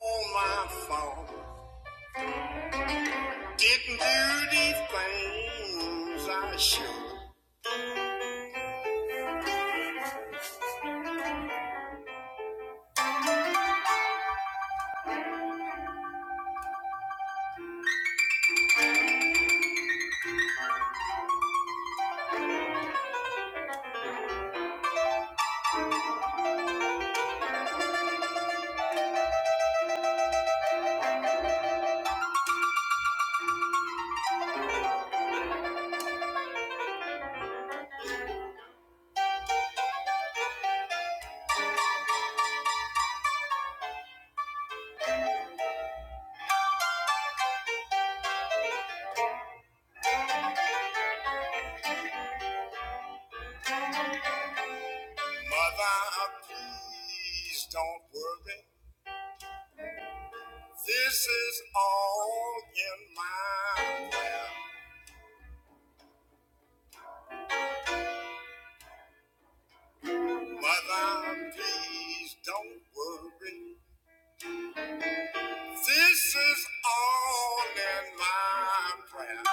all my fault. Didn't do the things I should. Mother, please don't worry. This is all in my will. Mother, please don't worry. This is all in my prayer.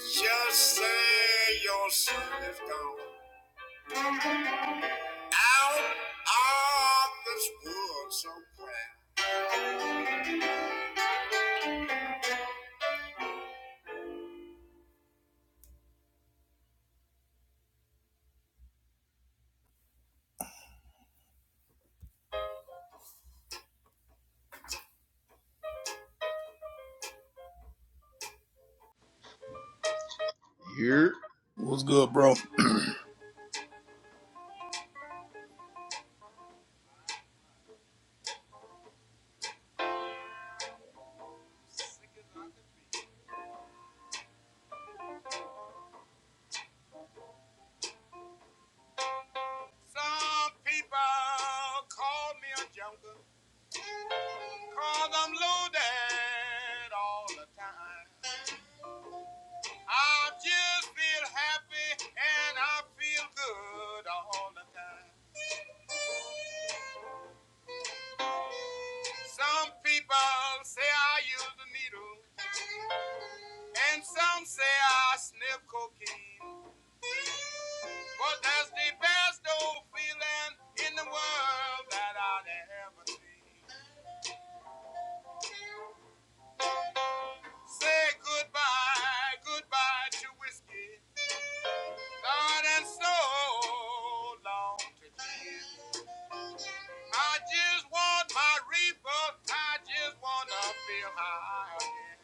Just say your son is gone out of this world somewhere. Here. What's good, bro? Some people call me a joker, i I'm loaded all the time. I just feel happy and I feel good all the time. Some people say I use the needle, and some say I sniff cocaine. But that's the best old feeling in the world that I'd ever seen. Say goodbye, goodbye to whiskey. God and so long to live. I just want my rebirth. I just want to feel high again.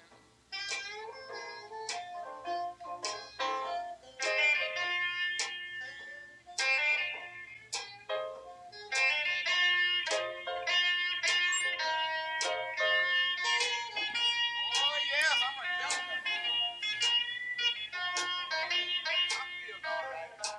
Oh, yes, I'm a young man. I feel all right.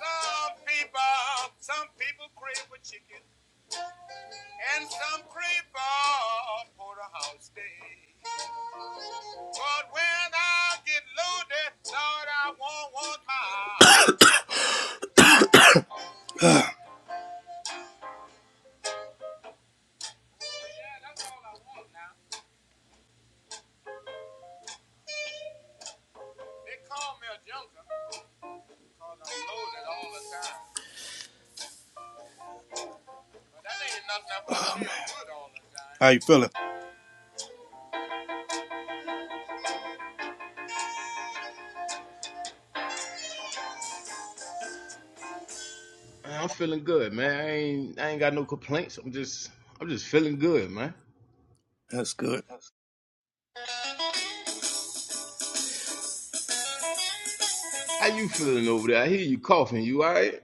Some people, some people crave for chicken, and some crave for porterhouse steak. But when I get loaded, Lord, I won't want my. Yeah, that's all I want now. They call me a junker because I'm loaded all the time. But that ain't nothing but oh, feel man. good all the time. How you feeling? I'm feeling good, man. I ain't I ain't got no complaints. I'm just I'm just feeling good, man. That's good. How you feeling over there? I hear you coughing. You all right?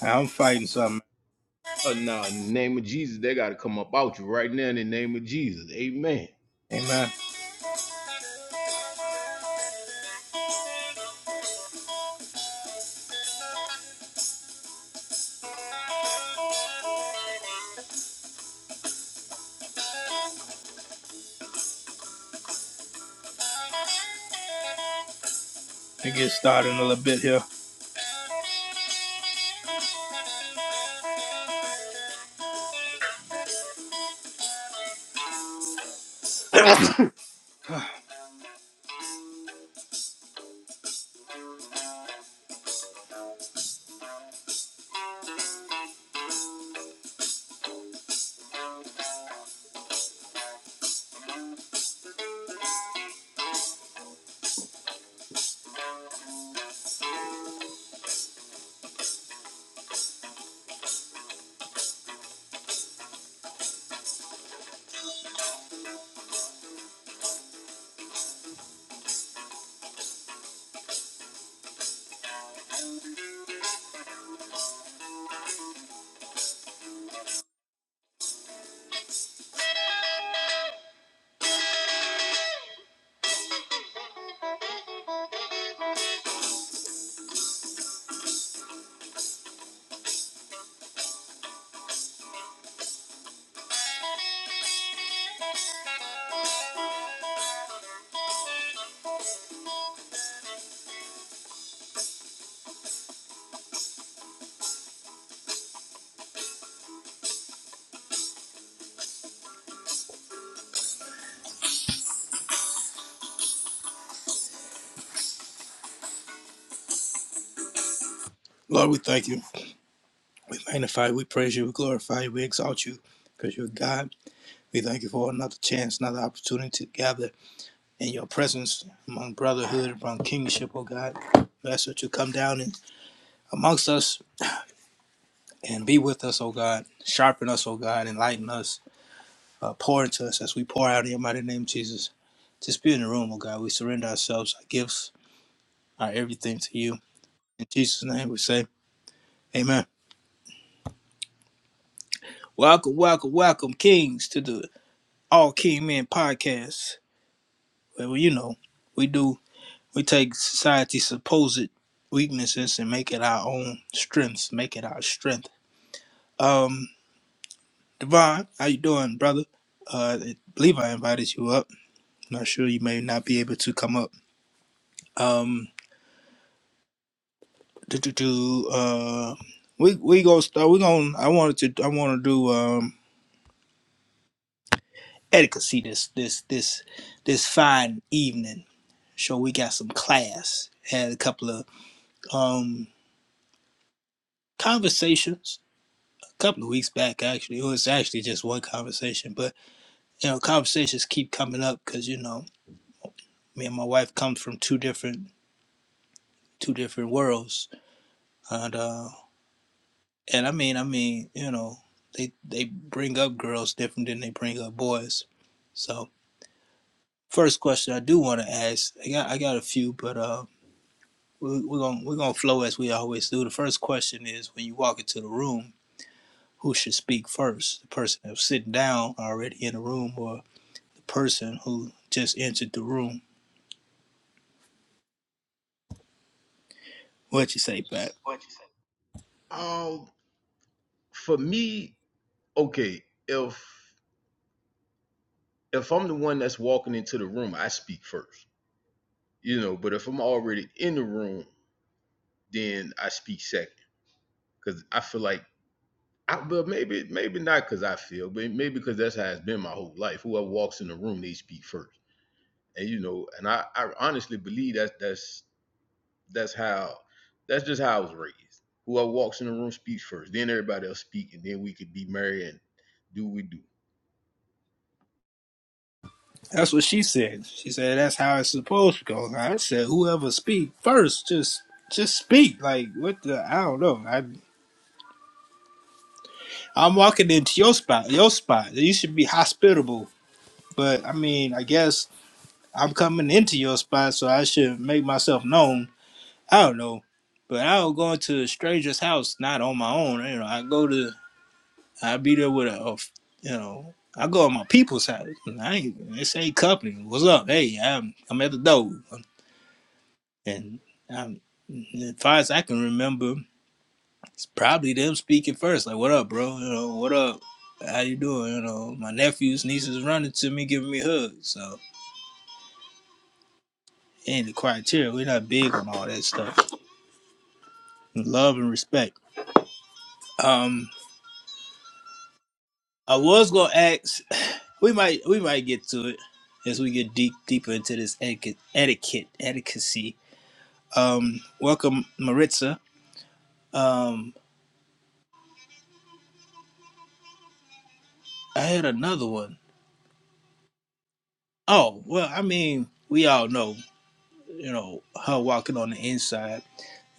I'm fighting something. Oh no, in the name of Jesus, they gotta come up out you right now in the name of Jesus. Amen. Amen. We get started in a little bit here. Lord, we thank you. We magnify you. We praise you. We glorify you. We exalt you because you're God. We thank you for another chance, another opportunity to gather and your presence among brotherhood, among kingship, O God. We ask that you come down and amongst us and be with us, O God. Sharpen us, O God. Enlighten us. Uh, pour into us as we pour out in your mighty name, Jesus. Just be in the room, O God. We surrender ourselves, our gifts, our everything to you. In Jesus' name we say, Amen. Welcome, welcome, welcome, kings, to the All King Men podcast. Well, you know, we do, we take society's supposed weaknesses and make it our own strengths, make it our strength Um, Devon, how you doing, brother? Uh, I believe I invited you up. Not sure you may not be able to come up. Um, do do do. Uh, we we gonna start. We gonna. I wanted to. I want to do um etiquette this this this this fine evening. So we got some class. Had a couple of um conversations a couple of weeks back. Actually, it was actually just one conversation, but you know, conversations keep coming up because you know me and my wife come from two different two different worlds. And uh, and I mean, I mean, you know, they they bring up girls different than they bring up boys. So first question I do want to ask, I got I got a few, but uh, we, we're gonna we're gonna flow as we always do. The first question is when you walk into the room, who should speak first? The person that's sitting down already in the room, or the person who just entered the room? What you say, Pat? What you say? Um, for me, okay, if if I'm the one that's walking into the room, I speak first. You know, but if I'm already in the room, then I speak second. Cause I feel like I, but maybe maybe not because I feel, but maybe because that's how it's been my whole life. Whoever walks in the room, they speak first, and you know, and I, I honestly believe that that's that's how that's just how I was raised. Whoever walks in the room speaks first, then everybody else speak, and then we could be merry and do what we do. That's what she said. She said that's how it's supposed to go. And I said whoever speak first, just just speak. Like what the I don't know. I I'm walking into your spot, your spot. You should be hospitable. But I mean, I guess I'm coming into your spot, so I should make myself known. I don't know. But I don't go into a stranger's house not on my own. You know, I go to I be there with a, a f- you know, I go to my people's house. I ain't this ain't company. What's up? Hey, I'm I'm at the door. And um, as far as I can remember, it's probably them speaking first. Like, what up, bro? You know, what up? How you doing? You know, my nephews, nieces running to me, giving me hugs. So, and the criteria, we're not big on all that stuff. Love and respect. Um, I was gonna ask. We might, we might get to it as we get deep, deeper into this etiquette, etiquette, etiquette. Um, welcome, Maritza. Um, I had another one. Oh, well, I mean, we all know. you know, her walking on the inside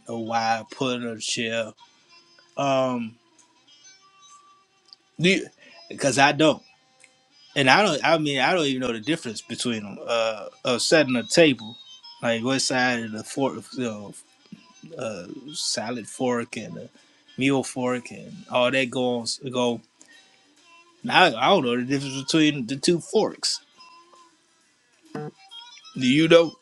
or why I put her in a chair. Um, because I don't, and I don't. I mean, I don't even know the difference between them. Uh, of setting a table, like what side of the fork, you know, salad fork and the meal fork and all that goes go. I, I don't know the difference between the two forks. Do you know?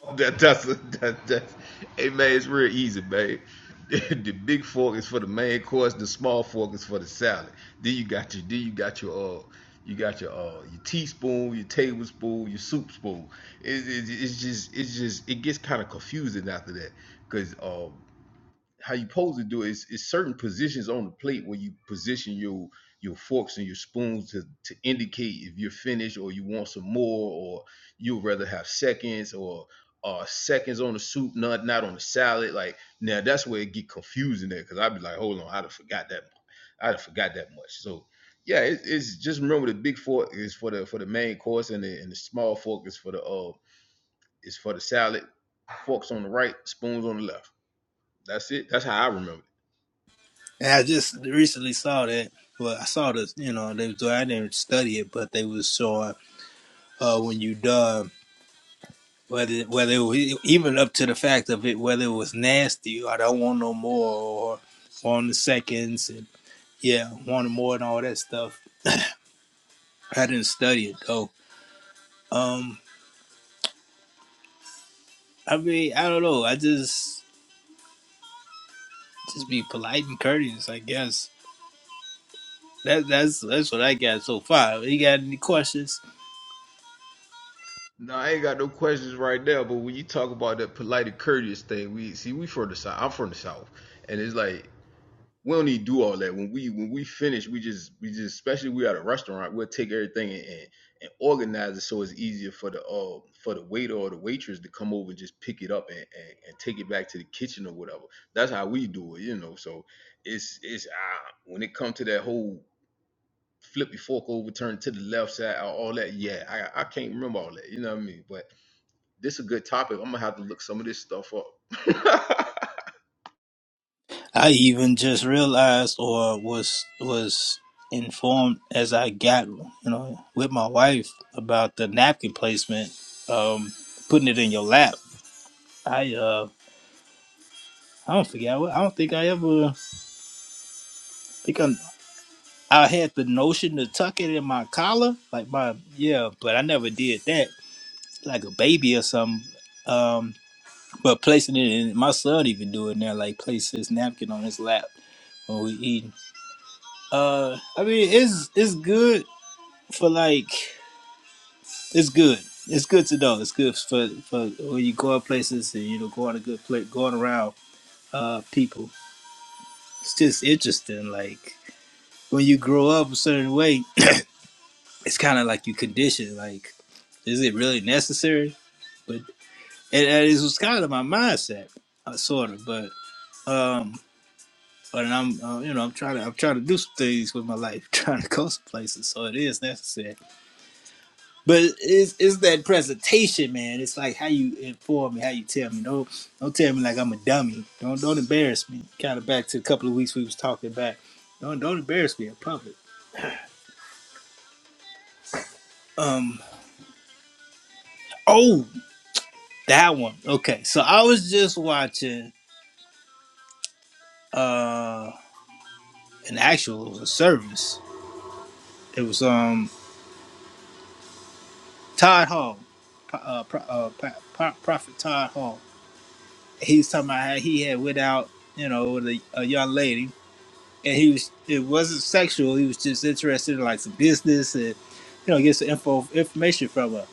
That, that's, a, that, that's, hey man, it's real easy, man. the big fork is for the main course. The small fork is for the salad. Then you got your, then you got your, uh, you got your, uh, your teaspoon, your tablespoon, your soup spoon. It, it, it's just, it's just, it gets kind of confusing after that, cause, um, how you supposed to do it is, is certain positions on the plate where you position your your forks and your spoons to, to indicate if you're finished or you want some more or you'd rather have seconds or uh seconds on the soup, not not on the salad. Like now that's where it get confusing there because I'd be like, hold on, I'd have forgot that I'd have forgot that much. So yeah, it, it's just remember the big fork is for the for the main course and the and the small fork is for the uh is for the salad. Forks on the right, spoons on the left. That's it. That's how I remember. And I just recently saw that. Well, I saw this. You know, they was doing. I didn't study it, but they was showing uh, when you done. whether whether it was, even up to the fact of it whether it was nasty or I don't want no more or on the seconds and yeah wanted more and all that stuff. I didn't study it though. Um, I mean I don't know. I just just be polite and courteous, I guess. That that's that's what I got so far. You got any questions? No, I ain't got no questions right now, but when you talk about that polite and courteous thing, we see we from the south. I'm from the south, and it's like we don't need to do all that. When we when we finish, we just we just especially we at a restaurant, we'll take everything and, and, and organize it so it's easier for the uh for the waiter or the waitress to come over and just pick it up and, and, and take it back to the kitchen or whatever. That's how we do it, you know. So it's it's uh, when it comes to that whole flip your fork over, turn to the left side, all that. Yeah, I I can't remember all that. You know what I mean? But this is a good topic. I'm gonna have to look some of this stuff up. uh, I even just realized or was was informed as I got you know with my wife about the napkin placement, um, putting it in your lap. I uh I don't forget I don't think I ever think I I had the notion to tuck it in my collar like my yeah, but I never did that like a baby or something. Um, but placing it in my son even do it now like place his napkin on his lap when we eating. Uh, I mean it's it's good for like it's good. It's good to know. It's good for for when you go out places and you know going a good place, going around uh people. It's just interesting. Like when you grow up a certain way, it's kind of like you condition. Like, is it really necessary? But and, and it was kind of my mindset, uh, sort of. But um, but I'm uh, you know I'm trying to I'm trying to do some things with my life, trying to go some places. So it is necessary But it's, it's that presentation, man. It's like how you inform me, how you tell me. Don't don't tell me like I'm a dummy. Don't don't embarrass me. Kind of back to a couple of weeks we was talking back. Don't don't embarrass me in public. Um. Oh, that one. Okay. So I was just watching uh an actual it was a service. It was um Todd Hall, uh, Pro- uh Pro- Prophet Todd Hall. He's talking about how he had went out, you know, with a, a young lady and he was it wasn't sexual. He was just interested in like some business and you know get some info information from her.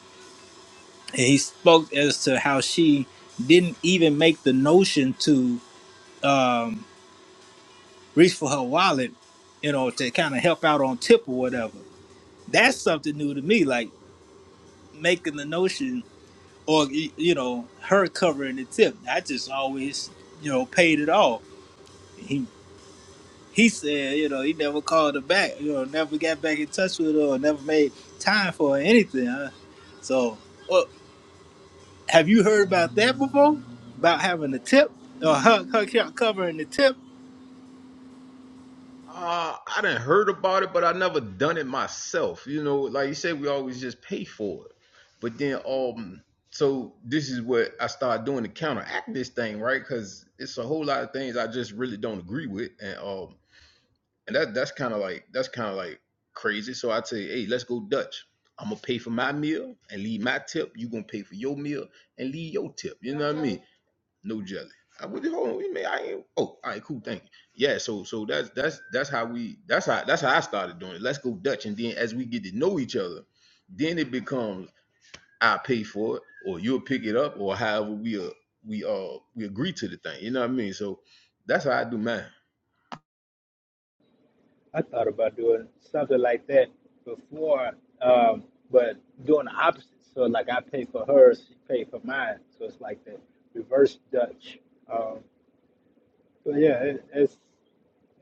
And he spoke as to how she didn't even make the notion to um, reach for her wallet, you know, to kind of help out on tip or whatever. That's something new to me, like making the notion or y- you know her covering the tip. I just always you know paid it all. He he said, you know, he never called her back, you know, never got back in touch with her or never made time for her or anything. Huh? So, well, have you heard about that before? About having a tip or her, her co- covering the tip? I didn't heard about it, but I never done it myself. You know, like you said, we always just pay for it. But then, um, so this is what I started doing to counteract this thing, right? Because it's a whole lot of things I just really don't agree with, and um, and that that's kind of like that's kind of like crazy. So I tell you, hey, let's go Dutch. I'm gonna pay for my meal and leave my tip. You gonna pay for your meal and leave your tip. You know what I mean? no jelly. I would hold on, we may I ain't oh all right, cool, thank you. Yeah, so so that's that's that's how we that's how that's how I started doing it. Let's go Dutch. And then as we get to know each other, then it becomes I pay for it or you'll pick it up or however we uh we uh we agree to the thing. You know what I mean? So that's how I do mine. I thought about doing something like that before, um, but doing the opposite. So like I pay for hers, she pay for mine. So it's like the reverse Dutch. Um, but yeah, it, it's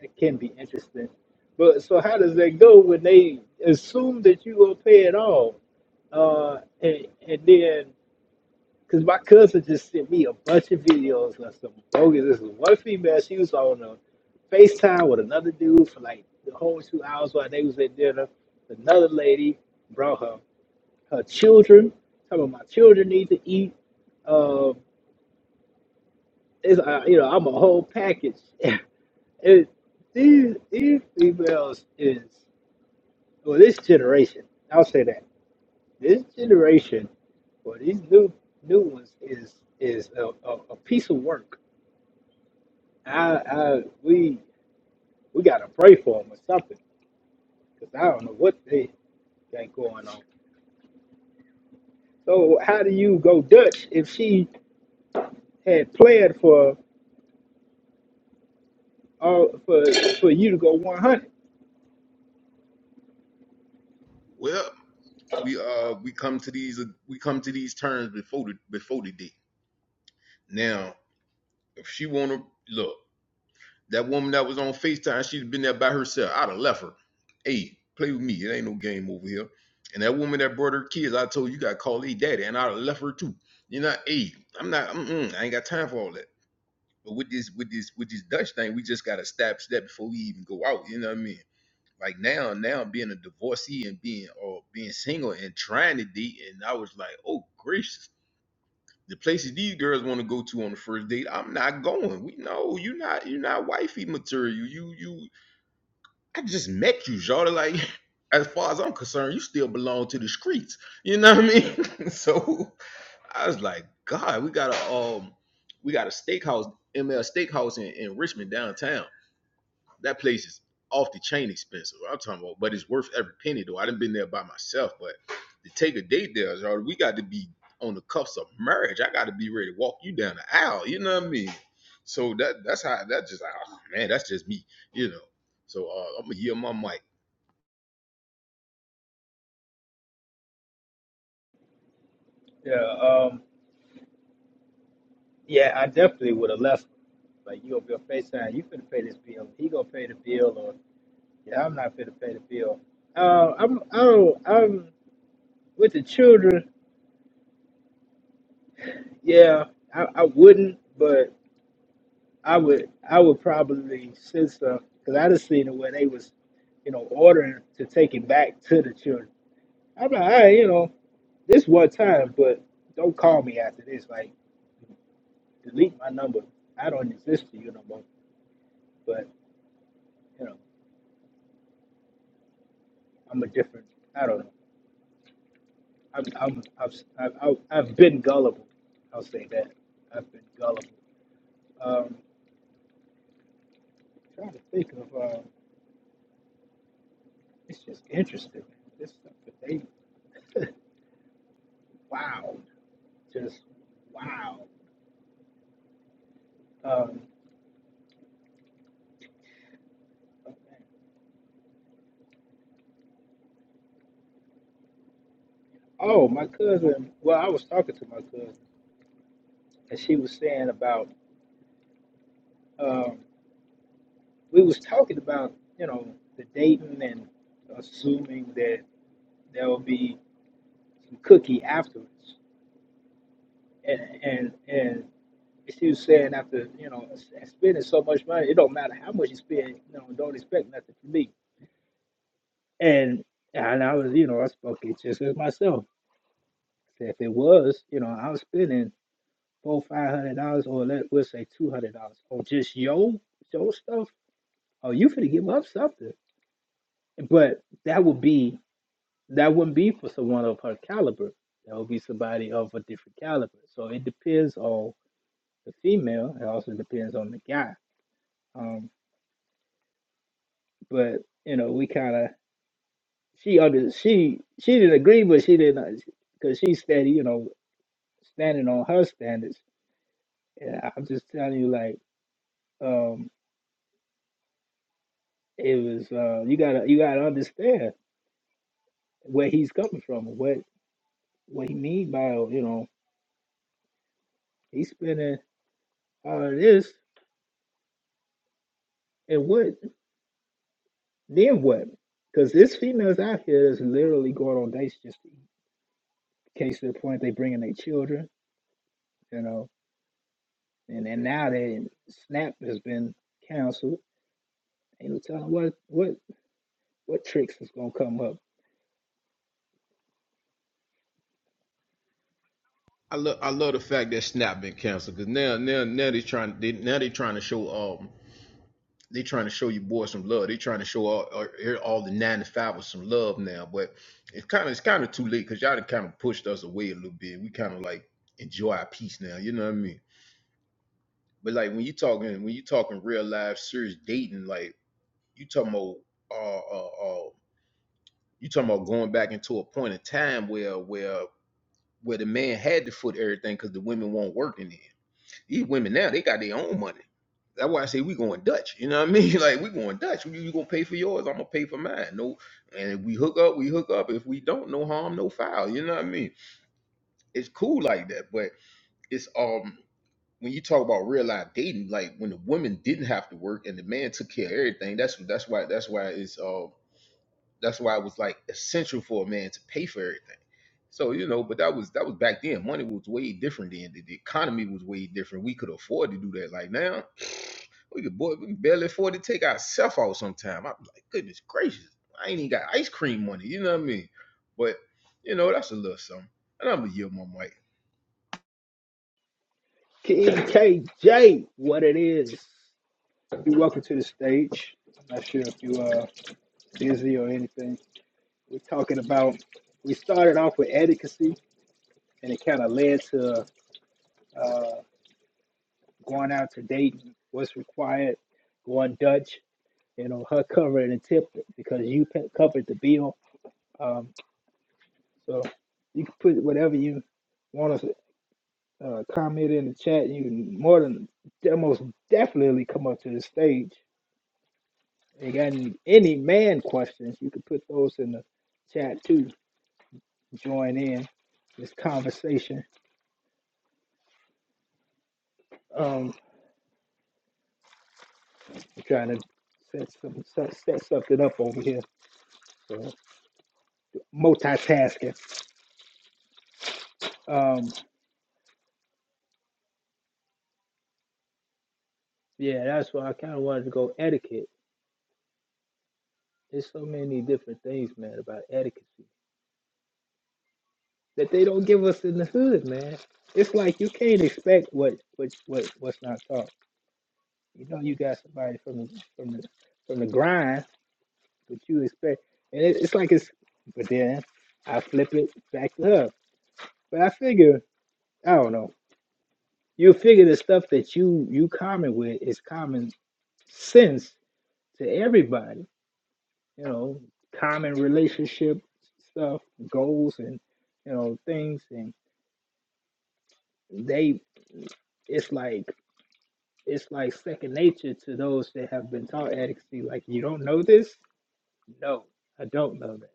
It can be interesting. But so how does that go when they assume that you will pay it all? Uh, and, and then, because my cousin just sent me a bunch of videos of some bogus. This is one female. She was on a FaceTime with another dude for like the whole two hours while they was at dinner. Another lady brought her her children. Talking about my children need to eat. Um, it's, uh, you know, I'm a whole package. it, these these females is Well, this generation, I'll say that this generation, or these new new ones, is is a, a, a piece of work. I, I we we gotta pray for them or something, cause I don't know what they got going on. So how do you go Dutch if she had planned for all for for you to go 100? Well, we uh we come to these we come to these terms before the before the date. Now, if she wanna look, That woman that was on FaceTime, she had been there by herself. I'd have left her. Hey, play with me. It ain't no game over here. And that woman that brought her kids, I told you, you gotta call a daddy, and I'd have left her too. You know, hey, I'm not. Mm-mm, I ain't got time for all that. But with this, with this, with this Dutch thing, we just gotta step step before we even go out. You know what I mean? Like now, now being a divorcee and being or being single and trying to date, and I was like, oh gracious, the places these girls want to go to on the first date, I'm not going. We know you are not you are not wifey material. You you I just met you, Jordan. Like, as far as I'm concerned, you still belong to the streets. You know what I mean? so I was like, God, we got a um, we got a steakhouse, ML Steakhouse in, in Richmond downtown. That place is off the chain expensive. I'm talking about, but it's worth every penny though. I done been there by myself, but to take a date there, Jordan, we got to be on the cuffs of marriage. I got to be ready to walk you down the aisle. You know what I mean? So that that's how that just oh man, that's just me. You know. So uh, I'm gonna hear my mic. Yeah, um, yeah, I definitely would have left. Like you gonna be a FaceTime, you finna pay this bill. He gonna pay the bill, or yeah, I'm not finna pay the bill. Uh, I'm I don't I'm with the children, yeah, I, I wouldn't, but I would I would probably send stuff because I just seen it where they was, you know, ordering to take it back to the children. I'm like, hey, you know, this one time, but don't call me after this. Like, delete my number. I don't exist to you no more. But you know, I'm a different. I don't know. I'm I'm I've I've, I've I've been gullible. I'll say that. I've been gullible. Um, trying to think of. Um, It's just interesting. This stuff that they wow, just wow. Um, oh, my cousin. Well, I was talking to my cousin, and she was saying about um, we was talking about you know the dating and assuming that there will be some cookie afterwards, and and and she was saying after you know s- spending so much money, it don't matter how much you spend, you know, don't expect nothing from me. And and I was you know I spoke it just as myself If it was, you know, I was spending four, five hundred dollars, or let we'll say two hundred dollars on just yo yo stuff. Oh, you finna give up something, but that would be that wouldn't be for someone of her caliber. That would be somebody of a different caliber. So it depends on the female. It also depends on the guy. Um, but you know, we kind of she under she she didn't agree, but she didn't because she's steady. You know, standing on her standards. And I'm just telling you, like. um, it was uh you gotta you gotta understand where he's coming from what what he mean by you know he's spending all of this and what then what because this females out here is literally going on dates just in case to the point they bringing their children you know and and now that snap has been canceled ain't no telling what what what tricks is gonna come up I love I love the fact that Snap been canceled because now now now they trying they, now they trying to show um they trying to show you boys some love. They trying to show all all, the nine to five some love now, but it's kind of it's kind of too late because y'all done kind of pushed us away a little bit. We kind of like enjoy our peace now, you know what I mean? But like when you talking when you talking real life serious dating, like you talking about uh uh, uh you talking about going back into a point in time where where where the man had to foot everything because the women were not working work These women now, they got their own money. That's why I say we going Dutch. You know what I mean? Like we going Dutch. You, you gonna pay for yours, I'm gonna pay for mine. No, and if we hook up, we hook up. If we don't, no harm, no foul. You know what I mean? It's cool like that, but it's um when you talk about real life dating, like when the women didn't have to work and the man took care of everything, that's that's why that's why it's uh that's why it was like essential for a man to pay for everything. So you know, but that was that was back then. Money was way different then. The, the economy was way different. We could afford to do that. Like now, we could boy, we can barely afford to take ourselves out sometime. I'm like, goodness gracious, I ain't even got ice cream money. You know what I mean? But you know, that's a little something. And I'm gonna yield my mic. KJ what it is you welcome to the stage I'm not sure if you are busy or anything We're talking about, we started off with adequacy and it kind of led to uh, going out to date, what's required, going Dutch, you know, her covering the tip because you pe- covered the bill. Um, so you can put whatever you want to uh, comment in the chat. You can more than de- most definitely come up to the stage. You got any, any man questions, you can put those in the chat too. Join in this conversation. Um, I'm trying to set some set, set something up over here. So multitasking. Um, yeah, that's why I kind of wanted to go etiquette. There's so many different things, man, about etiquette that they don't give us in the hood, man. It's like you can't expect what what what what's not taught. You know, you got somebody from the from the from the grind, but you expect, and it, it's like it's. But then I flip it back to her. But I figure I don't know. you figure the stuff that you you common with is common sense to everybody you know common relationship stuff goals and you know things and they it's like it's like second nature to those that have been taught advocacy like you don't know this no i don't know that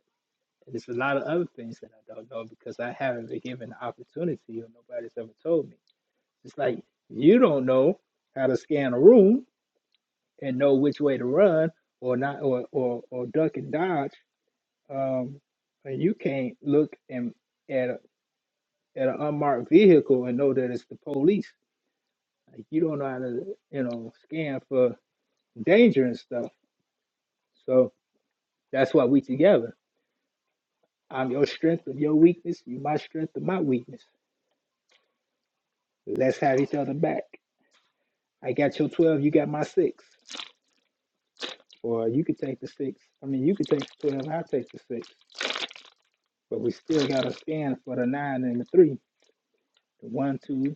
and there's a lot of other things that i don't know because i haven't been given the opportunity or nobody's ever told me it's like you don't know how to scan a room and know which way to run or not or or, or duck and dodge um and you can't look and at a, at an unmarked vehicle and know that it's the police like you don't know how to you know scan for danger and stuff so that's why we together i'm your strength of your weakness you my strength of my weakness let's have each other back i got your 12 you got my six or you could take the six i mean you could take the 12 i take the six but we still got to scan for the nine and the three the one, two,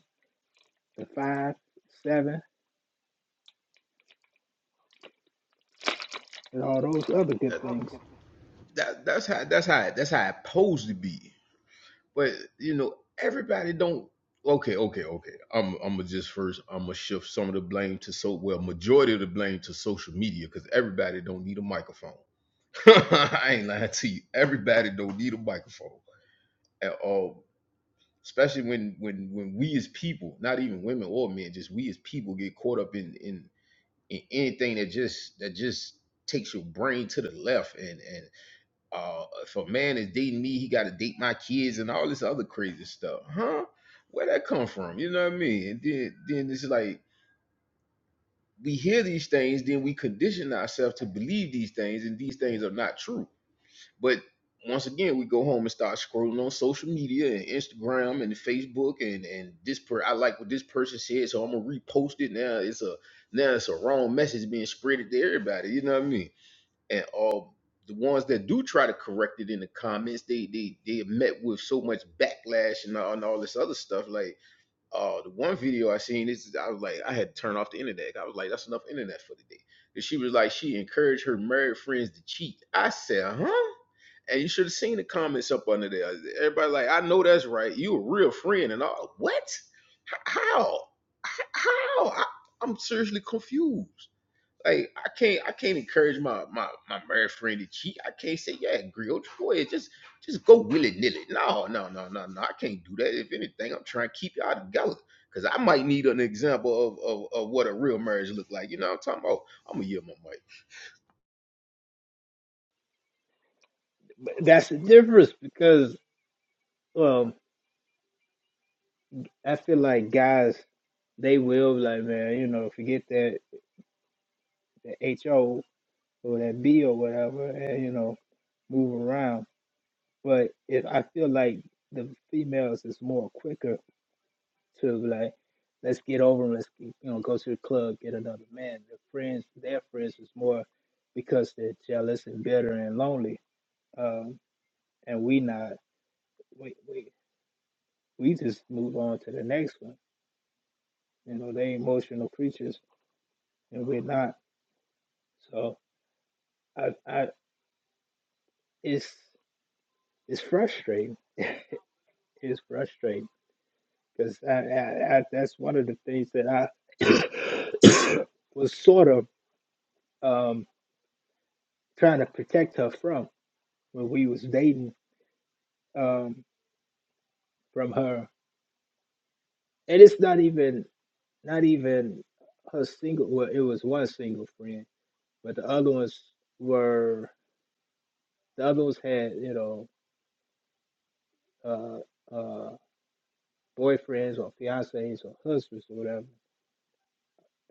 the five, seven, and all those other good things. That that's how that's how that's how it supposed to be. but you know everybody don't okay okay okay i'm i'm gonna just first i'm gonna shift some of the blame to so well majority of the blame to social media because everybody don't need a microphone i ain't lying to you everybody don't need a microphone at all especially when when when we as people not even women or men just we as people get caught up in in in anything that just that just takes your brain to the left and and uh, if a man is dating me, he got to date my kids and all this other crazy stuff. Huh? Where that come from? You know what I mean? And then, then it's like we hear these things, then we condition ourselves to believe these things, and these things are not true. But once again, we go home and start scrolling on social media and Instagram and Facebook and and this per I like what this person said, so I'm gonna repost it. Now it's a now it's a wrong message being spreaded to everybody. You know what I mean? and all the ones that do try to correct it in the comments, they they they are met with so much backlash and all, and all this other stuff. Like, uh, the one video I seen is I was like, I had to turn off the internet. I was like, that's enough internet for today. And she was like, she encouraged her married friends to cheat. I said, huh? And you should have seen the comments up under there. Everybody like, I know that's right. You a real friend and all. What? H- How? H- How? I, I'm seriously confused. Like I can't I can't encourage my my my married friend to cheat. I can't say, yeah, girl, go ahead, just just go willy nilly. No, no, no, no, no. I can't do that. If anything, I'm trying to keep y'all together. Cause I might need an example of of, of what a real marriage look like. You know what I'm talking about? I'm gonna yell my mic. But that's the difference because um, I feel like guys, they will be like, man, you know, forget that, that HO or that B or whatever, and, you know, move around. But if I feel like the females is more quicker to be like, let's get over and let's, you know, go to the club, get another man. Their friends, their friends is more because they're jealous and bitter and lonely uh, and we not we we we just move on to the next one. You know, they emotional creatures and we're not. So I I it's it's frustrating. It's frustrating because I, I, I that's one of the things that I was sort of um trying to protect her from when we was dating um from her. And it's not even not even her single well it was one single friend, but the other ones were The other ones had, you know, uh, uh, boyfriends or fiancés or husbands or whatever.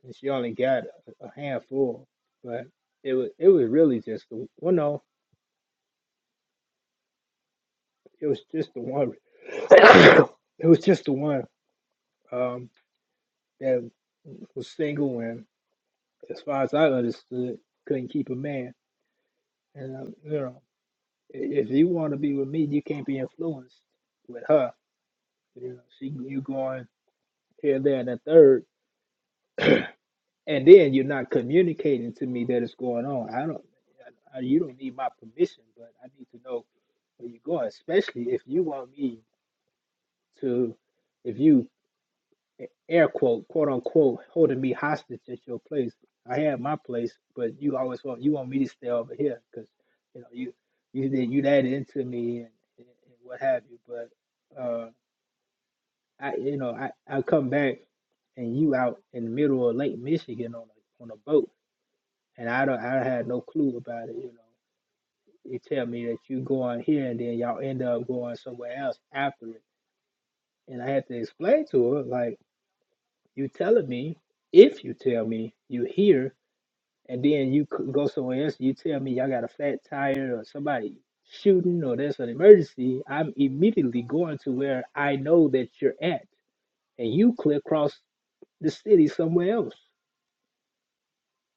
And she only got a, a handful, but it was it was really just the well, no, it was just the one. it was just the one um, that was single and, as far as I understood, couldn't keep a man. And uh, you know, i- if you want to be with me, you can't be influenced with her. You know, she you going here, there, and a third. and then you're not communicating to me that it's going on. I don't, I, I- you don't need my permission, but I need to know where you're going, especially if you want me to, if you air quote, quote unquote, holding me hostage at your place. I have my place, but you always want you want me to stay over here because you know you you that- you that into me and, and what have you. But uh, I you know I I come back and you out in the middle of Lake Michigan on a on a boat and I don't I had no clue about it. You know, you tell me that you go on here and then y'all end up going somewhere else after it, and I had to explain to her like you telling me if you tell me you here and then you c- go somewhere else, you tell me y'all got a flat tire or somebody shooting or there's an emergency, I'm immediately going to where I know that you're at, and you clear across the city somewhere else.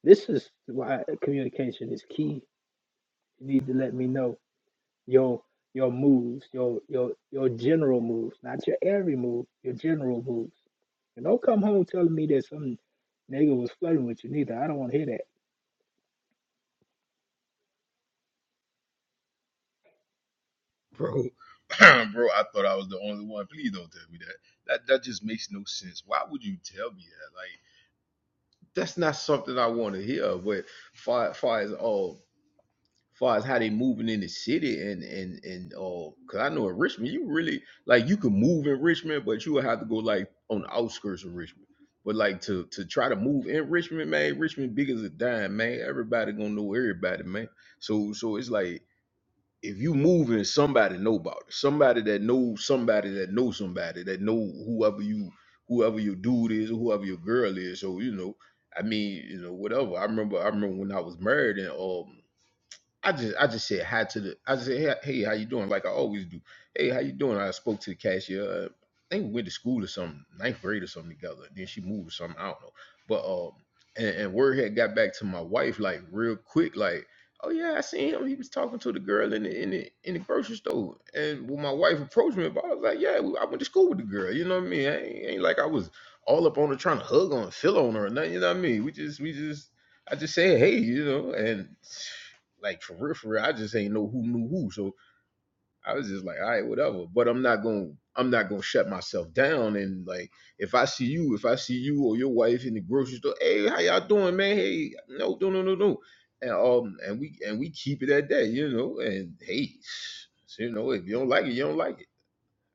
This is why communication is key. You need to let me know your your moves, your your your general moves, not your every move, your general moves. And don't come home telling me that some nigga was flirting with you neither. I don't want to hear that. Bro, bro, I thought I was the only one. Please don't tell me that. That that just makes no sense. Why would you tell me that? Like that's not something I want to hear. But far far as all far as how they moving in the city and and and uh, cause I know in Richmond you really like you can move in Richmond, but you would have to go like on the outskirts of Richmond. But like to to try to move in Richmond, man, Richmond big as a dime, man. Everybody gonna know everybody, man. So so it's like if you moving, somebody know about it. Somebody that knows somebody that knows somebody that know whoever you whoever your dude is or whoever your girl is. So you know, I mean, you know, whatever. I remember I remember when I was married and um I just I just said hi to the I just said hey, hey how you doing like I always do hey how you doing I spoke to the cashier uh, I think we went to school or something ninth grade or something together then she moved or something I don't know but um and, and word had got back to my wife like real quick like oh yeah I seen him he was talking to the girl in the in the in the grocery store and when my wife approached me about it, I was like yeah we- I went to school with the girl you know what I mean I ain't, ain't like I was all up on her trying to hug on feel on her or nothing you know what I mean we just we just I just said hey you know and. Like for real, for real, I just ain't know who knew who. So I was just like, all right, whatever. But I'm not gonna I'm not gonna shut myself down. And like if I see you, if I see you or your wife in the grocery store, hey, how y'all doing, man? Hey, no, no, no, no, no. And um and we and we keep it at that, you know, and hey, you know, if you don't like it, you don't like it.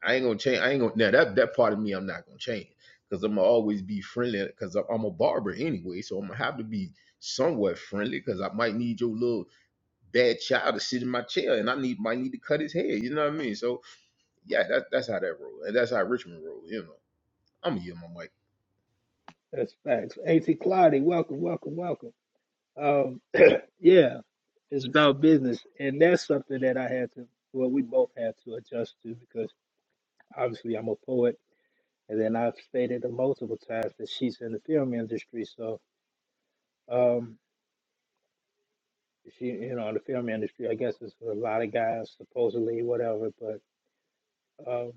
I ain't gonna change. I ain't gonna now that that part of me I'm not gonna change. Cause I'm gonna always be friendly because I'm I'm a barber anyway, so I'm gonna have to be somewhat friendly because I might need your little bad child to sit in my chair, and I need might need to cut his hair. You know what I mean? So yeah, that, that's how that roll, and that's how Richmond roll. You know, I'm gonna yield my mic. That's facts. A. T. Clardy, welcome, welcome, welcome. Um, yeah, it's about business, and that's something that I had to. Well, we both had to adjust to because obviously I'm a poet, and then I've stated it multiple times that she's in the film industry, so. Um, She you you know, the film industry, I guess it's for a lot of guys, supposedly, whatever. But um,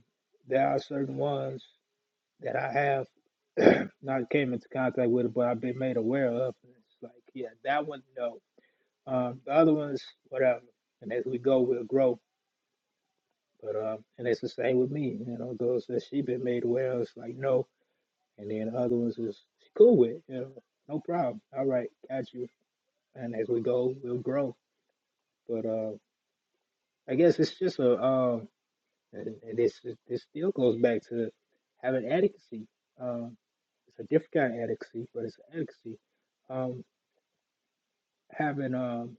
there are certain ones that I have not came into contact with, but I've been made aware of. And it's like, yeah, that one, no. Um, the other ones, whatever. And as we go, we'll grow. But um, and it's the same with me. You know, those that she been made aware of, it's like no. And then the other ones is she cool with. You know, no problem. All right, got you. And as we go, we'll grow. But uh, I guess it's just a um. And, and this this still goes back to having adequacy. Um, it's a different kind of adequacy, but it's adequacy. Um, having um,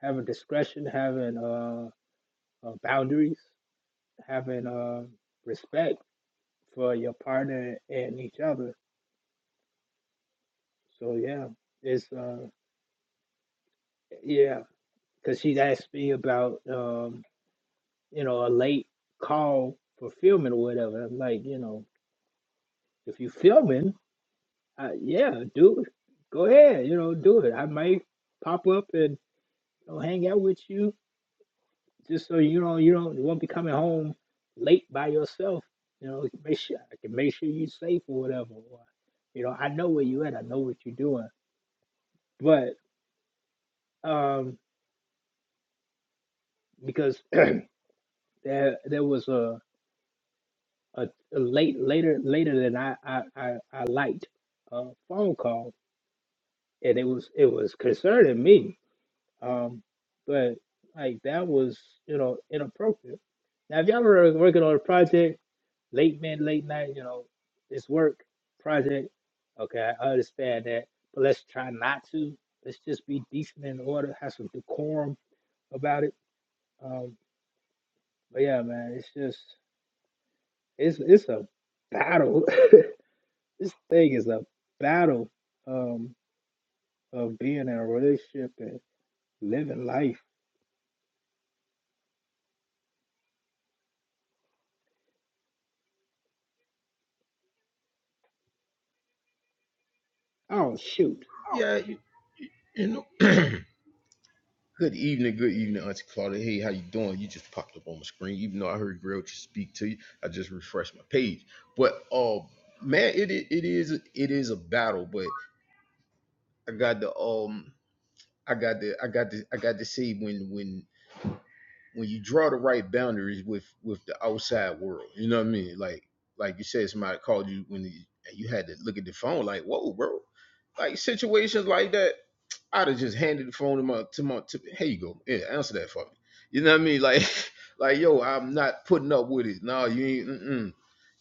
having discretion, having uh, uh, boundaries, having uh, respect for your partner and each other. So yeah, it's uh, yeah, because she asked me about um, you know a late call for filming or whatever. I'm like, you know, if you filming Uh, yeah, do it. Go ahead. You know, do it. I might pop up and you know, hang out with you just so you know you don't you won't be coming home late by yourself. You know, make sure I can make sure you're safe or whatever. Or, you know, I know where you at. I know what you're doing. But um, because there there was a a, a late later later than I I I, I liked a phone call and it was it was concerning me Um, but like that was, you know, inappropriate. Now, if y'all were working on a project, late men, late night, you know, it's work project. Okay, I understand that, but let's try not to. Let's just be decent and in order, have some decorum about it. Um, but yeah, man, it's just it's it's a battle. this thing is a battle um, of being in a relationship and living life. Oh shoot, Yeah, you, you know. good evening, good evening, Auntie Claudia. Hey, how you doing? You just popped up on my screen, even though I heard Grill just speak to you. I just refreshed my page, but uh, man, it i- it is it is a battle, but I got the um. I got the I got the I got to say when when when you draw the right boundaries with with the outside world, you know what I mean? Like like you said, somebody called you when you, and you had to look at the phone, like whoa, bro. Like situations like that, I'd have just handed the phone to my to my to, here you go, yeah, answer that for me. You know what I mean? Like like yo, I'm not putting up with it. No, you ain't. Mm-mm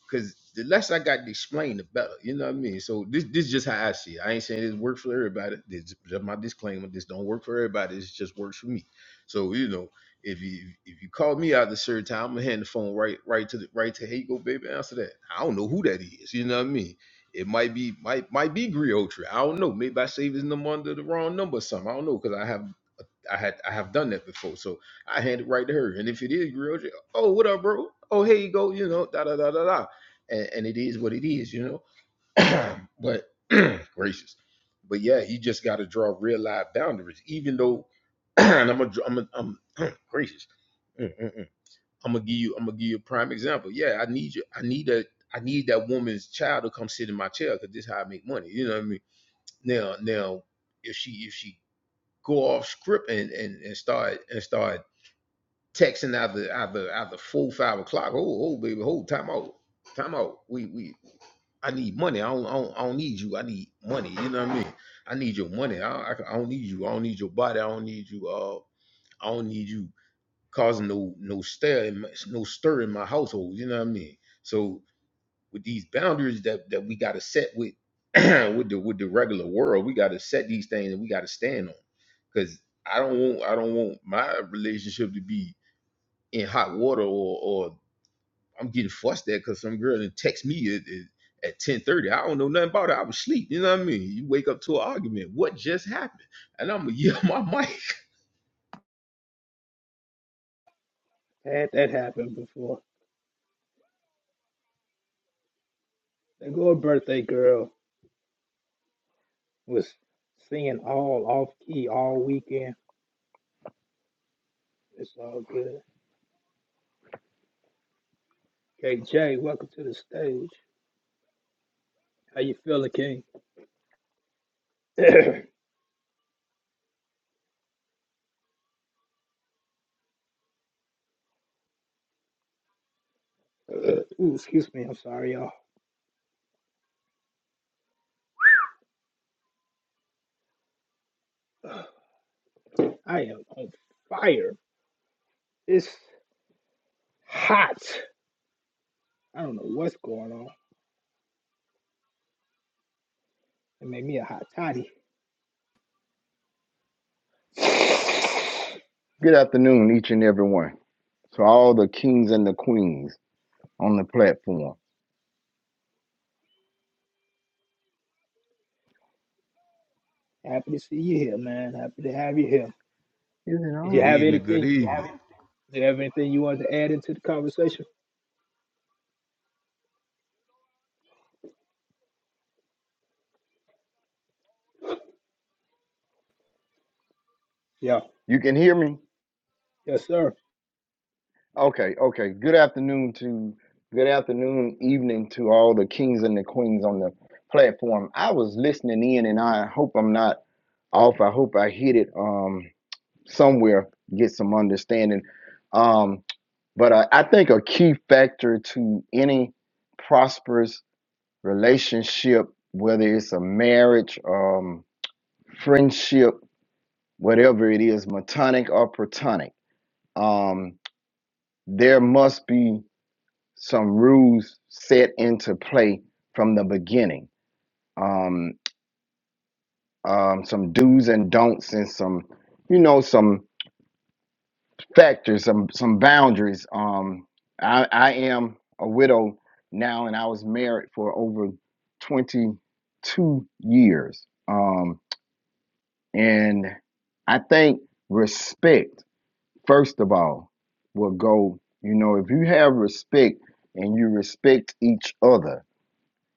because the less I got to explain, the better. You know what I mean? So this this just how I see it. I ain't saying this works for everybody. This is just my disclaimer. This don't work for everybody. This just works for me. So you know, if you if you call me out the certain time, I'm gonna hand the phone right right to the right to hey go baby answer that. I don't know who that is. You know what I mean? It might be might might be Griotry. I don't know. Maybe I saved his number under the wrong number or something. I don't know because I have I had I have done that before. So I hand it right to her. And if it is Griotry, oh what up, bro? Oh here you go. You know da da da da da and, and it is what it is, you know. but gracious, but yeah, you just got to draw real life boundaries. Even though, and I'm a, I'm a, I'm gracious. Mm, mm, mm. I'm gonna give you, I'm gonna give you a prime example. Yeah, I need you. I need that. I need that woman's child to come sit in my chair because this is how I make money. You know what I mean? Now, now, if she if she go off script and and, and start and start texting out the out the out the four five o'clock, oh oh baby, hold time out, time out. We we I need money. I don't, I don't, I don't need you. I need money. You know what I mean? I need your money. I, I, I don't need you. I don't need your body. I don't need you. Uh, I don't need you causing no no stir in my, no stir in my household. You know what I mean? So with these boundaries that that we got to set with with the with the regular world, we got to set these things and we got to stand on. Because I don't want I don't want my relationship to be in hot water or or I'm getting fussed at because some girl didn't text me at, at, 1030. I don't know nothing about it. I was asleep. You know what I mean? You wake up to an argument. What just happened? And I'm gonna yell my mic. I had that happen before. The good birthday girl was singing all off key all weekend. It's all good. KJ, welcome to the stage. How you feeling, King? Ooh, excuse me. I'm sorry, y'all. I am on fire. It's hot. I don't know what's going on. It made me a hot toddy. Good afternoon, each and every one. To all the kings and the queens on the platform. Happy to see you here, man. Happy to have you here. Is it Did you Good on? have evening, good anything? evening. Did you have anything you wanted to add into the conversation? Yeah. You can hear me? Yes, sir. Okay, okay. Good afternoon to good afternoon, evening to all the kings and the queens on the platform. I was listening in and I hope I'm not off. I hope I hit it um somewhere, get some understanding. Um, but I, I think a key factor to any prosperous relationship, whether it's a marriage, um, friendship, whatever it is, Matonic or Protonic, um, there must be some rules set into play from the beginning. Um, um, some do's and don'ts and some, you know, some factors, some some boundaries. Um, I, I am a widow now, and I was married for over twenty two years. Um, and I think respect. first of all, will go, you know, if you have respect and you respect each other,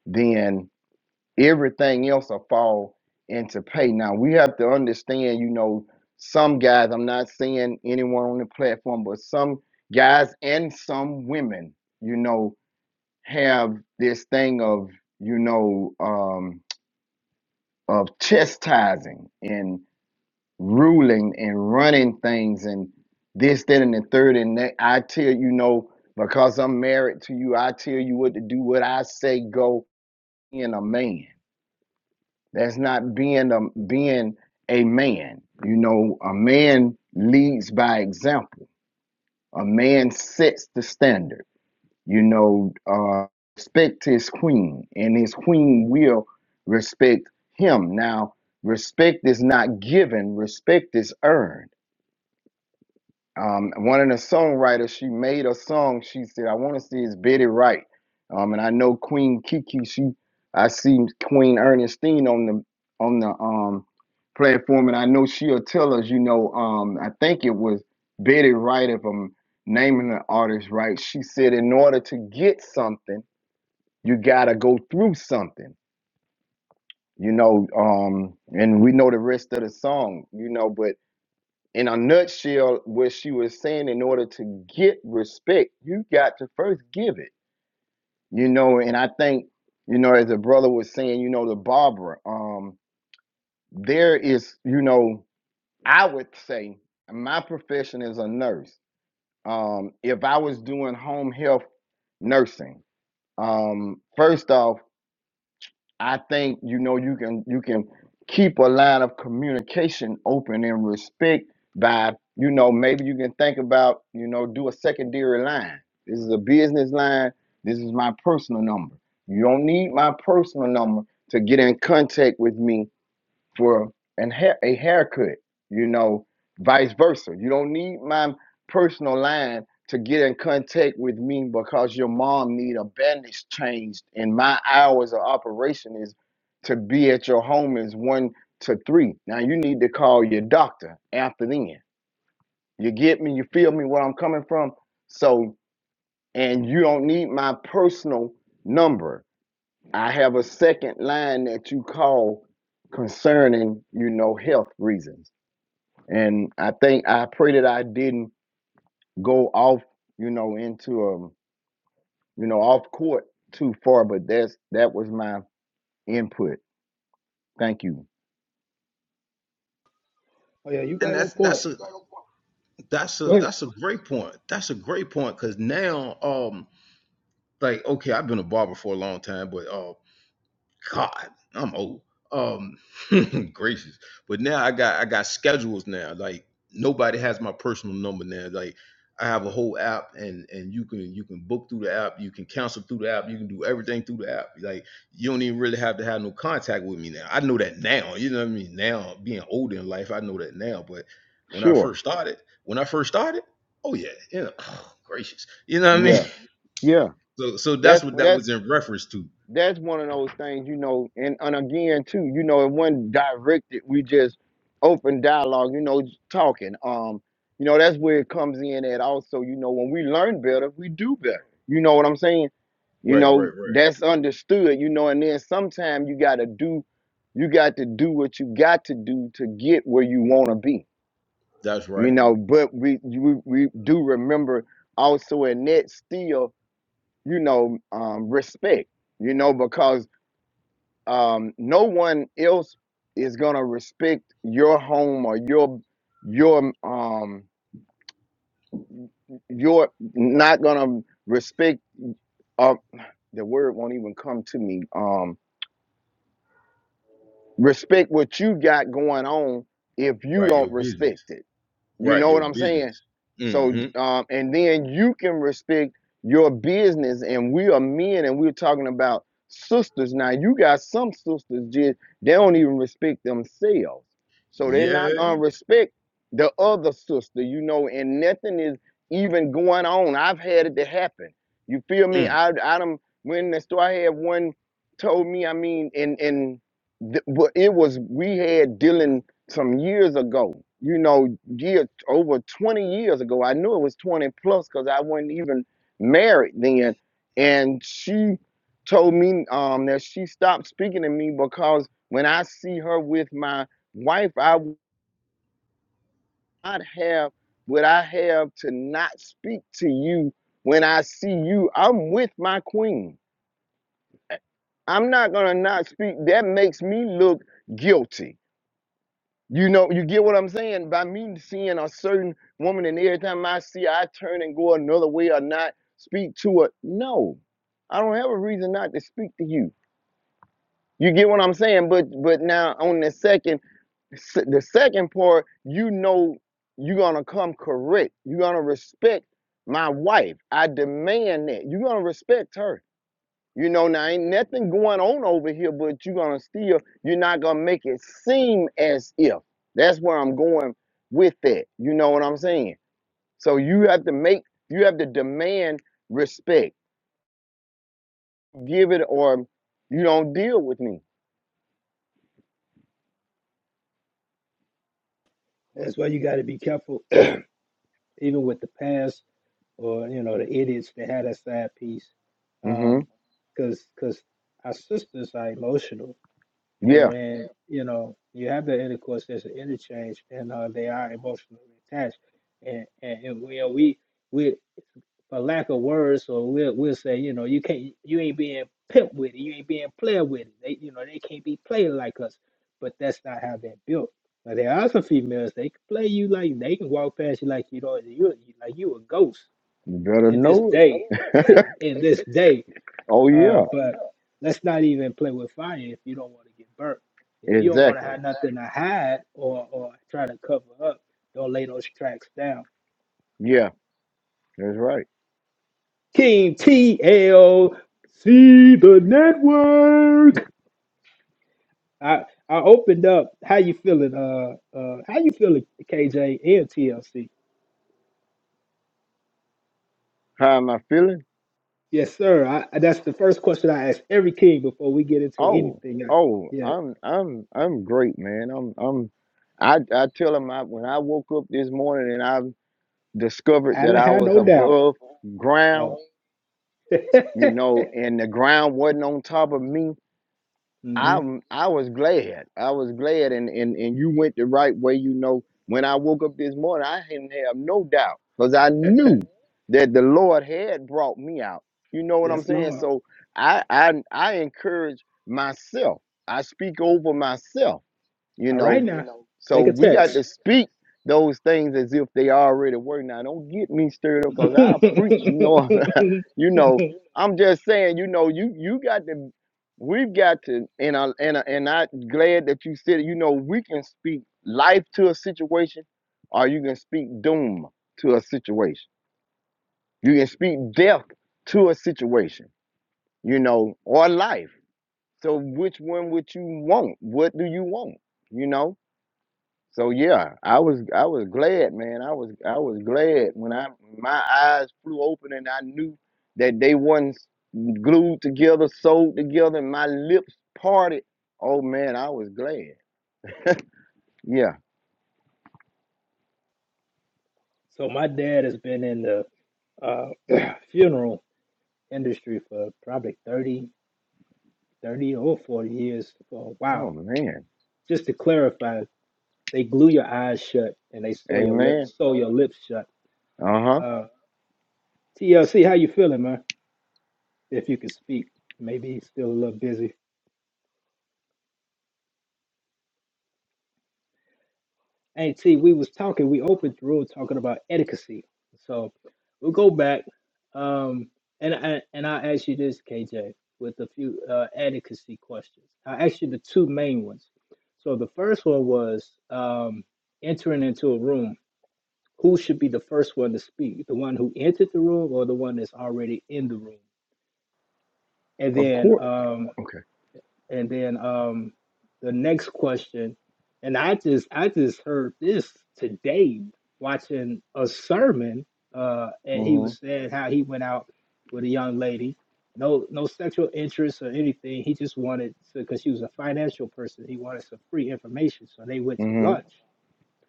then everything else will fall into pay. Now, we have to understand, you know, some guys, I'm not saying anyone on the platform, but some guys and some women, you know, have this thing of, you know, um, of chastising and ruling and running things and this, that, and the third. And that I tell you, no, because I'm married to you, I tell you what to do, what I say go in a man. That's not being a being a man. You know, a man leads by example. A man sets the standard. You know, uh, respect his queen, and his queen will respect him. Now, respect is not given; respect is earned Um, one of the songwriters, she made a song. She said, "I want to see is Betty Wright." Um, and I know Queen Kiki. She, I see Queen Ernestine on the on the um platform, and I know she'll tell us. You know, um, I think it was Betty Wright, if I'm naming the artist right. She said, "In order to get something, you gotta go through something." You know, um, and we know the rest of the song. You know, but in a nutshell, what she was saying, in order to get respect, you got to first give it. You know, and I think, you know, as a brother was saying, you know, the Barbara, um, there is, you know, I would say my profession is a nurse. Um, if I was doing home health nursing, um, first off, I think you know you can you can keep a line of communication open and respect by you know maybe you can think about you know do a secondary line. This is a business line. This is my personal number. You don't need my personal number to get in contact with me for an hair a haircut, you know, vice versa. You don't need my personal line to get in contact with me because your mom need a bandage changed and my hours of operation is to be at your home is one to three. Now you need to call your doctor after then. You get me? You feel me where I'm coming from? So and you don't need my personal number I have a second line that you call concerning, you know, health reasons. And I think I pray that I didn't go off, you know, into um, you know, off court too far, but that's that was my input. Thank you. Oh yeah, you And right on that's point. that's a that's a Go ahead. that's a great point. That's a great point because now, um, like okay, I've been a barber for a long time, but uh God, I'm old. Um, gracious. But now I got I got schedules now. Like nobody has my personal number now. Like I have a whole app, and and you can you can book through the app, you can cancel through the app, you can do everything through the app. Like you don't even really have to have no contact with me now. I know that now. You know what I mean? Now being older in life, I know that now. But when I Sure. first started, when I first started, oh yeah, yeah, Oh, gracious. You know what I mean? Yeah. Yeah. So so that's That's what that that's was in reference to. that's one of those things, you know, and, and again too, you know, it wasn't directed, we just open dialogue, you know, just talking. Um, you know, that's where it comes in at also, you know, when we learn better, we do better. You know what I'm saying? You Right, right, know, right. that's understood, you know, and then sometimes you gotta do you got to do what you got to do to get where you wanna be. That's right. You know, but we we, we do remember also in that still, you know, um respect, you know, because um, no one else is gonna respect your home or your your um your not gonna respect uh the word won't even come to me um respect what you got going on if you Right, your don't respect business. it You Right, know what your I'm saying? business. So, Mm-hmm. um, and then you can respect your business. And we are men, and we're talking about sisters. Now, you got some sisters just they don't even respect themselves, so they're Yeah. not gonna respect the other sister. You know, and nothing is even going on. I've had it to happen. You feel me? Mm. I I done when the store I had one told me. I mean, and and. th- But it was we had dealing some years ago, you know, year over 20 years ago. I knew it was 20 plus because I wasn't even married then. And she told me um, that she stopped speaking to me because when I see her with my wife, I would not have what I have to not speak to you when I see you. I'm with my queen. I'm not gonna not speak. That makes me look guilty. You know, you get what I'm saying? By me seeing a certain woman and every time I see her, I turn and go another way or not speak to her. No. I don't have a reason not to speak to you. You get what I'm saying? But but now on the second s- the second part, you know you're gonna come correct. You're gonna respect my wife. I demand that. You're gonna respect her. You know, now ain't nothing going on over here, but you're gonna still, you're not gonna make it seem as if. That's where I'm going with that. You know what I'm saying? So you have to make, you have to demand respect. Give it or you don't deal with me. That's why you got to be careful even with the past or you know the idiots that had that side piece, hmm um, because because our sisters are emotional, and Yeah. when you know you have that intercourse, there's an interchange, and uh, they are emotionally attached, and and, and we we we for lack of words, so we'll we'll say, you know, you can't you ain't being pimp with it, you ain't being player with it. They you know, they can't be played like us. But that's not how they're built. Now there are some females, they can play you like they can walk past you like you know you you- like you a ghost You better in this know day. it. in this day. Oh Uh yeah. but let's not even play with fire if you don't want to get burnt. If you don't want to Exactly. have nothing to hide or or try to cover up, don't lay those tracks down Yeah, that's right. King TLC the network. I I opened up. How you feeling? Uh, uh, how you feeling, KJ and TLC? How am I feeling? Yes, sir. I, I- that's the first question I ask every king before we get into Oh, anything. I- oh, yeah, I'm I'm I'm great, man. I'm I'm I I tell them I when I woke up this morning and I discovered I that didn't I have was no doubt. above ground, Oh, you know, and the ground wasn't on top of me. hmm I'm I was glad. I was glad and, and and you went the right way, you know. When I woke up this morning, I didn't have no doubt because I knew that the Lord had brought me out. You know what I'm yes, saying? Lord. So I I I encourage myself. I speak over myself, you All right know. now, So take a we got text. to speak those things as if they already were. Now don't get me stirred up because so I'll preach, you know. You know, I'm just saying, you know, you you got to we've got to and I and I, and I glad that you said it, you know, we can speak life to a situation or you can speak doom to a situation. You can speak death to a situation, you know, or life. So which one would you want? What do you want? You know? So yeah, I was I was glad, man. I was I was glad when I my eyes flew open and I knew that they wasn't glued together, sewed together, and my lips parted. Oh man, I was glad. Yeah. my dad has been in the uh, funeral industry for probably 30, 30 or 40 years for a while. Oh man. Just to clarify, they glue your eyes shut and they sew your Amen. lips, sew your lips shut. Uh huh. Uh, TLC, how you feeling, man? If you could speak, maybe still a little busy. Hey, T, we was talking, we opened the room talking about etiquette. So we'll go back. Um, and I and I ask you this, KJ, with a few uh etiquette questions. I asked you the two main ones. So the first one was um entering into a room. Who should be the first one to speak? The one who entered the room or the one that's already in the room? And Of then course. um Okay. and then um the next question, and I just I just heard this today watching a sermon, uh, and he was Mhm. saying how he went out with a young lady, no no sexual interest or anything. He just wanted to because she was a financial person. He wanted some free information, so they went to Mhm. lunch,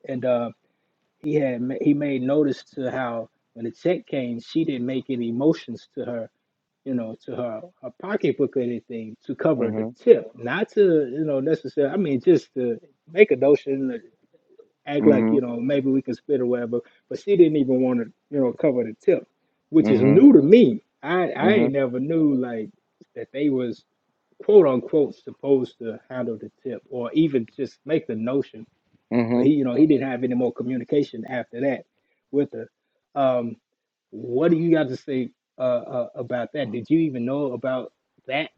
and uh, he had ma- he made notice to how when the check came, she didn't make any motions to her you know, to her, her pocketbook or anything to cover the Mhm. tip, not to, you know, necessarily, I mean, just to make a notion, act like, you Mhm. know, maybe we can split or whatever. But she didn't even want to, you know, cover the tip, which is Mhm. new to me. I, I Mhm. ain't never knew like that they was quote unquote supposed to handle the tip or even just make the notion. But Mhm. he, you know, he didn't have any more communication after that with her. Um, what do you got to say uh, uh, about that? Did you even know about that?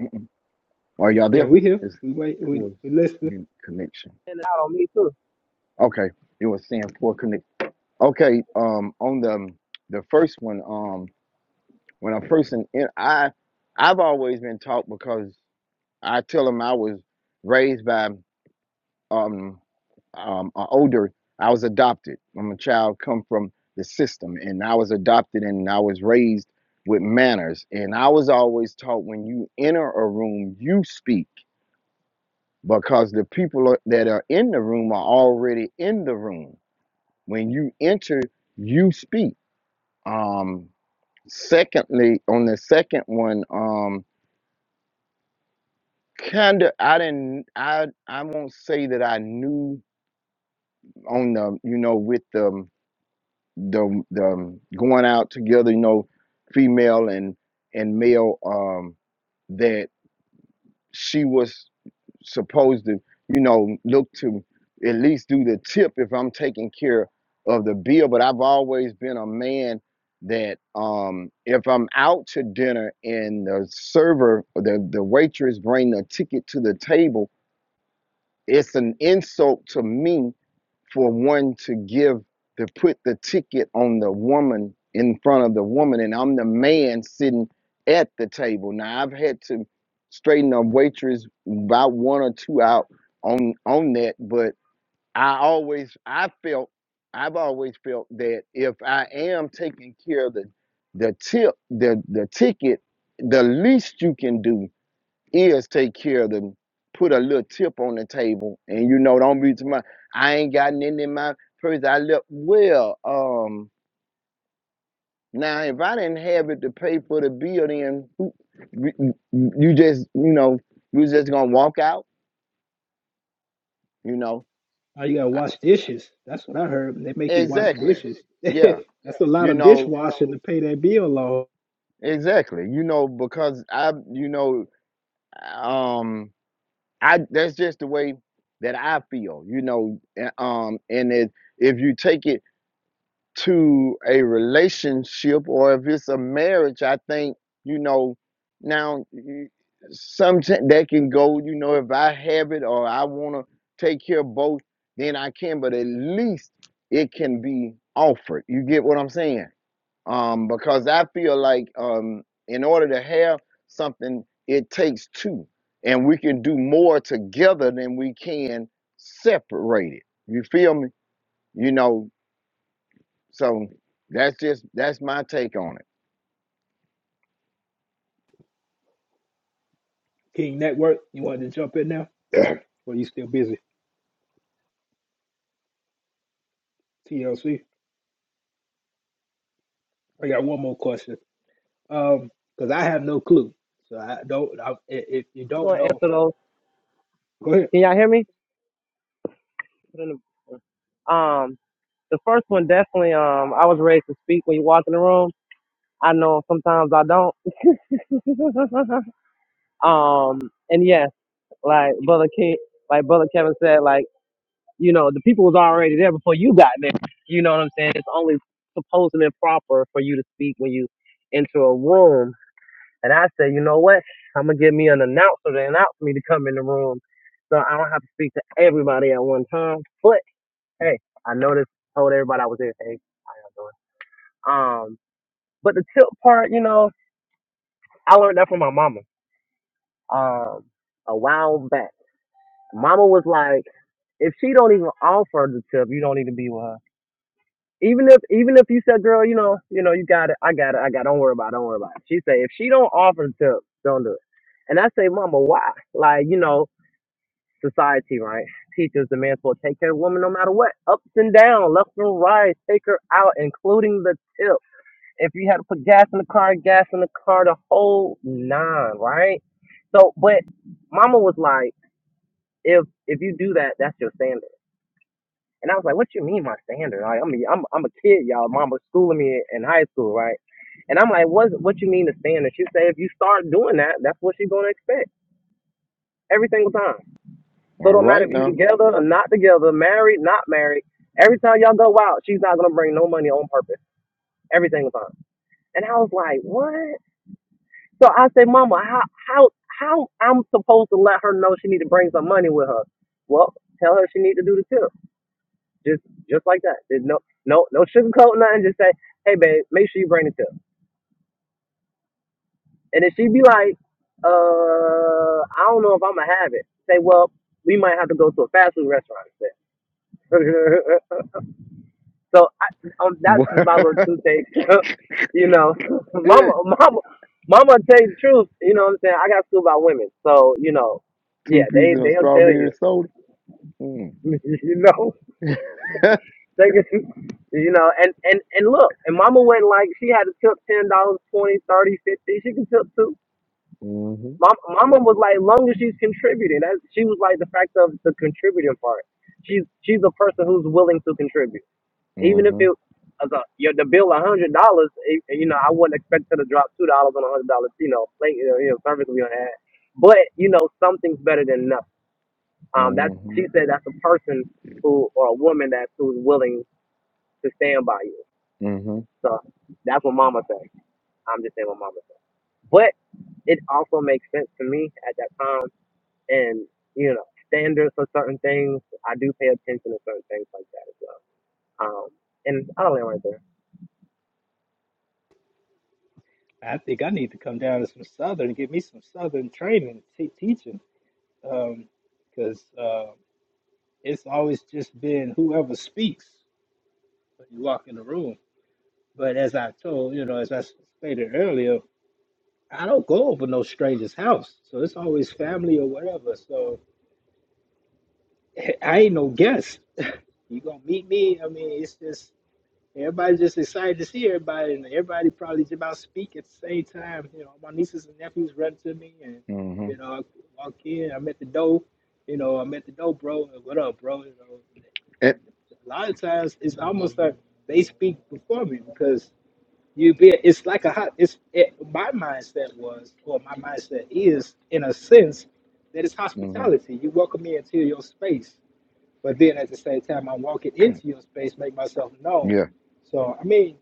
Mhm. Are y'all Yeah, there? we here. It's We wait. We, poor we listening. commu- connection. and out on me too. Okay. It was saying poor connection. Okay, um, on the um, the first one, um, when I first in, in I I've always been taught because I tell them I was raised by um um uh, older. I was adopted. I'm a child come from the system, and I was adopted, and I was raised with manners. And I was always taught when you enter a room, you speak because the people are- that are in the room are already in the room. When you enter, you speak. Um, Secondly, on the second one, um, kinda I didn't I I won't say that I knew on the you know with the um, the um, the um, going out together, you know, female and and male um that she was supposed to, you know, look to at least do the tip if I'm taking care of the bill. But I've always been a man that um, if I'm out to dinner and the server, the the waitress bring the ticket to the table, it's an insult to me for one to give to put the ticket on the woman in front of the woman and I'm the man sitting at the table. Now I've had to straighten a waitress about one or two out on on that, but I always I felt I've always felt that if I am taking care of the the tip the the ticket, the least you can do is take care of them. Put a little tip on the table, and you know, don't be too much. I ain't got nothing in my purse. I left well. Um, now if I didn't have it to pay for the bill, then who- you you- just you know you just gonna walk out. You know Now you gotta I- wash dishes. That's what I heard. They make you wash exactly. dishes. Yeah, That's a lot you of know dishwashing to pay that bill, Lord. exactly. You know because I you know um I that's just the way that I feel. You know a- um and it if you take it to a relationship or if it's a marriage i think you know now sometimes that can go you know if i have it or i want to take care of both then i can but at least it can be offered you get what i'm saying um because i feel like um in order to have something it takes two and we can do more together than we can separated you feel me you know so that's just that's my take on it. King Network, you wanted to jump in now? or you still busy? TLC. I got one more question. Um, because I have no clue. So I don't. I, i- if you I'm don't going know, after those. go ahead. Can y'all hear me? Put in the- Um, the first one definitely. Um, I was ready to speak when you walk in the room. I know sometimes I don't. um, and yes, like brother Ke like brother Kevin said, like you know the people was already there before you got there. You know what I'm saying? It's only supposed and proper for you to speak when you enter a room And I said, you know what? I'm gonna give me an announcer to announce me to come in the room, so I don't have to speak to everybody at one time. But hey, I noticed told everybody I was there. Hey, how you doing? Um, but the tip part, you know, I learned that from my mama. Um, a while back, mama was like, if she don't even offer the tip, you don't need to be with her. Even if, even if you said, girl, you know, you know, you got it, I got it, I got, it, don't worry about, it, don't worry about it. She said, if she don't offer the tip, don't do it. And I say, mama, why? Like, you know, society, right? Teaches the man's supposed to take care of the woman no matter what. Ups and down, left and right, take her out, including the tip. If you had to put gas in the car, gas in the car, the whole nine, right? So, but mama was like, if if you do that, that's your standard. And I was like, what you mean my standard? Like, I mean, I'm I'm a kid, y'all. Mama schooling me in high school, right? And I'm like, what what you mean the standard? She said, if you start doing that, that's what she's gonna expect every single time. So it All don't matter right if you now, together or not together, married, not married. Every time y'all go out, she's not gonna bring no money on purpose. Every single time. And I was like, what? So I said, Mama, how how how I'm supposed to let her know she need to bring some money with her? Well, tell her she need to do the tip. Just just like that. There's no no no sugarcoat nothing. Just say, hey babe, make sure you bring the tip. And if she be like, uh, I don't know if I'm gonna have it. Say, well, we might have to go to a fast food restaurant instead. So I, um, that's just my little two takes. you know, mama, mama, mama, tell you the truth. You know what I'm saying? I got schooled by women, so you know, two yeah, they pieces of they'll tell strawberry you. soda. Mm. you know, they can, you know, and and and look, and mama went like she had to tip ten dollars, twenty, thirty, fifty. She can tip too. mhm. Mama, mama was like, long as she's contributing, that she was like the fact of the contributing part. She's she's a person who's willing to contribute Even if it Mhm. as a your the bill a hundred dollars, eh, you know, I wouldn't expect her to drop two dollars on a hundred dollars, you know, plate you know, you know, service we gonna have. But, you know, something's better than nothing. Um that's she Mhm. said that's a person who or a woman that's who's willing to stand by you. Mhm. So that's what mama said. I'm just saying what mama said. But it also makes sense to me at that time and you know standards for certain things i do pay attention to certain things like that as well um and i don't know right there I think I need to come down to some Southern, get me some Southern training, te- teaching. Um, because uh, it's always just been whoever speaks when you walk in the room. But as I told, you know, as I stated earlier, I don't go over no stranger's house, so it's always family or whatever. So I ain't no guest. You gonna meet me? I mean, it's just Everybody's just excited to see everybody, and everybody probably just about speak at the same time. You know, my nieces and nephews run to me, and you Mhm. know, I walk in. I'm at the door. You know, I'm at the door, bro. What up, bro? You know, It. a lot of times it's almost like they speak before me because you be. It's like a hot. It's it, my mindset was, or my mindset is, in a sense, that it's Mhm. hospitality. You welcome me into your space but then at the same time, I'm walking into your space, make myself known. Yeah. So, I mean,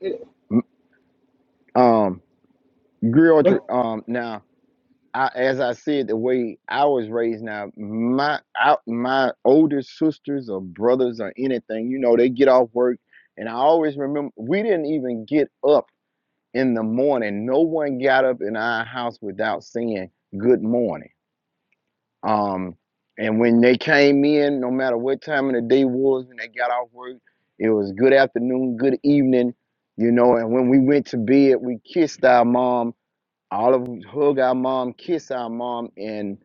it, Mm, Um. Grill orchard. Um. Now, I, as I said, the way I was raised. Now, my out my older sisters or brothers or anything, you know, they get off work, and I always remember we didn't even get up. in the morning. No one got up in our house without saying good morning. Um, and when they came in, no matter what time of the day was, when they got off work, it was good afternoon, good evening, you know. And when we went to bed, we kissed our mom. All of us hug our mom, kiss our mom, and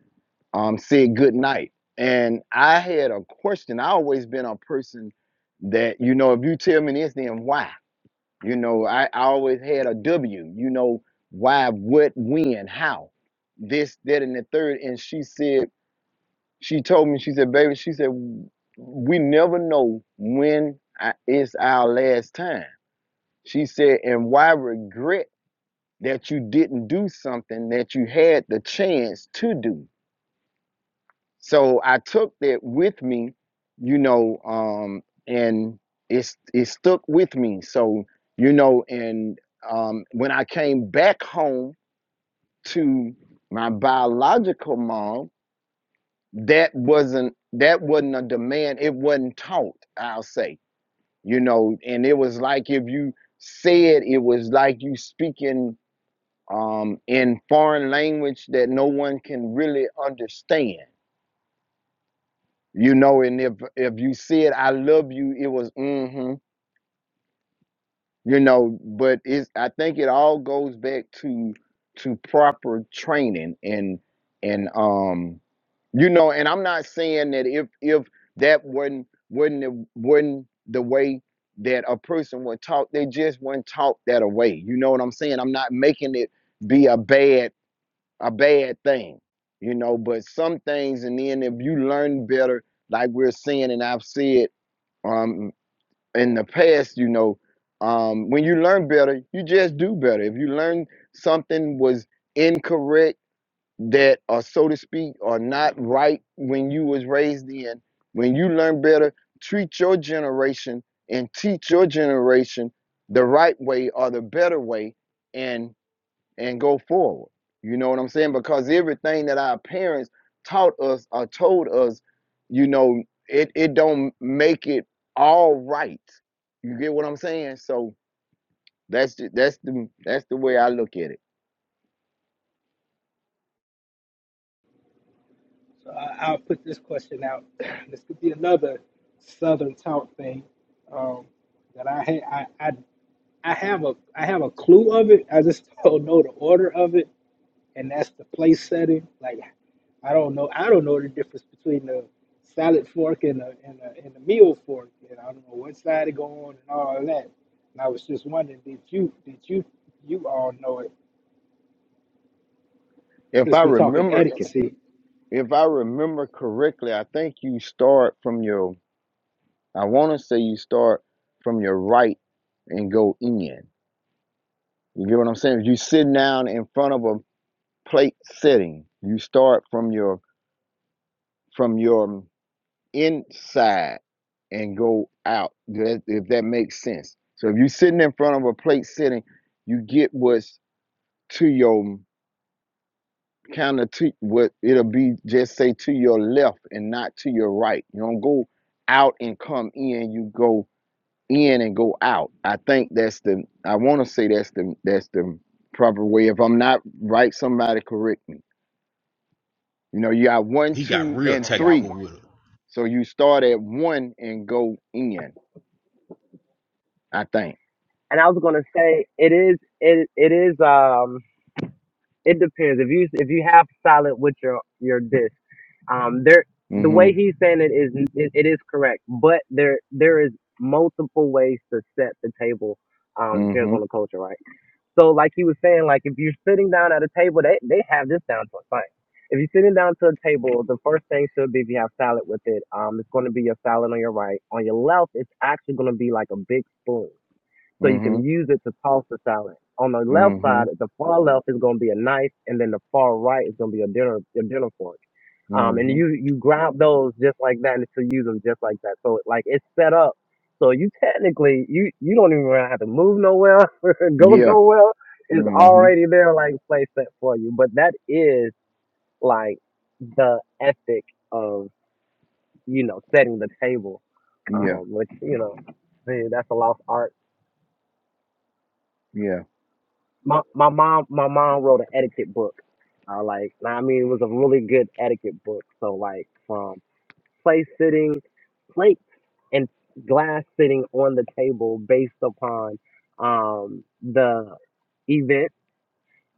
um, said good night. And I had a question. I always been a person that you know, if you tell me this, then why? You know, I, I always had a W, you know, why, what, when, how, this, that, and the third. And she said, she told me, she said, baby, she said, we never know when I, it's our last time. She said, and why regret that you didn't do something that you had the chance to do? So I took that with me, you know, um, and it's it stuck with me. So you know, and um, when I came back home to my biological mom, that wasn't that wasn't a demand. It wasn't taught. I'll say, you know, and it was like if you said it was like you speaking um, in foreign language that no one can really understand you know and if if you said i love you it was mm-hmm you know but it's i think it all goes back to to proper training and and um you know and i'm not saying that if if that wasn't wasn't the, wasn't the way that a person would talk they just weren't taught that away you know what i'm saying i'm not making it be a bad a bad thing you know but some things and then if you learn better like we're saying and i've said um, in the past, you know, um, when you learn better, you just do better. If you learn something was incorrect that, or so to speak, or not right when you was raised in, when you learn better, treat your generation and teach your generation the right way or the better way, and and go forward. You know what I'm saying? Because everything that our parents taught us or told us, you know, it, it don't make it all right. You get what I'm saying? So that's the, that's the that's the way I look at it. So I, I'll put this question out. this could be another Southern talk thing um, that I, ha- I I I have a I have a clue of it. I just don't know the order of it. and that's the place setting. Like I don't know, I don't know the difference between the salad fork and a and a, and a meal fork, and I don't know what side to go on and all that. And I was just wondering, did you did you you all know it? If Since I we're talking remember etiquette, see, if I remember correctly, I think you start from your I want to say you start from your right and go in. You get what I'm saying? If you sit down in front of a plate setting, you start from your from your inside and go out, if that makes sense. So if you're sitting in front of a plate sitting, you get what's to your kind of to what it'll be just say to your left and not to your right. You don't go out and come in, you go in and go out. I think that's the I want to say that's the that's the proper way. If I'm not right, somebody correct me. You know, you got one, He got two, real And and then we got three. technical y'all- with him. So you start at one and go in, I think. And I was gonna say it is it it is um it depends if you if you have salad with your your dish um there the way Mm-hmm. he's saying it is it, it is correct but there there is multiple ways to set the table um depends Mm-hmm. on the culture right so like he was saying like if you're sitting down at a table they they have this down to a science if you're sitting down to a table the first thing should be if you have salad with it um it's going to be your salad on your right on your left it's actually going to be like a big spoon so you Mm-hmm. can use it to toss the salad. On the left Mm-hmm. side, the far left is going to be a knife, and then the far right is going to be a dinner your dinner fork. Um, and Mm-hmm. you you grab those just like that, and to use them just like that. So like it's set up. So you technically you you don't even really have to move nowhere, go Yeah. nowhere. It's Mm-hmm. already there, like play set for you. But that is like the ethic of you know setting the table, Yeah. um, which you know hey, that's a lost art Yeah. my my mom my mom wrote an etiquette book. Uh, like and I mean it was a really good etiquette book. So like from place sitting plates and glass sitting on the table based upon um the event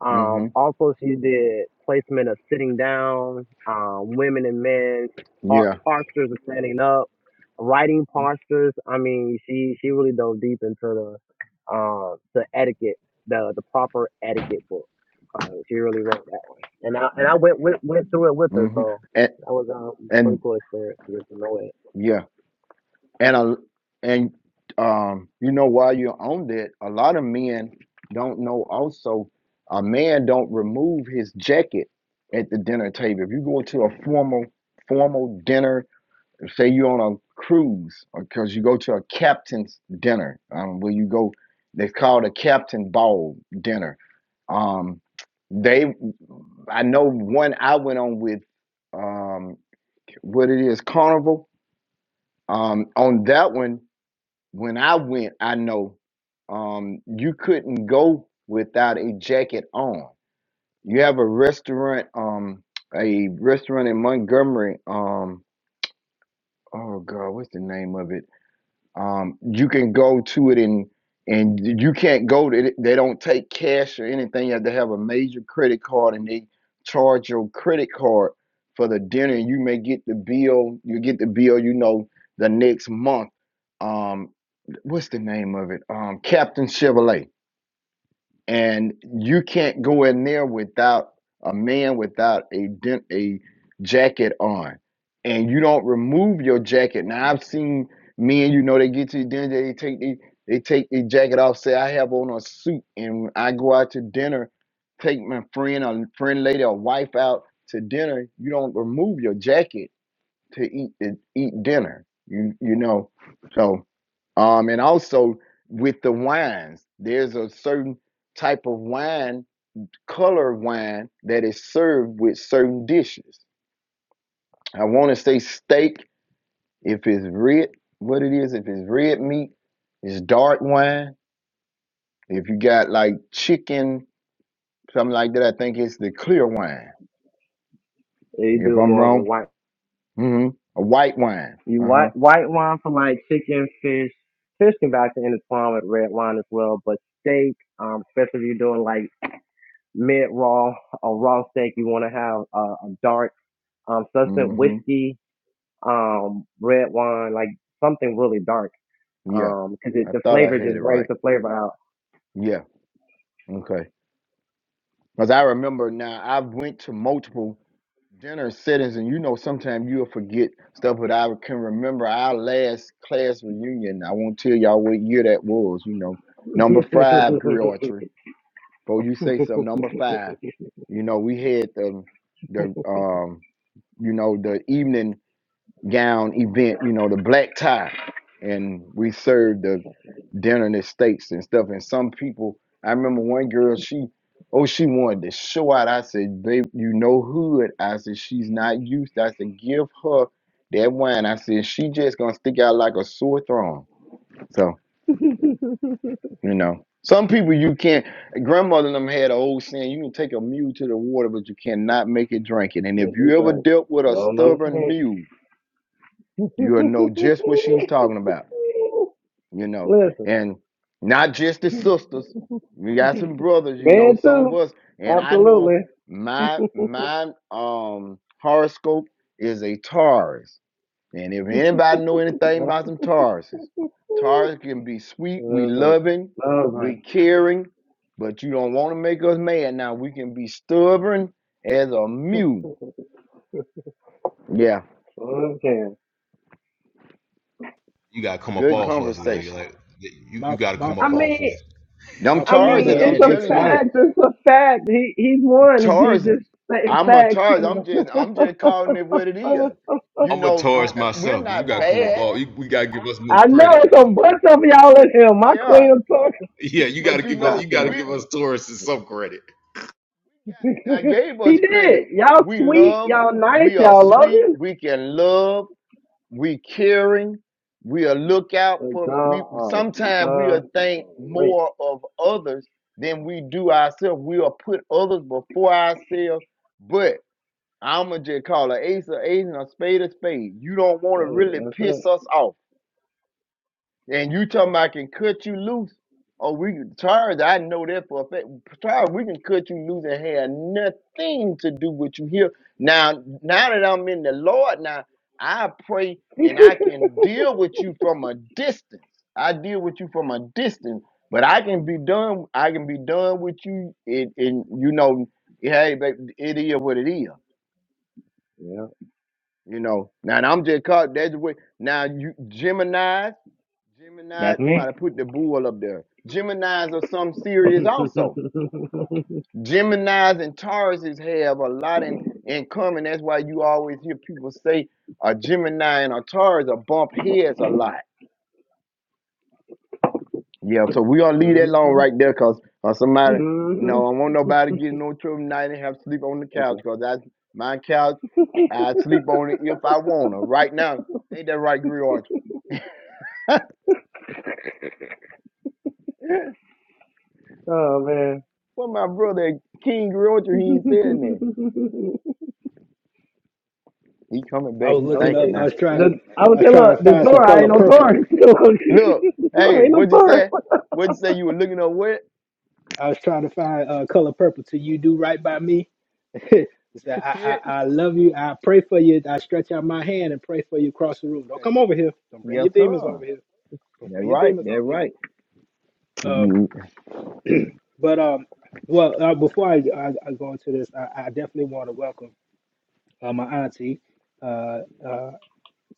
um, Mm-hmm. also, she did placement of sitting down, um, women and men par- Yeah. postures of standing up, writing postures. I mean, she she really dove deep into the uh, the etiquette, the the proper etiquette book. Uh, she really wrote that one, and I and I went went, went through it with her, Mm-hmm. so And that was a pretty and cool experience to get to know it. yeah. And a and um, you know, while you're on that, a lot of men don't know also a man don't remove his jacket at the dinner table. If you go to a formal formal dinner if say you're on a cruise or because you go to a captain's dinner um, where you go they call it a captain ball dinner um, they i know one i went on with um, what it is carnival um, on that one when i went i know um, you couldn't go without a jacket on you have a restaurant um, a restaurant in montgomery um, oh god what's the name of it um, you can go to it and and you can't go to it. They don't take cash or anything. You have to have a major credit card, and they charge your credit card for the dinner. You may get the bill. You get the bill. You know the next month. Um, what's the name of it? Um, Captain Chevrolet and you can't go in there without a man without a den- a jacket on, and you don't remove your jacket. Now I've seen men, you know, they get to the dinner, they take the they take their jacket off, say I have on a suit, and when I go out to dinner, take my friend or friend lady or wife out to dinner, you don't remove your jacket to eat eat dinner. You you know, so um, and also with the wines, there's a certain type of wine, color wine that is served with certain dishes. I want to say steak if it's red, what it is. If it's red meat, it's dark wine. If you got like chicken, something like that, I think it's the clear wine. You If do I'm more of wrong, a mm-hmm. a white wine. You Uh huh. white white wine for like chicken, fish. Fish can actually intertwine with red wine as well, but steak, um, especially if you're doing like mid raw or raw steak, you want to have uh, a dark um substance, Mm-hmm. whiskey, um, red wine, like something really dark, Yeah, um, because it I the thought I flavor had just it brings right. the flavor out. Yeah. Okay. Because I remember now, I've went to multiple dinner settings, and you know, sometimes you'll forget stuff. But I can remember our last class reunion. I won't tell y'all what year that was. You know, number five grill archery. Before you say something, number five. You know, we had the the um, you know, the evening gown event, you know, the black tie. And we served the dinner and the steaks and stuff. And some people, I remember one girl, she, oh, she wanted to show out. I said, babe, you know hood. I said, she's not used. to. I said, give her that wine. I said, she just gonna stick out like a sore thumb. So, you know, some people you can't, grandmother and them had an old saying, you can take a mule to the water, but you cannot make it drink it. And if Listen, you ever drink. dealt with a So another stubborn thing. mule, You'll know just what she's talking about, you know, Listen, and not just the sisters. We got some brothers, you know, man, some of too. us, and I know Absolutely. my my um horoscope is a Taurus. And if anybody know anything about some Tauruses, Taurus can be sweet, we Jesus. loving, we Loving. caring, but you don't want to make us mad. Now we can be stubborn as a mule. Yeah, Okay. You gotta come up good my off us, like, conversation. like you, you my gotta my come I up fa- off mean, us. Them my I Taurus, mean, father it's I'm and a ex telling you, wife. fact. It's a fact. He he's won. Taurus. He just stating I'm a facts. target. I'm just I'm just calling it what it is. You I'm a know, n- Taurus no, uh, we're myself, but you not gotta come up bad. off. You, we gotta give us more I know credit. it's a bunch of y'all in here. My queen Yeah. of talking. Yeah, you But gotta you give us. Nah, know, You she gotta don't we give us talk. Taurus some credit. I gave he us did. credit. Y'all We sweet. love, Y'all nice. we are Y'all sweet, loving. we can love, we caring, we are look out But for we y'all are sometimes we are think Wait. more of others than we do ourselves. We are put others before ourselves, but I'ma just call an ace a ace and a spade a spade. You don't want to Hey, really that's it. piss us off And you talking about I can cut you loose. Oh, we Charles, I know that for a fact. Charles, we can cut you loose and have nothing to do with you here. Now, now that I'm in the Lord, now I pray and I can deal with you from a distance. I deal with you from a distance, but I can be done. I can be done with you, and, and you know, hey, babe, it is what it is. Yeah. You know. Now I'm just caught. That's the way. Now you Gemini. Gemini, That's me. somebody put the bull up there. Geminis are some serious also. Geminis and Tauruses have a lot in, in common. That's why you always hear people say a Gemini and a Taurus are bump heads a lot. Yeah, so we gonna leave that alone right there because uh, somebody, Mhm. no, I want nobody getting no trouble tonight and have to sleep on the Thank couch you. because that's my couch. I sleep on it if I wanna. Right now, ain't that right, Griot? Oh man. well, my brother King Griot, he I ain't saying that. He coming I back. was He was looking thinking up. like, I now. was trying to the I would I was say, look, trying to the find some Torah ain't color no purple. Taurus. Look, the Torah hey, ain't no what'd you Taurus. say? What'd you say? You were looking up what? I was trying to find uh, color purple till you do right by me It's that That's I, it. I, I love you. I pray for you. I stretch out my hand and pray for you across the room. Don't Okay. come over here. Don't bring Yes, your demons sir. over here. Don't That bring your right. demons That over here. right. Um, You, but um, well, uh, before I, I, I go into this, I, I definitely want to welcome uh, my auntie, uh, uh,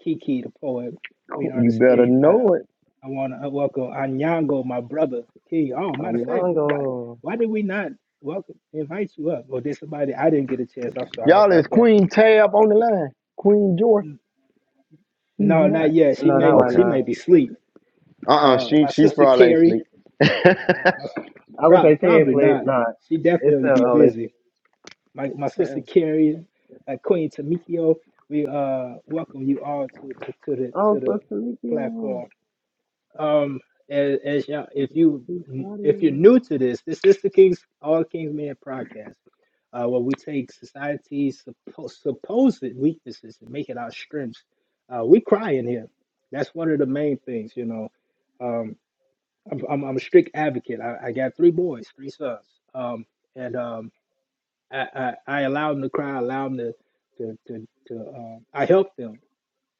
Kiki, the poet, Queen you better Ernestine. I, know it. I want to welcome Anyango, my brother, King. Oh, matter I'm of fact, young, why oh. why did we not welcome invite you up? Or did somebody? I didn't get a chance. I'm sorry Y'all about is that. Queen Tab on the line. Queen Joy. She's No, not. not yet. She No, not may right Okay. she may now. be asleep. Uh uh Uh, She my she sister probably ain't Carrie, sleep. I would prob- say she ain't probably sleep. not. Nah, She it's definitely still be early. busy. My my sister oh Carrie, uh, Queen Tamikio, we uh welcome you all to to, to the Oh, to the uh, Sister Nikio. platform. um as, as young, if you if you're new to this, this is the King's All Kings Men podcast, uh, where we take society's suppo- supposed weaknesses and make it our strengths. Uh, we cry in here. That's one of the main things, you know. Um, I'm, I'm, I'm a strict advocate. I, I got three boys, three sons, um, and um, I, I I allow them to cry. I allow them to to to, to um, I help them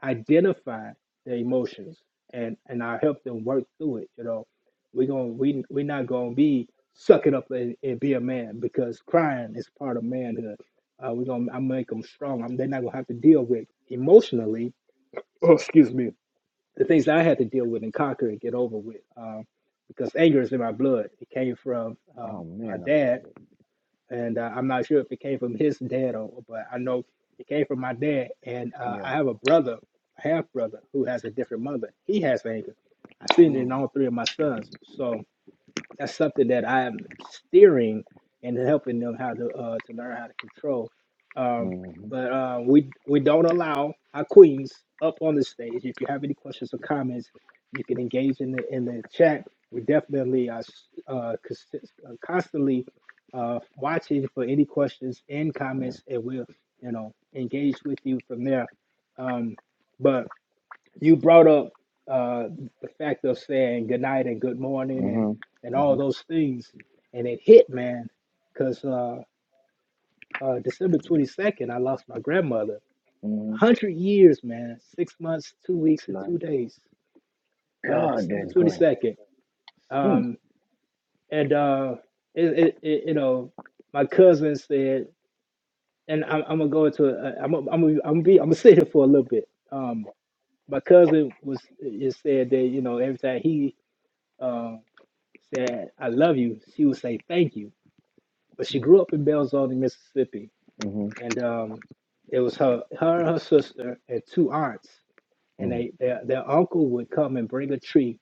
identify their emotions and and I'll help them work through it. You know, we're gonna we we're not gonna be suck it up and, and be a man because crying is part of manhood. Uh, we're gonna I make them strong. I'm, they're not gonna have to deal with emotionally. Oh, excuse me. The things that I had to deal with and conquer and get over with, um, because anger is in my blood. It came from um, my man, I love dad, it. and uh, I'm not sure if it came from his dad or, but I know it came from my dad. And uh, I Yeah. have a brother, a half brother, who has a different mother. He has anger. I've seen it in Mm. all three of my sons. So that's something that I'm steering and helping them how to uh, to learn how to control. Um, hmm but uh, we we don't allow our queens up on the stage. If you have any questions or comments, you can engage in the in the chat. We definitely are uh, cons- uh, constantly uh, watching for any questions and Yeah. comments, and we'll you know engage with you from there. Um, but you brought up uh, the fact of saying good night and good morning and hmm and all hmm those things, and it hit, man, because uh, uh, December twenty second, I lost my grandmother. A hmm hundred years, man. Six months, two weeks, and Nice. two days. Uh, God, December that's twenty green. second, Sweet. um, and uh, it, it, it, you know, my cousin said, and I'm, I'm gonna go into, a, I'm, gonna- I'm, gonna- I'm gonna be, I'm gonna sit here for a little bit. Um, my cousin was, it said that you know, every time he uh, said, I love you, she would say thank you. But she grew up in Belzoni, Mississippi. Mm-hmm. And um, it was her, her, her sister, and two aunts. And Mm. they, their, their uncle would come and bring a tree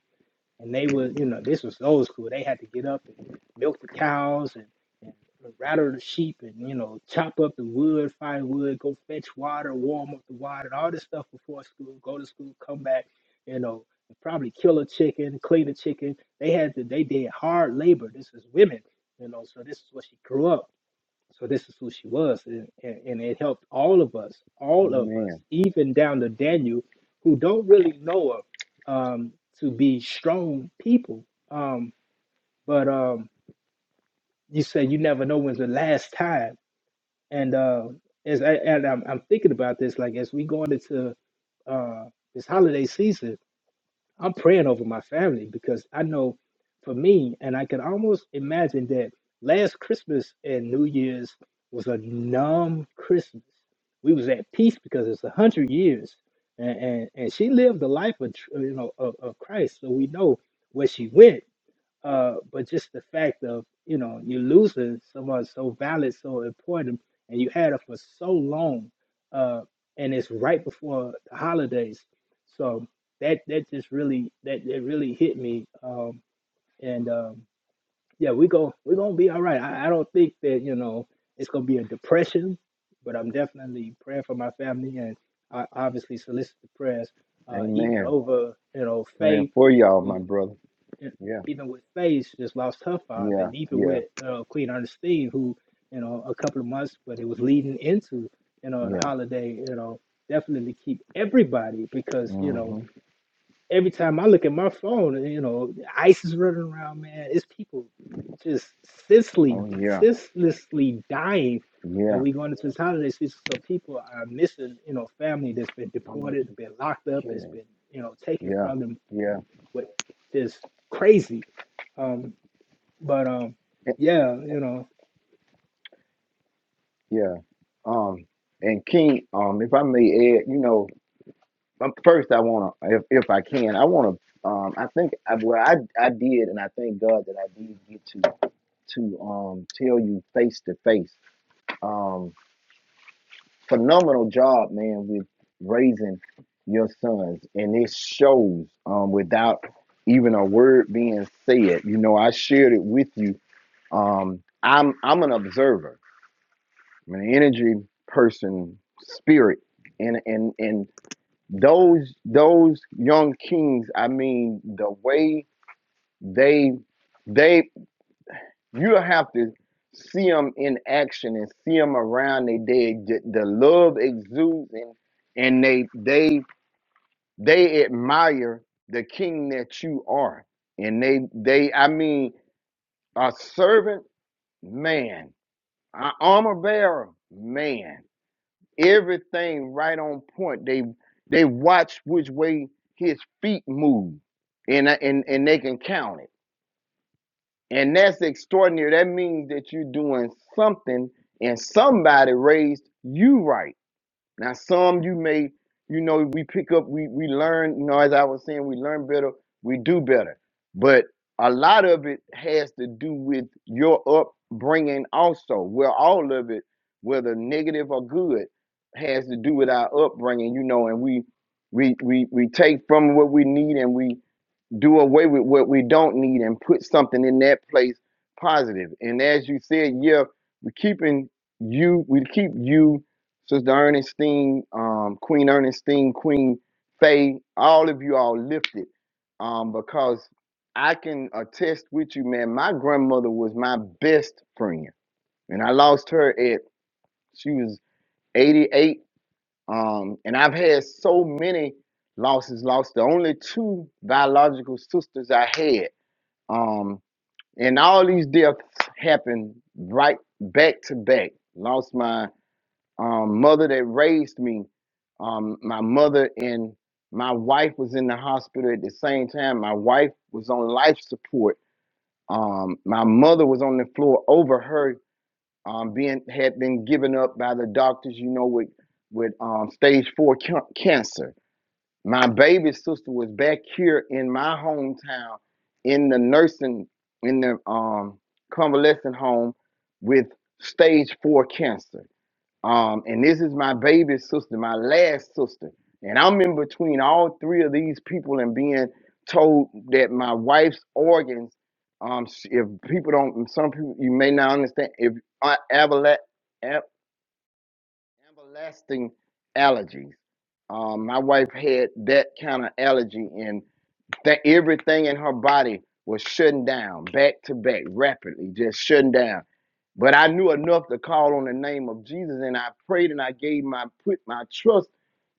and they was you know this was old school they had to get up and milk the cows and, and rattle the sheep and you know chop up the wood firewood go fetch water warm up the water and all this stuff before school go to school come back you know and probably kill a chicken clean a chicken they had to they did hard labor this was women you know so this is what she grew up so this is who she was, and, and, and it helped all of us, all of Man. us, even down to Daniel, who don't really know her, um, to be strong people. Um, but um, you say you never know when's the last time, and uh, as I, and I'm, I'm thinking about this, like as we going into uh, this holiday season I'm praying over my family because I know for me, and I can almost imagine that last Christmas and New Year's was a numb Christmas. We was at peace because it's a hundred years, and, and and she lived the life of tr- you know of, of Christ, so we know where she went. Uh, but just the fact of, you know, you're losing someone so valid, so important, and you had her for so long, uh, and it's right before the holidays. So that that just really that that really hit me. Um, and um, yeah, we go we're gonna be all right. I, I don't think that, you know, it's gonna be a depression, but I'm definitely praying for my family and I obviously solicit the prayers, uh, even Amen. over, you know, Praying faith for y'all, my who brother. and Yeah, even with Faith just lost her father, yeah, and even yeah, with uh, Queen Ernestine, who you know a couple of months, but it was leading into you know the yeah. holiday. You know, definitely keep everybody because you know hmm every time I look at my phone, you know, ICE is running around, man. It's people just senselessly, Oh yeah, senselessly dying. And yeah. we going into this holiday season, so people are missing, you know, family that's been How much deported, is been locked up, that's killing? been, you know, taken Yeah, from them yeah, with just crazy. Um, but um, eh, yeah, you know, yeah. Um, and King, um, if I may add, you know, um, first I wanna, if if I can, I wanna, um, I think, I, well, I I did, and I thank God that I did get to to um tell you face to face. Um, phenomenal job, man, with raising your sons, and it shows um, without even a word being said. You know, I shared it with you. Um, I'm I'm an observer. I'm an energy person, spirit, and and and those those young kings. I mean, the way they they you have to see them in action and see them around their dead. The the love exudes and, and they they they admire the king that you are. And they they I mean a servant man, an armor bearer man. Everything right on point. They they watch which way his feet move and and and they can count it And that's extraordinary. That means that you're doing something and somebody raised you right. Now, some you may, you know, we pick up, we, we learn, you know, as I was saying, we learn better, we do better. But a lot of it has to do with your upbringing also. Well, all of it, whether negative or good, has to do with our upbringing, you know, and we we we we take from what we need and we do away with what we don't need and put something in that place positive. And as you said, yeah, we're keeping you, we keep you, Sister Ernestine, um, Queen Ernestine, Queen Faye, all of you all lifted. Um, because I can attest with you, man, my grandmother was my best friend. And I lost her at she was 88. Um, and I've had so many losses, lost the only two biological sisters I had um, and all these deaths happened right back to back. Lost my um, mother that raised me. Um, my mother and my wife was in the hospital at the same time. My wife was on life support. Um, my mother was on the floor over her um, being had been given up by the doctors. You know with with um, stage four ca- cancer my baby sister was back here in my hometown in the nursing, in the um, convalescent home with stage four cancer. Um, and this is my baby sister, my last sister. And I'm in between all three of these people and being told that my wife's organs, um, s- if people don't, some people, you may not understand, if uh, Everlasting allergies. Um, my wife had that kind of allergy, and that everything in her body was shutting down back to back rapidly, just shutting down. But I knew enough to call on the name of Jesus, and I prayed and I gave my put my trust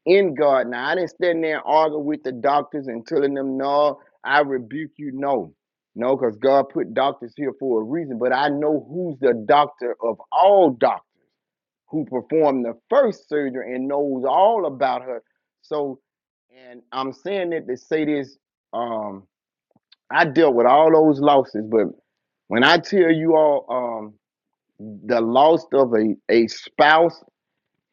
in God. Now I didn't stand there and argue with the doctors and telling them, "No, I rebuke you." No, no, because God put doctors here for a reason. But I know who's the doctor of all doctors who performed the first surgery and knows all about her. So, and I'm saying that to say this, um, I dealt with all those losses, but when I tell you all, um, the loss of a, a spouse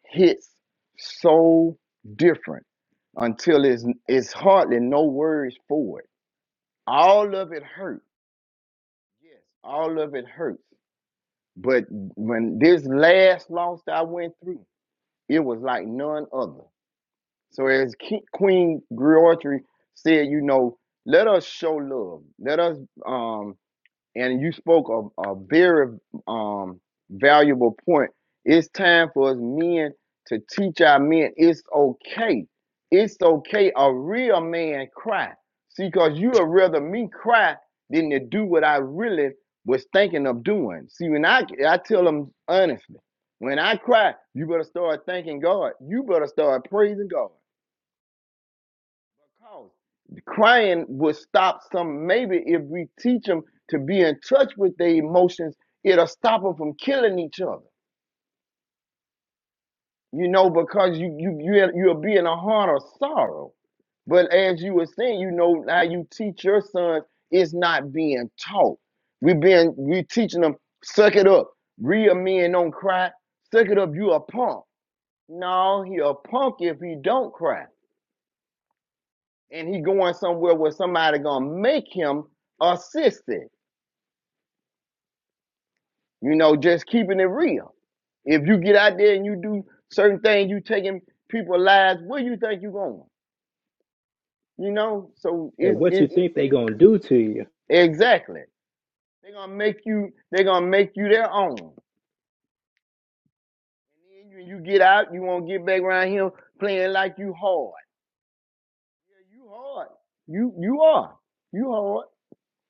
hits so different until it's it's hardly no words for it. All of it hurt. Yes, all of it hurts. But when this last loss that I went through, it was like none other. So as Queen Griotry said, you know, let us show love. Let us um and you spoke a, a very um valuable point. It's time for us men to teach our men it's okay. It's okay. A real man cry. See, cause you would rather me cry than to do what I really was thinking of doing. See, when I I tell them honestly, when I cry, you better start thanking God. You better start praising God. Because the crying would stop some. Maybe if we teach them to be in touch with their emotions, it'll stop them from killing each other. You know, because you you you you'll be in a heart of sorrow. But as you were saying, you know, now you teach your sons it's not being taught. We being we teaching them suck it up. Real men don't cry. Suck it up. You a punk. No, he a punk if he don't cry. and he going somewhere where somebody gonna make him assistant. You know, just keeping it real. If you get out there and you do certain things, you taking people lives. Where you think you going? You know, so and it's what you it's think they gonna do to you? exactly. They gonna make you. They gonna make you their own. And then you, you get out. You won't get back around here playing like you hard. Yeah, you hard. You you are. You hard.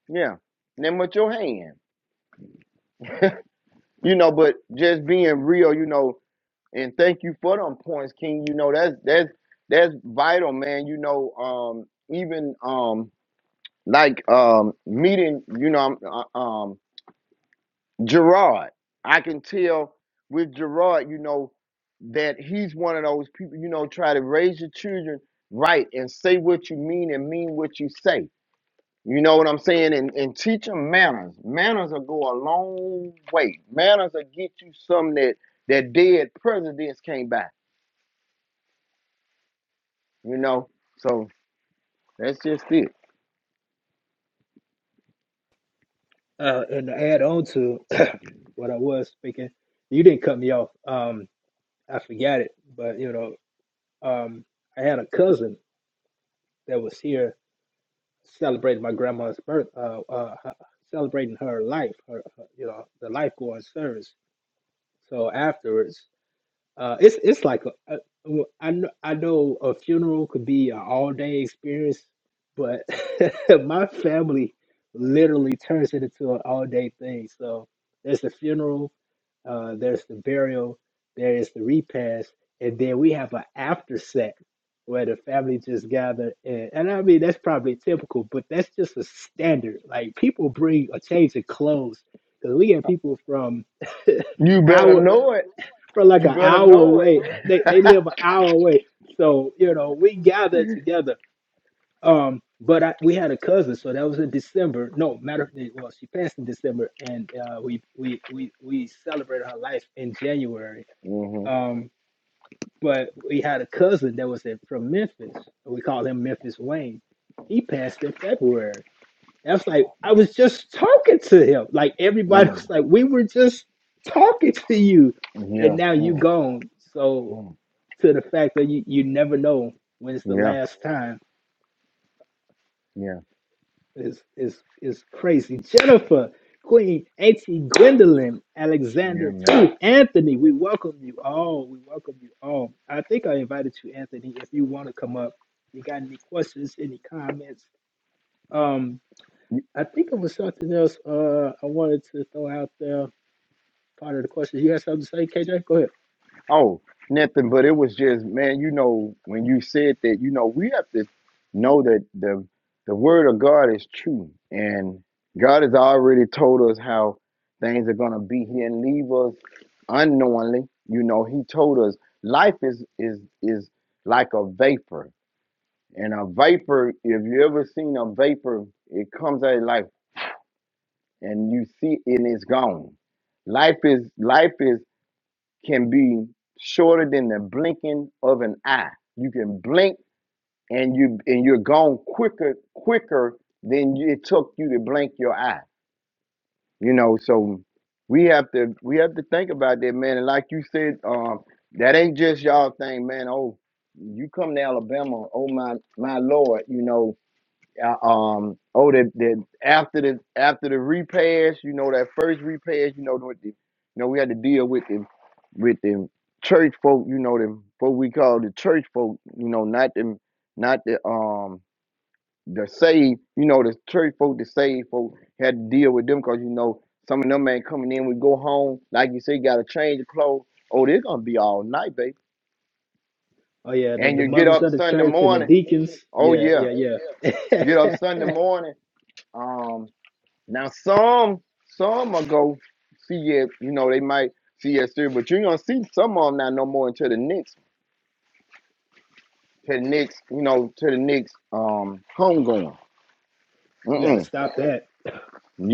Yeah. And then with your hand. You know, but just being real. You know, And thank you for them points, King. You know that's that's that's vital, man. You know, um, even um, like um, meeting, you know, um, uh, um, Gerard. I can tell with Gerard, you know, that he's one of those people. You know, try to raise your children right and say what you mean and mean what you say. You know what I'm saying? And and teach them manners. Manners will go a long way. Manners will get you something that that dead presidents can't buy. you know. So that's just it. Uh, and to add on to what I was speaking, you didn't cut me off. Um, I forgot it, but you know, um, I had a cousin that was here celebrating my grandma's birth, uh, uh, h- celebrating her life, her, her, you know, the life going service. So afterwards. Uh, it's it's like a, a, well, I know I know a funeral could be an all day experience, but my family literally turns it into an all day thing. So there's the funeral, uh, there's the burial, there is the repast, and then we have an after set where the family just gather. And, and I mean that's probably typical, but that's just a standard. Like people bring a change of clothes because we get people from You better our know it. for like You an better hour know it. away. They they live an hour away. So, you know, we gathered together. Um, but I, we had a cousin, so that was in December. No, matter of fact, well, she passed in December, and uh, we we we we celebrated her life in January. hmm Um, but we had a cousin that was in, from Memphis. We called him Memphis Wayne. He passed in February. That's like Oh I man. was just talking to him. Like everybody Mm. was like, we were just talking to you, and Yeah, now you yeah, gone. So mm. to the fact that you, you never know when it's the yeah, last time yeah, is is is crazy. Jennifer, Queen, Auntie Gwendolyn, yeah, Alexander, man. Truth, Anthony, we welcome you all. We welcome you all. I think I invited you, Anthony, if you want to come up. You got any questions, any comments? Um, I think it was something else uh I wanted to throw out there. Part of the questions. You had something to say, KJ? Go ahead. Oh, nothing, but it was just, man, you know, when you said that, you know, we have to know that the the word of God is true. And God has already told us how things are gonna be. He didn't leave us unknowingly. You know, he told us life is is is like a vapor. And a vapor, if you ever seen a vapor, it comes out of life and you see it and it's gone. Life is life is can be shorter than the blinking of an eye. You can blink and you and you're gone quicker quicker than it took you to blink your eye. You know, so we have to we have to think about that, man. And like you said, um, that ain't just y'all thing, man. Oh, you come to Alabama, oh my my lord, you know uh, um, oh, the, the after the after the repass, you know that first repass, you know with the, you know we had to deal with them, with them church folk, you know them what we call the church folk, you know not them, not the um the saved, you know the church folk, the saved folk had to deal with them because you know some of them ain't coming in. We go home, like you say, got to change the clothes. Oh, they're gonna be all night, baby. Oh yeah, the, And the you get mothers up of the Sunday church and the morning. deacons. Oh Yeah, yeah, yeah, get up yeah. Sunday morning. Um. Now some some will go see it, you know, they might see it through, but you're gonna see some of them not no more until the next to the next, you know, to the next um homegoing. we gotta Mm-mm. stop that.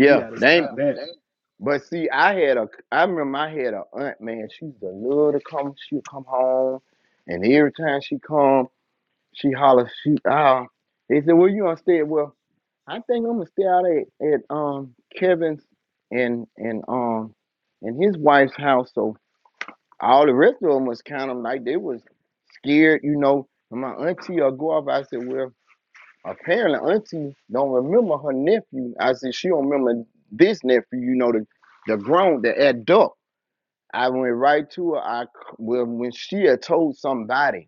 We gotta they ain't stop that. but see I had a I remember I had a aunt, man, she used to love to come, she'd come home and every time she come, she holler, she ah they said, where you gonna stay well, I think I'm gonna stay out at, at um Kevin's and and um and his wife's house. So all the rest of them was kind of like they was scared, you know. And my auntie or go off. I said, well, apparently auntie don't remember her nephew. I said she don't remember this nephew, you know, the the grown, the adult. I went right to her. I c- well, when she had told somebody.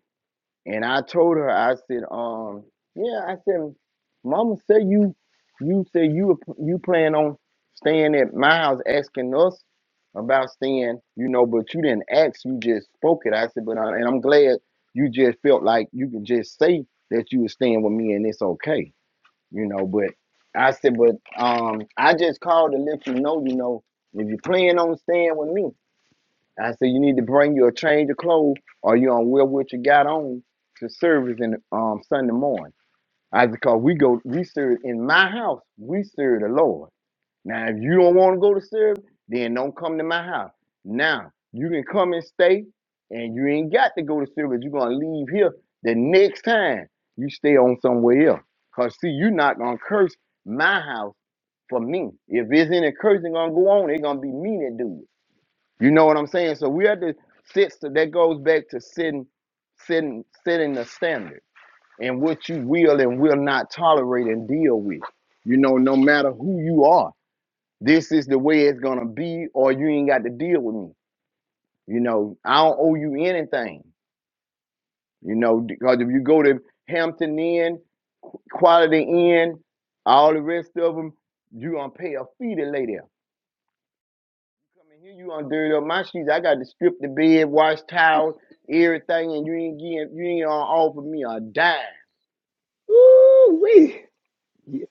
And I told her, I said, um, yeah, I said, Mama say you, you say you you plan on staying at my house, asking us about staying, you know, but you didn't ask, you just spoke it. I said, but I, and I'm glad you just felt like you could just say that you were staying with me and it's okay, you know. But I said, but um, I just called to let you know, you know, if you plan on staying with me. I said, you need to bring you a change of clothes or you on wear what you got on to service in um Sunday morning. I said, cause we go, we serve in my house, we serve the Lord. Now, if you don't want to go to serve, then don't come to my house. Now, you can come and stay, and you ain't got to go to service. You're gonna leave here the next time you stay on somewhere else. Cause see, you're not gonna curse my house for me. If there's any cursing gonna go on, it's gonna be me that do it. You know what I'm saying? So we have to sit so that goes back to sitting, sitting, setting the standard and what you will and will not tolerate and deal with. You know, no matter who you are, this is the way it's gonna be, or you ain't got to deal with me. You know, I don't owe you anything. You know, because if you go to Hampton Inn, Quality Inn, all the rest of them, you gonna pay a fee to lay there. Coming here, you on dirty up my sheets. I got to strip the bed, wash towels, everything, and you ain't getting, you ain't on offer me a dime. Woo wee!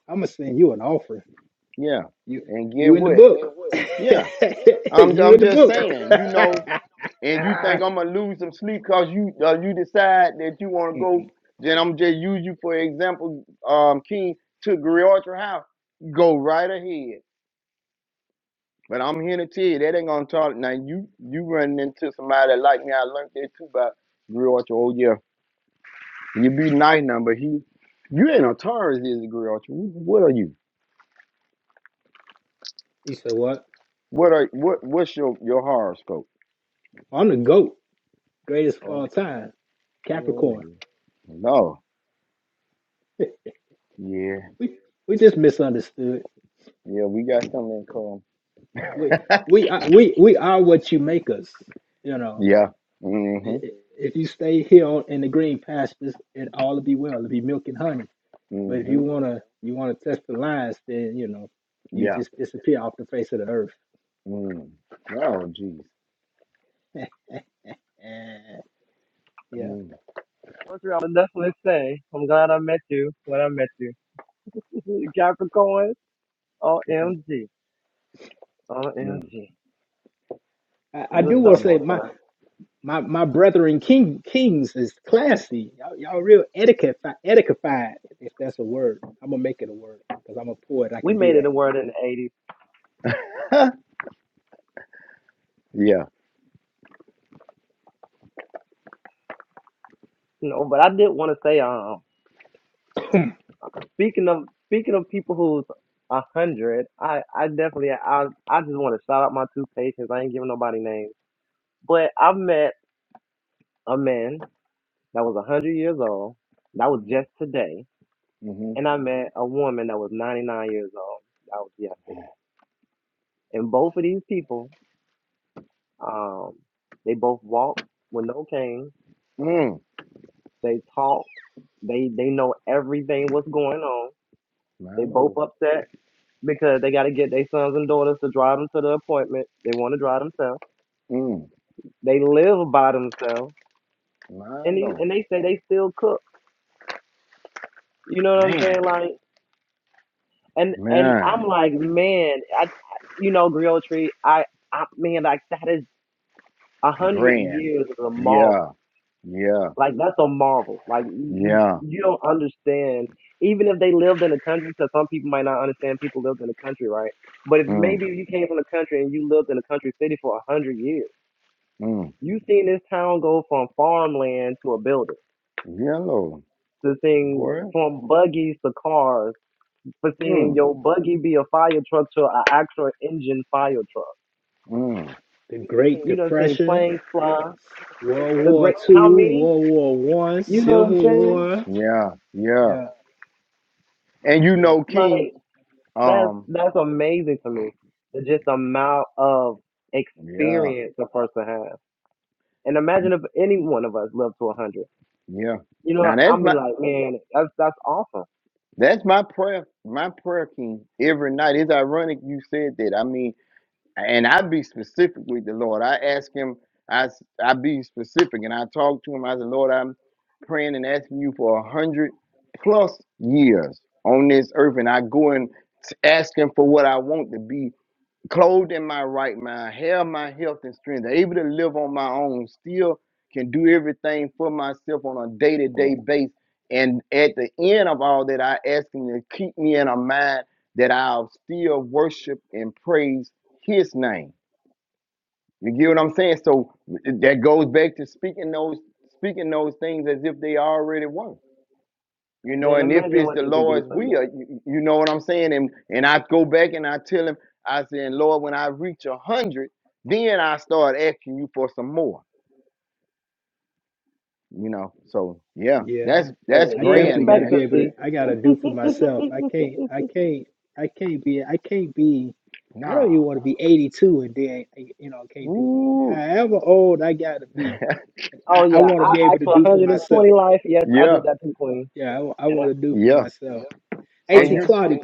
I'm gonna send you an offer. Yeah, You and get you in the what? book? Yeah, I'm, you I'm in the just book? saying, you know. And you think I'm gonna lose some sleep because you, uh, you decide that you want to go? Mm-mm. Then I'm just use you for example. Um, King to Griotry House, go right ahead. But I'm here to tell you that ain't gonna talk. Now you, you running into somebody like me. I learned that too about Griotry. Oh yeah, You be nice now, but he, you ain't a Taurus is degree, are you? What are you? he said what? What are what? What's your your horoscope? I'm the goat, greatest of Oh, all time, oh Capricorn. no, yeah, We we just misunderstood. yeah, we got something in common. We we are- we we are what you make us. You know, yeah, I- mm-hmm, i- if you stay here on, in the green pastures, it all will be well. It'll be milk and honey But if you mm-hmm, wanna you wanna test the lines, then you know you yeah, just disappear off the face of the earth. mm. Oh, jeez, And yeah, mm, What's wrong? I would definitely say, I'm glad I met you when I met you. Capricorn, OMG. OMG. mm. I, I You a do Oh, want to tough say one, yeah, my son. my my brethren king kings is classy. Y'all, y'all real etiquette etiquetified if that's a word. I'm gonna make it a word because I'm a poet. I we can do made it that. a word in the eighties, yeah, you know. But I did want to say, um, speaking of speaking of people who's a hundred, I I definitely I I just want to shout out my two patients. I ain't giving nobody names, but I met a man that was a hundred years old. That was mm, just today, and mm-hmm, I met a woman that was ninety nine years old. That was yesterday. And both of these people, um, they both walk with no cane. mm. They talk. They they know everything what's going on. My They both lord, upset because they got to get their sons and daughters to drive them to the appointment. They want to drive themselves. mm, They live by themselves, my and they, and lord, they say they still cook. You know what I'm man, saying? Like, and and man, I'm like, man, I, I- you know, Griotry, I, I man, like that is a hundred grand, years is a marvel. yeah, yeah, Like that's a marvel. Like you you yeah. you don't understand. Even if they lived in the country, because some people might not understand people lived in the country, right? But if Mm, maybe you came from the country and you lived in a country city for a hundred years. mm. You seen this town go from farmland to a building. Yellow, to seeing boy. from buggies to cars. For seeing Mm, your buggy be a fire truck to an actual engine fire truck. mm. The Great You done seen Depression, planes fly. World The War great how Two, many? World War One, You know what I'm Civil saying? War. Yeah, yeah. Yeah, And you yeah. know, King, Like that's um, that's amazing to me. The just amount of yeah, experience a person has. And imagine if any one of us lived to a hundred. yeah. You know, Now that's I'll be my like, man, that's that's awesome. that's my prayer, my prayer, King, every night. It's ironic you said that. I mean, and I be specific with the Lord. I ask him, I s- I be specific and I talk to him. I said, Lord, I'm praying and asking you for a hundred plus years on this earth, and I go and asking for what I want to be clothed in my right mind, have my health and strength, able to live on my own, still can do everything for myself on a day to day Like, basis. And at the end of all that, I ask Him to keep me in a mind that I'll still worship and praise His name. You get what I'm saying? So that goes back to speaking those speaking those things as if they already were you know Man, and if imagine it's what the you can do lord's for will another. you, you know what i'm saying and and i go back and i tell him i said lord when i reach a hundred then i start asking you for some more you know so yeah Yeah. Yeah. that's that's Hey, I he in definitely grand got to man be able to expectancy. I got to do for myself. I can't I can't I can't be I can't be I don't even nah want to be 82 and then you know I can't do Ooh. however old I got to be. Oh I, I yeah, want to I be able asked to for do for 120 myself. life. Yes, I yeah did that too, Queen. Yeah, I, And I, want to do for yeah myself. oh yep. and AT yeah, you Claudia,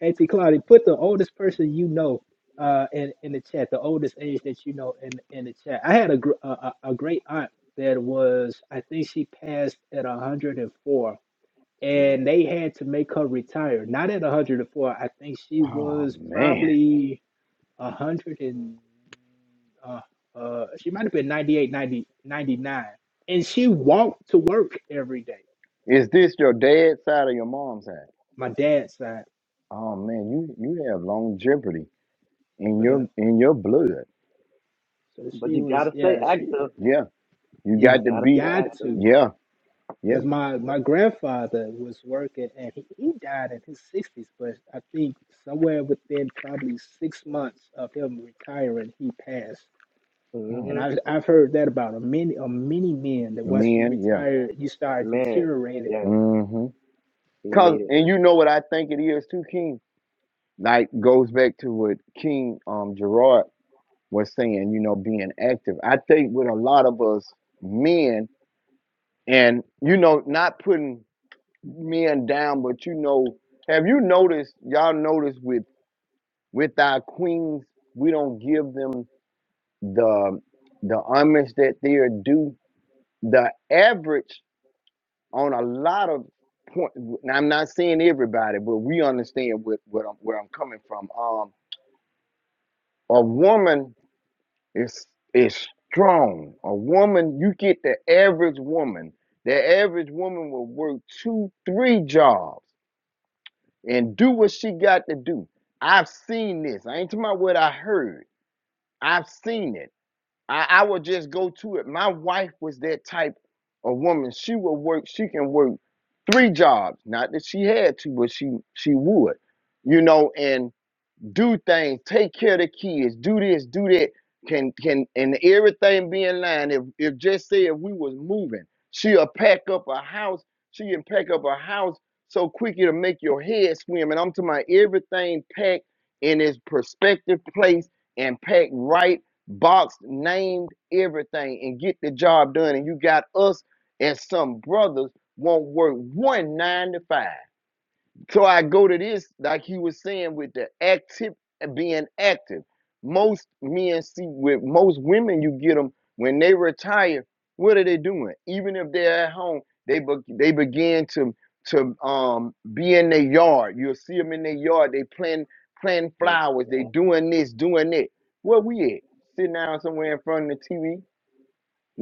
AT Claudia, put the oldest person you know uh in in the chat, the oldest age that you know in in the chat. I had a gr- a, a a great aunt that was I think she passed at 104 and no, they had to make her retire. Not at 104. I think she oh was man probably 100 and uh, uh, she might have been 98, 90 99. And she walked to work every day. is this your dad's side or your mom's side My dad's side. oh man you you have longevity in your Uh-huh. in your blood So but she you was, gotta stay yeah, she active. yeah you You you got to gotta be stay got active. to. yeah yeah Because my, my grandfather was working and he, he died in his 60s, but I think somewhere within probably six months of him retiring, he passed Mm. And hmm I've I've heard that about a many a many men that once you Men, yeah. retire, you start Man, deteriorating, yes, hmm Cause and immediately. you know what I think it is too, King. Like goes back to what King um Gerard was saying, you know, being active. I think with a lot of us men and you know, not putting men down, but you know, have you noticed y'all noticed with with our queens, we don't give them the the homage that they're due. The average on a lot of point. Now, I'm not saying everybody, but we understand what, what I'm, where I'm coming from. Um, a woman is is strong. A woman, you get the average woman. The average woman will work two, three jobs and do what she got to do. I've seen this. I ain't talking about what I heard. I've seen it. I, I would just go to it. My wife was that type of woman. She would work, she can work three jobs. Not that she had to, but she she would. You know, and do things, take care of the kids, do this, do that. Can can and everything be in line. If if just say if we was moving, she'll pack up a house. She can pack up a house so quick it'll make your head swim. And I'm talking about everything packed in its perspective place and packed right, boxed, named everything, and get the job done. And you got us and some brothers won't work one nine to five. So I go to this, like he was saying, with the active being active. Most men see with most women, you get them when they retire. What are they doing? Even if they're at home, they be, they begin to to um be in their yard. You'll see them in their yard. They plant planting Like, flowers. They uh, doing this, doing that. Where we at? Sitting down somewhere in front of the TV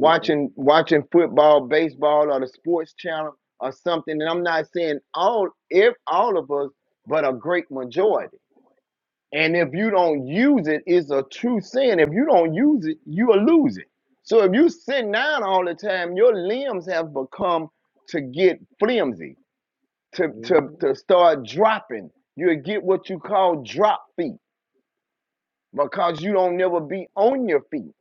E- watching football, baseball, or the sports channel or something. And I'm not saying all if all of us, but a great majority. And if you don't use it, it's a true sin. If you don't use it, you'll lose it. So if you sit down all the time, your limbs have become to get flimsy, S- to to mhm. to start dropping. You'll get what you call drop feet because you don't never be on your feet,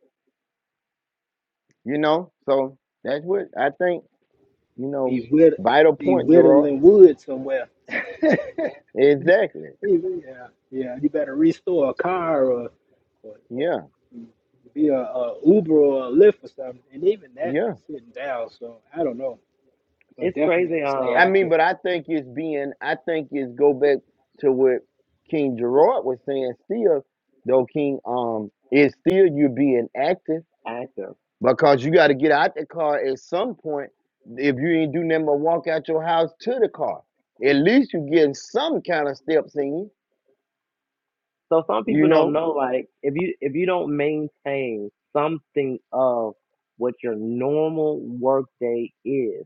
you know? So that's what I think You know, Be whitt- vital be point, Gerard. whittling wood somewhere. Exactly. Yeah, yeah. You better restore a car or, or, or Yeah. be a, a Uber or a Lyft or something. And even that, Yeah. that's sitting down. So I don't know, but It's crazy. definitely stay I Um, mean, active. but I think it's being, I think it's go back to what King Gerard was saying still, though, King, um, it's still you being active active. because you got to get out the car at some point. If you ain't do nothing but walk out your house to the car, at least you getting some kind of steps in you, So some you people don't know? know. Like, if you if you don't maintain something of what your normal work day is,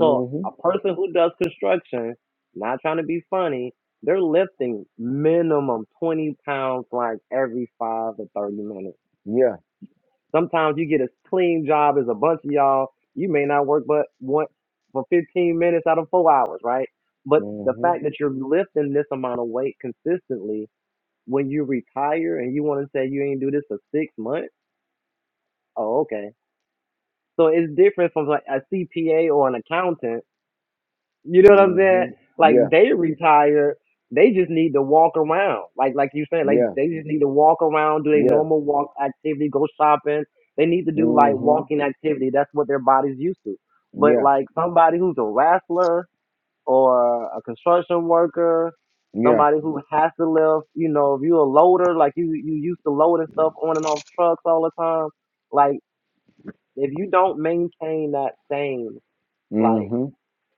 So a person who does construction, not trying to be funny, they're lifting minimum 20 pounds like every five to 30 minutes. Yeah. Sometimes you get a clean job as a bunch of y'all. You may not work but once for 15 minutes out of four hours, right? But the hmm fact that you're lifting this amount of weight consistently when you retire and you want to say you ain't do this for six months, oh, okay. So it's different from like a CPA or an accountant You know what I'm saying? hmm Like Yeah. they retired, they just need to walk around. Like like you saying, like Yeah. they just need to walk around, do a Yeah. normal walk activity, go shopping. They need to do like hmm walking activity. That's what their body's used to. But Yeah. like somebody who's a wrestler or a construction worker, Yeah. somebody who has to lift, you know, if you're a loader, like you you used to loading stuff on and off trucks all the time. Like if you don't maintain that same like Mm-hmm.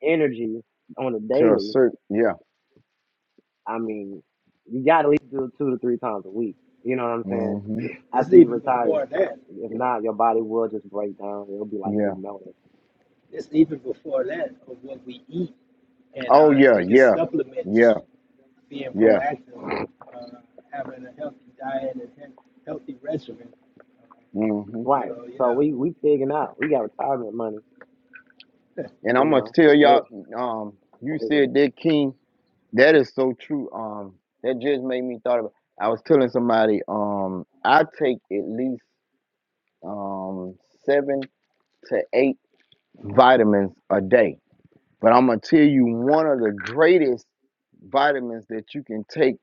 energy on a To a daily, certain yeah. I mean, you got to at least do it two to three times a week. You know what I'm It's, saying? Mm-hmm. it's After you even retire, before that. if not, your body will just break down. It'll be like Yeah. it's melting. It's even before that of what we eat and Oh uh, yeah, taking yeah. supplements. Yeah. being Yeah. proactive, uh, having a healthy diet and he- healthy regimen. Uh, Mm-hmm. Right. so So yeah, we we pigging out. We got retirement money. And You I'm gonna know, tell y'all, it's um, you crazy. said that King, that is so true. Um, that just made me thought about I was telling somebody, um, I take at least um seven to eight vitamins a day. But I'm gonna tell you one of the greatest vitamins that you can take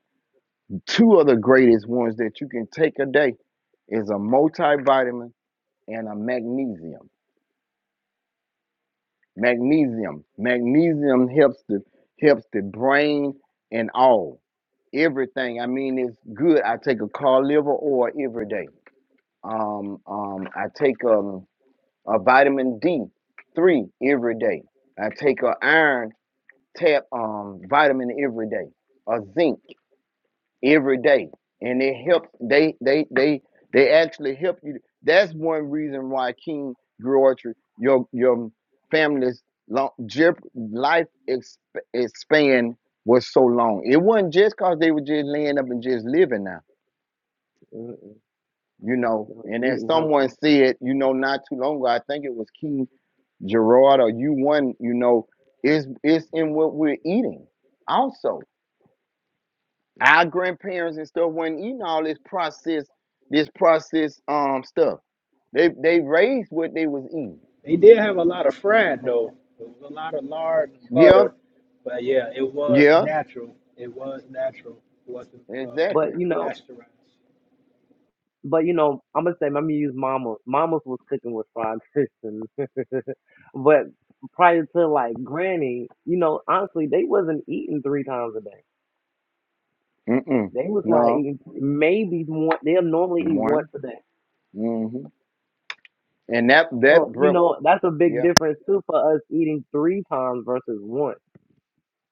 Two of the greatest ones that you can take a day is a multivitamin and a magnesium. Magnesium. Magnesium helps the helps the brain and all. Everything. I mean, it's good. I take a cod liver oil every day. Um, um, I take um, a vitamin D three every day. I take a iron tab um vitamin every day. A zinc. every day and it helps they they they they actually help you that's one reason why king George, your your family's long life exp, expand was so long it wasn't just because they were just laying up and just living now Mm-mm. you know You know, and as eating someone healthy, said you know not too long ago i think it was king gerard or you one you know it's it's in what we're eating also Our grandparents and stuff wasn't eating all this processed, this processed um stuff. They they raised what they was eating. they did have a lot of fried though. It was a lot of lard and Yeah, butter, but yeah, it was yeah, natural. It was natural. It wasn't uh, exactly. but you know, pasteurized. but you know, I'm gonna say let me use mama. Mama's was cooking with fried chicken, but prior to like granny, you know, honestly, they wasn't eating three times a day. Mm-mm. They was like No. eating maybe one. They'll normally eat once One. a day. Mm-hmm. And that that So you broke. know that's a big Yeah, difference too for us eating three times versus one.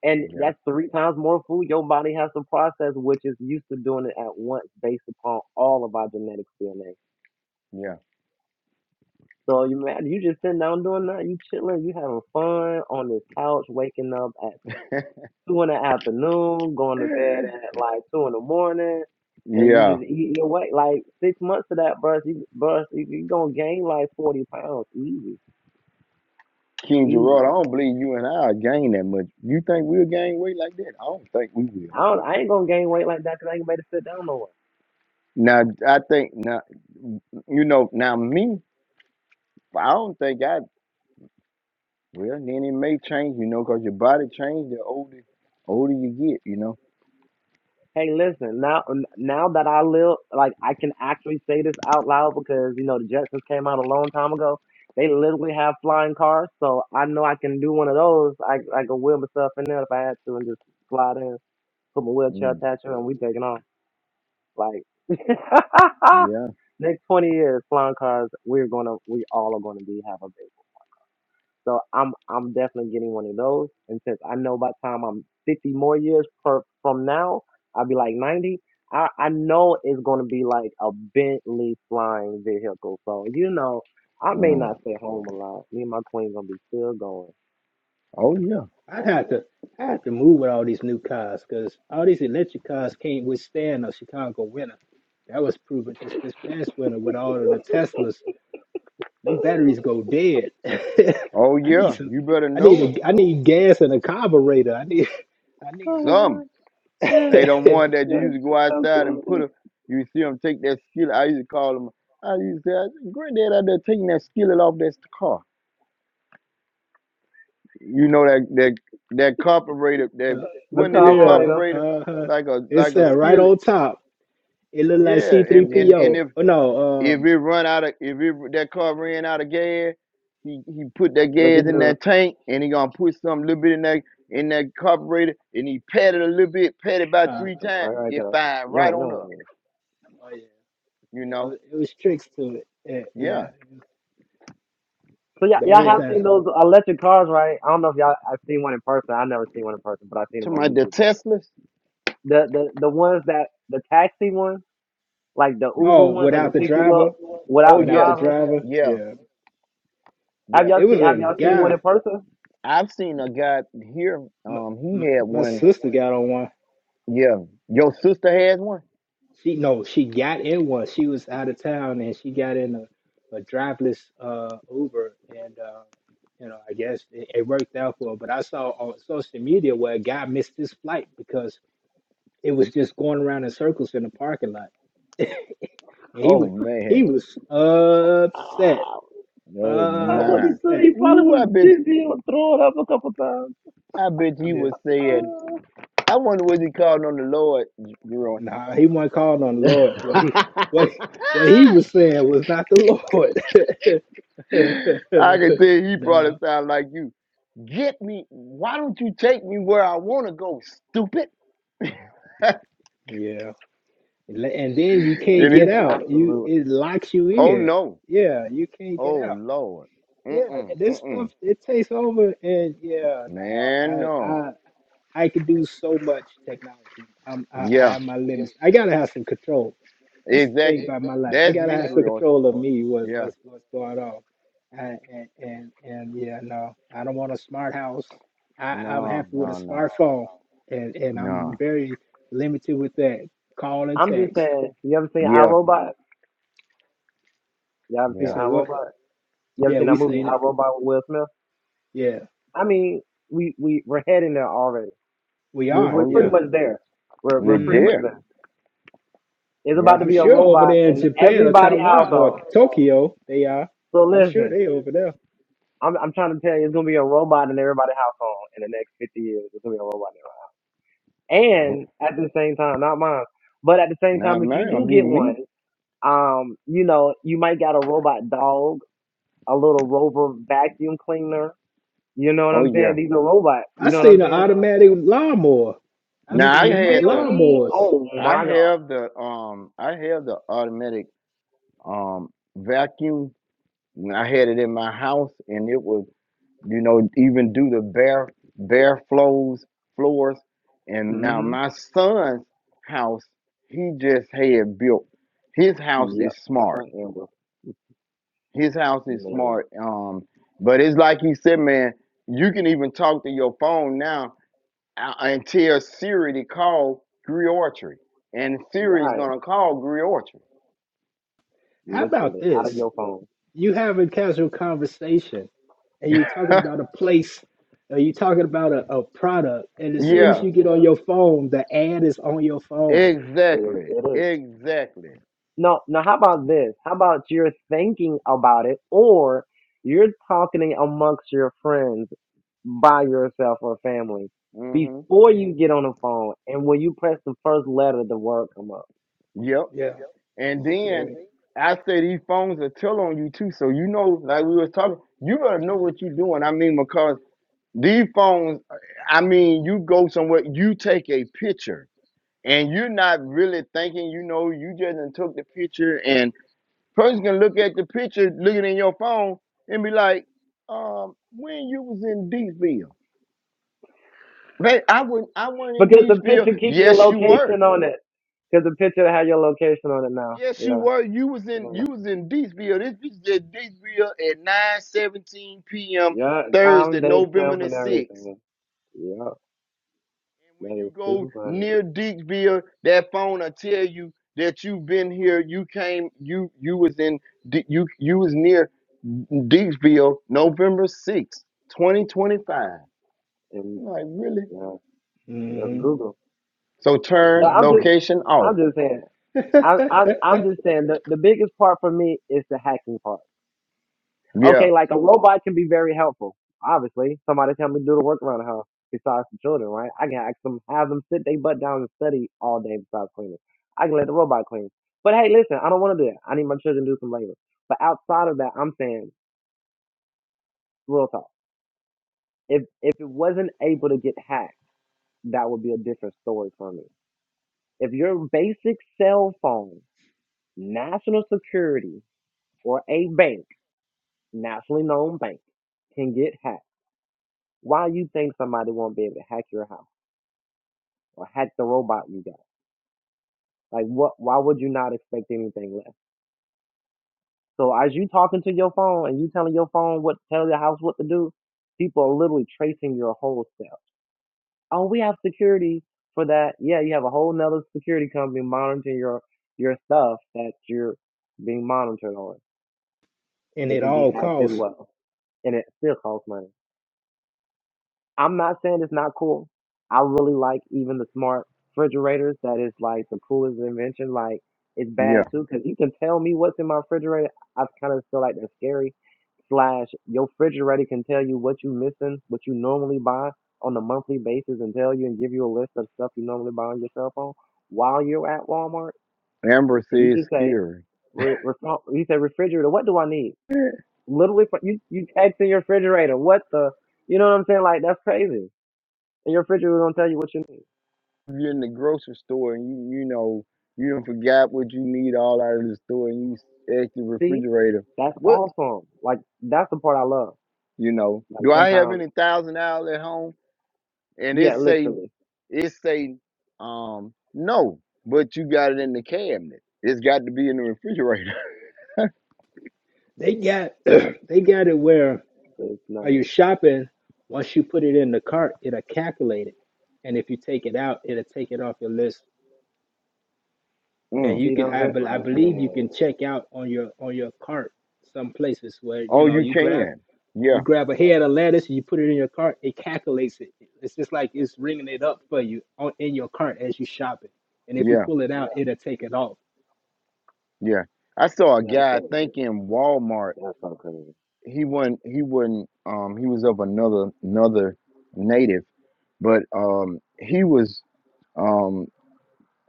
And yeah, that's three times more food your body has to process, which is used to doing it at once based upon all of our genetics DNA. yeah. So you man, you just sitting down doing that, you chilling, you having fun on this couch, waking up at. two in the afternoon, going to bed at like two in the morning, and you Yeah, just eat your weight. Like six months of that, bruh, you bruh, you, you gonna gain like forty pounds easy, King Gerard, I easy. don't believe you and I will gain that much. You think we'll gain weight like that? I don't think we I will. don't, I ain't gonna gain weight like that 'cause I ain't ready to sit down no more. Now, I think now, you know, now me, I don't think I. Well, then it may change, you know, 'cause your body change the older, older you get, you know. Hey, listen, now now that I live, like I can actually say this out loud because you know the Jetsons came out a long time ago. They literally have flying cars, so I know I can do one of those. I I can wheel myself in there if I had to and just slide in, put my wheelchair Mm, attached to it, and we taking off. Like yeah. next twenty years, flying cars, we're gonna we all are gonna be have a baby. So I'm I'm definitely getting one of those. And since I know by the time I'm fifty more years per from now, I'll be like ninety. I, I know it's gonna be like a Bentley flying vehicle. So you know, I may not Mm. stay home a lot. Me and my queen gonna be still going. Oh yeah. I had to. I had to move with all these new cars because all these electric cars can't withstand a Chicago winter. That was proven just this past winter with all of the Teslas Them batteries go dead. I Oh need yeah. some. You better I know it. need. A, I need gas and a carburetor. I need. I need. Oh my You Some. god. know. Yes, Hey, the one that you yes, used to go outside and put absolutely. a, you see them take that skillet. I used to call them. I used to say, Granddad out there taking that skillet off that car. You know that that that carburetor. That The wasn't it the yeah. carburetor. carburetor, Uh huh. like a It's like a that right skillet. on top. It looked like Yeah. C three And and and Mm-hmm. PO. if Oh no. If Um. it run out of if it, that car ran out of gas, he, he put that What you gas in do? that tank and he gonna put some little bit in that in that carburetor and he pat it a little bit, pat it about Uh, three times, Right, right, it girl. fine right Yum, on yum, up. oh yeah. You It, know? was- it was tricks to it. Yeah. yeah. Yeah. It was So yeah, The y'all old have Thing. time. seen those electric cars, right? I don't know if y'all I've seen one in person. I've never seen one in person, but I've seen To them on my the YouTube. Like Teslas. the the the ones that the taxi ones, like the Uber Oh, ones, that can without the pick you driver. up Oh without the Without the yeah, driver. driver. yeah, Yeah. Have yeah. y'all It was seen Have a y'all seen one guy. in person? I've seen a guy here. My, Um, he my, had my one. sister got on one. Yeah, your sister has one. She no, she got in one. She was out of town and she got in a, a driverless uh Uber and uh you know, I guess it, it worked out for her. But I saw on social media where a guy missed his flight because it was just going around in circles in the parking lot. And he Oh was he man, was upset. Ah, oh I would my. be too. Upset. He probably Ooh, was I bet, dizzy and throwing up a couple times. I bet you Yeah. would say Ah. I wonder what he called on the Lord, J- Jerome. Nah, he wasn't calling on the Lord. What he I what what he was saying was not the Lord. can tell he probably no. sound like you. Get me. Why don't you take me where I want to go, stupid? and Yeah. And Le- and then you can't he, get yeah, out. You absolutely. it locks you oh in. no, Yeah, you can't oh get out. Lord, Yeah, mm-mm, this stuff mm-mm, it takes over, and yeah, no, man, I no. I I could do so much technology. I'm I, I Yeah, have my limits. I gotta have some control. That's the thing exactly. about my life. I That's gotta me, have some Griot. control of me. What Yeah, what's what's going on? And and and, and yeah, no, I don't want a smart house. I I'm no, happy with a no, no, smartphone, and and no. I'm very limited with that call and I'm just text saying. You ever seen Yeah, iRobot? You ever He seen yeah. said, "What? iRobot? You ever Yeah, seen that we movie seen it. iRobot with Will Smith? Yeah, I mean, we we we're heading there already we We're are. we're Oh pretty yeah, Yeah. much there. We're we're we're pretty hmm much there. there. It's Yeah. about to I'm be a sure over robot there in in Japan or everybody Taiwan or household. Tokyo, they are. So I'm sure listen, they over there. I'm I'm trying to tell you, it's gonna be a robot in everybody household in the next 50 years. It's gonna be a robot. In everybody. Oh, And at the same time, not mine, but at the same Nah, time, if you man, gonna do be get one, me. um, you know, you might got a robot dog, a little rover vacuum cleaner. You know what Oh I'm yeah. saying? These are robots. I You know what I'm seen an saying? automatic lawnmower. I've You Now I seen you the mo- had feel the me? lawnmowers. Oh I my god. have the um I have the automatic um vacuum. and I had it in my house and it would you know even do the bare bare flows floors. And now Mhm. my son's house he just had built. His house Yep. is That's smart. right, Amber. His house is Man. smart. Um, but it's like he said, man, you can even talk to your phone now uh, until Siri to call Griotry. And Siri's Right, gonna call Griotry. How about literally out of this? your phone. You having casual conversation, and you are talking about a place, or you are talking about a, a product, and as You soon know as yeah, you what? get on your It phone, the ad is on your phone. is. exactly. It is. Exactly. No, now how about this? How about you're thinking about it, or you're talking amongst your friends by yourself or family hmm before you get on the phone, and when you press the first letter, the word come up Yep. Yeah, And then scary. I say these phones will tell on you too. So you know, like we was talking, you better know what you're doing. I mean, because these phones, I mean, you go somewhere, you take a picture. And you're not really thinking, you know, you just done took the picture and. Person can look at the picture, looking in your phone, and be like, um, when you was in Deesville, Man, I wouldn't I wasn't in because the Deesville. picture keep your Yes, you location were. on it. Because the picture have your location on it now. Yes, you Yeah, were. You was in yeah, you was in Deesville. This bitch is at Deepville at 9 17 p.m. yeah. Thursday, Time, date, November self, the and 6th. everything. Yeah, And when that you is go too funny. near Deepsville, that phone will tell you that you've been here. You came. You you was in. D- You you was near Deepsville, November sixth, twenty twenty five. And Like really? yeah. That's mm hmm Google. So It's No, turn I'm just, watching. location off. I'm just saying. I, I, I'm just saying the, the biggest part for me is the hacking part. Yeah, Okay, like a robot can be very helpful. Obviously, somebody tell me to do the work around the house besides the children, right? I can ask them, have them sit their butt down and study all day besides cleaning. I can let the robot clean. But hey, listen, I don't want to do that. I need my children to do some labor. But outside of that, I'm saying real talk. If if it wasn't able to get hacked, that would be a different story for me. If your basic cell phone National Security or a bank, nationally known bank, can get hacked. Why you think somebody won't be able to hack your house or hack the robot you got? Like what? Why would you not expect anything less? So as you talking to your phone and you telling your phone what tell your house what to do, people are literally tracing your whole self. Oh, we have security for that. Yeah, you have a whole nother security company monitoring your your stuff that you're being monitored on. and It at can be all hacked as costs. well, and it still costs money. I'm not saying it's not cool. I really like even the smart refrigerators. That is like the coolest invention. Like it's yeah. bad too because you can tell me what's in my refrigerator. I kind of feel like that's scary. Slash, your refrigerator can tell you what you missing, what you normally buy on a monthly basis, and tell you and give you a list of stuff you normally buy on your cell phone while you're at Walmart. And Ambersy you is just say, scary. re- refri- you say refrigerator. What do I need? Literally, fr- you you text in your refrigerator. What the? You know what I'm saying? Like that's crazy and your refrigerator gonna tell you what you need. You're in the grocery store and you you know you don't forgot what you need all out of the store and you ask the See, refrigerator that's what awesome. Like that's the part I love. you know. Like Do I have sometimes, any thousand dollars at home? And it yeah, say literally, It say um no, but you got it in the cabinet. It's got to be in the refrigerator. They got they got it where it's while nice. you're shopping, once you put it in the cart, it'll calculate it, and if you take it out, it'll take it off your list. That And Mm. you see, what can I'm I, saying? bel- I Like believe you man, can check out on your on your cart some places where you Oh, know you you grab can. Yeah, you grab a head of lettuce, you put it in your cart, it calculates it. It's just like it's ringing it up for you on in your cart as you shop it, and if you yeah, pull it out, it'll take it off. yeah. I saw a that's It- guy I crazy. think in Walmart. That's so crazy. He wasn't he wasn't um he was of another another native, but um he was um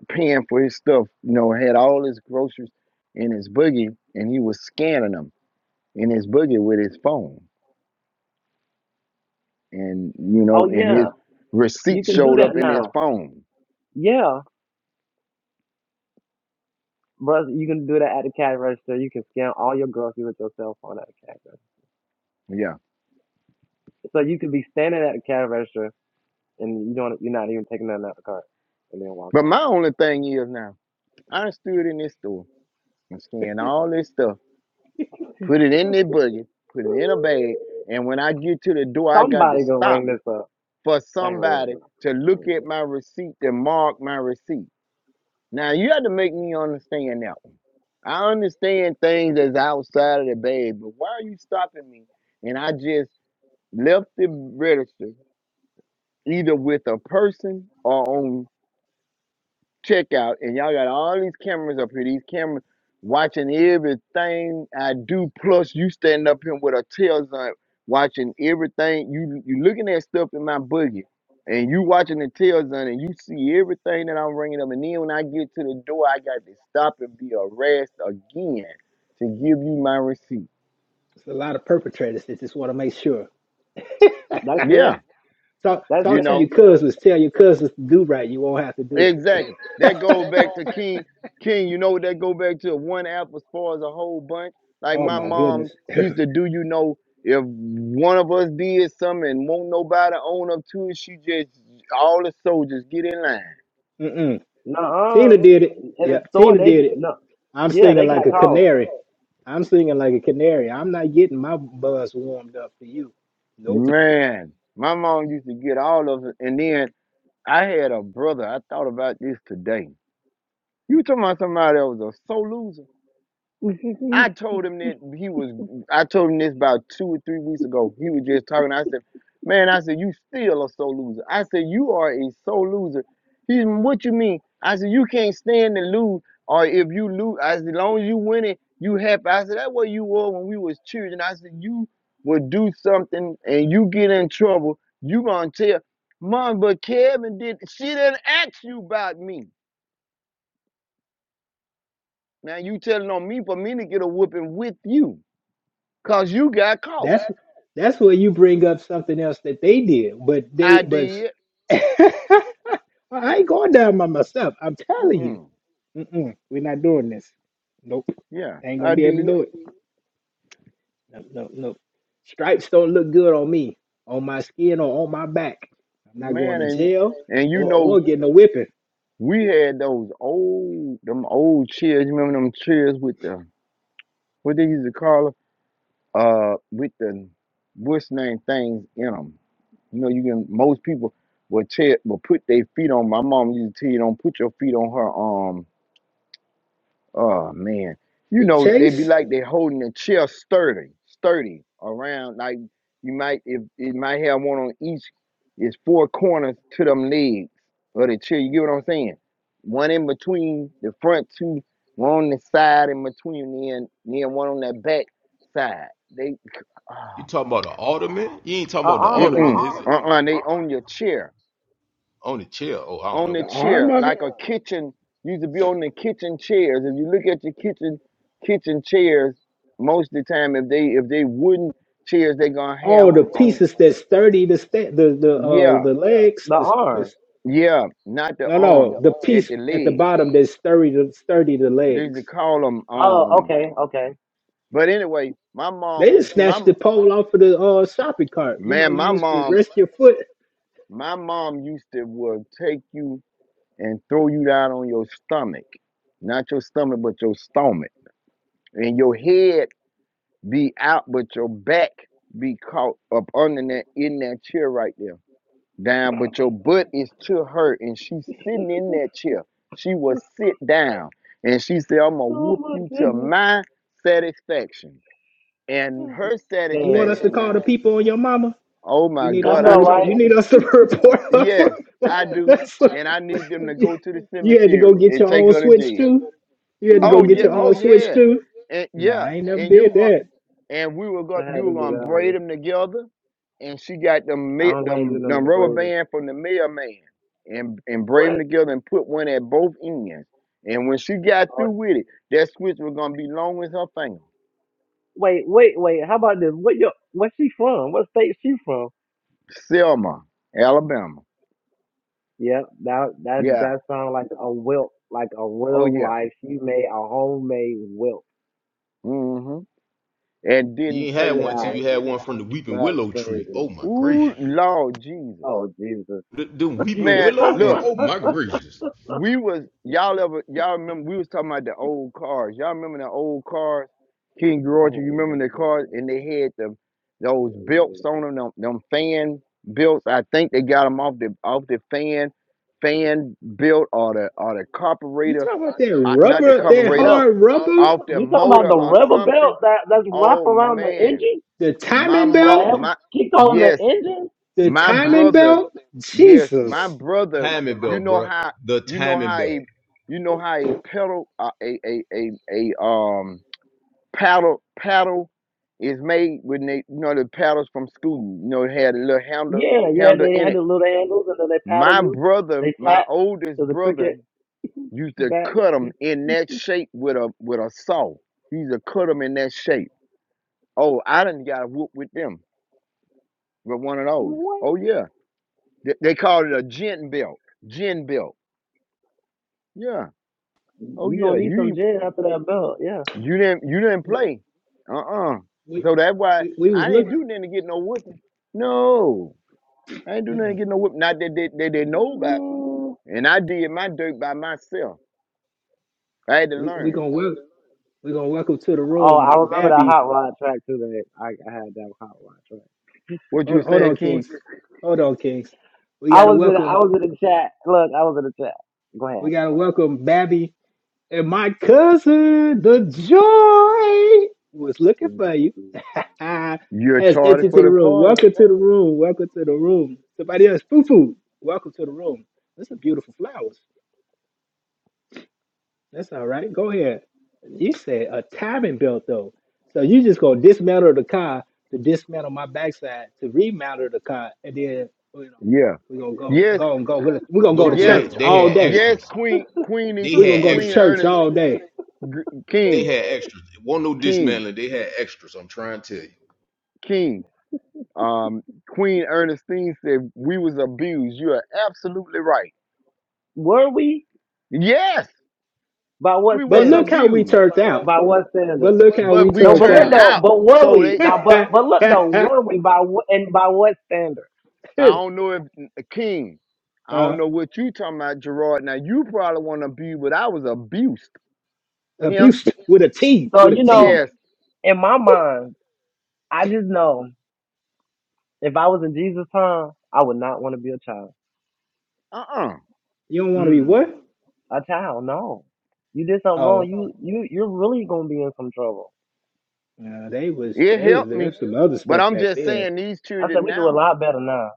paying for his stuff, you know, had all his groceries in his boogie and he was scanning them in his boogie with his phone. and you Oh know, and his yeah, you receipt can do showed that up in his now. phone. Yeah, brother, you can do that at the cash register. You can scan all your groceries with your cell phone at the cash register. Yeah. So you could be standing at the cash register and you don't, you're not even taking nothing out the cart, and then walk But out. my only thing is now, I done stood in this store and scanned all this stuff, put it in their buggy, put it in a bag, and when I get to the door, I got to Somebody gonna ring stop this up. for I ain't ringing somebody this up. to look at mm my receipt to mark my receipt. Now you have to make me understand that one. I understand things that's outside of the bag, but why are you stopping me? And I just left the register either with a person or on checkout, and y'all got all these cameras up here, these cameras watching everything I do, plus you standing up here with a tail on watching everything. You you looking at stuff in my boogie. And you watching the tail on and you see everything that I'm bringing up. And then when I get to the door, I got to stop and be harassed again to give you my receipt. It's a lot of perpetrators that just want to make sure. That's it. Yeah, Talk That's you talk to know. it. your cousins. Tell your cousins to do right. You won't have to do it. Exactly. That goes back to right. King. King, you know what that go back to? One apple spoils a whole bunch. Like oh my my mom goodness. used to do, you know, if one of us did something and won't nobody own up to it, she just all the soldiers get in line. Mm-mm. Nuh-uh. Tina did it. In the Yep, store, Tina they did it. no. I'm Yeah, they singing like got a caught. canary. I'm singing like a canary. I'm not getting my buzz warmed up for you. Nope. Man, my mom used to get all of it. And then I had a brother. I thought about this today. You talking about somebody that was a solution? I told him that he was. I told him this about two or three weeks ago. He was just talking. I said, "Man, I said you still a soul loser." I said, "You are a soul loser." He, said, what you mean? I said, "You can't stand to lose, or if you lose, I said, as long as you win it, you happy." I said, "That's what you were when we was children." I said, "You would do something and you get in trouble, you gonna tell mom." But Kevin did. She didn't ask you about me. Now you telling on me for me to get a whooping with you, cause you got caught. That's That's that's where you bring up something else that they did, but I they but did. I ain't going down by myself. I'm telling you, Mm-mm. Mm-mm, we're not doing this. Nope. Yeah, Ain't gonna I be able to did. do it. No, no, no. Stripes don't look good on me, on my skin or on my back. I'm not going Man, to and jail and you or, know, or getting a whipping. we had those old them old chairs. You remember them chairs with the what they used to call them? Uh, with the what's name things in them. You know, you can most people will tell will put their feet on. My mom used to tell you don't put your feet on her. um, Oh man, you The know they be chase, like they holding the chair sturdy, sturdy around. Like you might if it might have one on each. It's four corners to them legs of the chair. You get what I'm saying? One in between the front two, one on the side in between, then then one on that back side. They, oh, You talking about the alderman? You ain't talking Uh, about the mm ottoman. alderman, mm, is Uh-uh, it? uh uh, they Uh-uh. on your chair. On the chair? Oh, I don't on know. the the arm chair, of it, like a kitchen used to be on the kitchen chairs. If you look at your kitchen kitchen chairs, most of the time, if they if they wooden chairs, they gonna have all the them on. pieces that sturdy the sta the the uh Yeah, the legs, The the, the arms. yeah, not the no arms no the at piece the at the legs. bottom that sturdy the sturdy the They used legs. to call them Oh, um. okay, okay. But anyway, my They mom would just see my snatched m- the pole off of the uh shopping cart. You know, man. you My used to mom, rest your foot. my mom used to would take you and throw you down on your stomach, not your stomach, but your stomach and your head be out, but your back be caught up under that in that chair right there. Down, but your butt is to her, and she's sitting in that chair. She will sit down, and she said, "I'm gonna Oh whoop my you to goodness. my satisfaction." And her You want us Dang. to satisfaction call the now. people on your mama? Oh You my need I us God! to I know, report. told, You right? need us to report her. yes, for- I do, That's and I need them to You go to the you had to go cemetery get and your take own her to switch jail. too. You had to go Oh Oh get yeah, your man. oh own switch yeah, too. and Nah, I yeah, ain't never and you did going that. and we were I going had you to were do gonna that one. braid them together, and she got them I ma- don't let him do them none of them the rubber braiding. band from the mailman, and and braid them What? together and put one at both ends. And when she got Oh, through with it, that switch was gonna be long as her finger. wait, wait, wait. How about this? What your? Where she from? What state she from? Selma, Alabama. Yep. That that Yeah. that sounds like a wilt, like a Oh real yeah. life. She made a homemade wilt. Mm-hmm. And You didn't ain't had play. Get one till out of you had here. one from the weeping That's willow tree. crazy. Oh my gracious. Ooh, Lord Jesus, Oh Jesus. The, them weeping man, willows? And look. Oh my gracious. we was y'all ever y'all remember we was talking about the old cars. Y'all remember the old cars, King George. oh You remember the cars, mama. and they had them those belts on them, them, them fan belts. I think they got them off the off the fan fan belt or the or the you carburetor, talking about that uh, not the rubber, The that carburetor, belt. hard rubber, off the You talking about motor the or rubber belt something. that that's wrapped Oh around the man, engine the my timing mom, that belt, helps my kick on the yes, engine? the my timing brother, belt. yes, my Jesus, brother, Timing you belt, know bro. how The you know timing how belt. a you know how a pedal uh, a, a a a um paddle paddle is made when they you know the paddles from school. You know, it had a little handle Yeah, yeah. handle They in had it. the little handles and then they paddle My you. brother, They my flat to oldest the brother, cricket used to bat. cut them in that shape with a with a saw. He used to cut them in that shape. Oh, I didn't got a whoop with them with one of those. What? Oh yeah. They, they called it a gin belt. Gin belt. Yeah. Oh You yeah. gonna need some You gin after that belt? Yeah. you didn't you didn't play. we Uh uh So that's why we, we was I didn't looking. do nothing to get no whipping. No, I ain't do nothing Mm-mm. to get no whipping. Not that they they didn't know about. Man. And I did my dirt by myself. I had to We we learn. gonna work. We gonna welcome to the Oh, I room, remember that Babby. hot rod track too. That I, I had that hot rod track. What you Hold were hold saying, on, King? Kings. Hold on, Kings. We I gotta was in. I welcome. was in the chat. Look, I was in the chat. Go ahead. We gotta welcome Babby And my cousin, the joy, was looking for you. You're Has tardy entered to for the the room. party. Welcome to the room. Welcome to the room. Somebody else, foo foo. Welcome to the room. This is beautiful flowers. That's all right. Go ahead. You said a timing belt though. So you just gonna dismantle the car to dismantle my backside to remount the car, and then you Yeah. know we're gonna go Yes. go and go. We're gonna go to Nope, Yes. they church they all had day. Yes. extras. Queen. Queenie. They We're gonna had go to Queen extras. church Ernest. all day. Gr- They King. had extras. It wasn't no King. dismantling. They had extras. I'm trying to tell you. King. Um, Queen Ernestine said, "We was abused. You are absolutely right. Were we? Yes, By what we But was look standard? how we abused, turned out. By what But standard? look how we but we No, turned but look turned out. though, out. but were So we? they, Now, but but look though, were we by wh- and by what standard? I don't know if King, I don't uh, know what you talking about, Gerard. Now you probably want to abuse, but I was abused. Him, abuse with a T, So with a you T. know, yes. in my mind, I just know if I was in Jesus' time, I would not want to be a child. Uh-uh. You don't want to be Mm, what? a child? No, you did something Oh, wrong. You you you're really gonna be in some trouble. nah, they was It they was helped me, there's some other but stuff I'm back just there. saying these I said children we do a now. lot better now.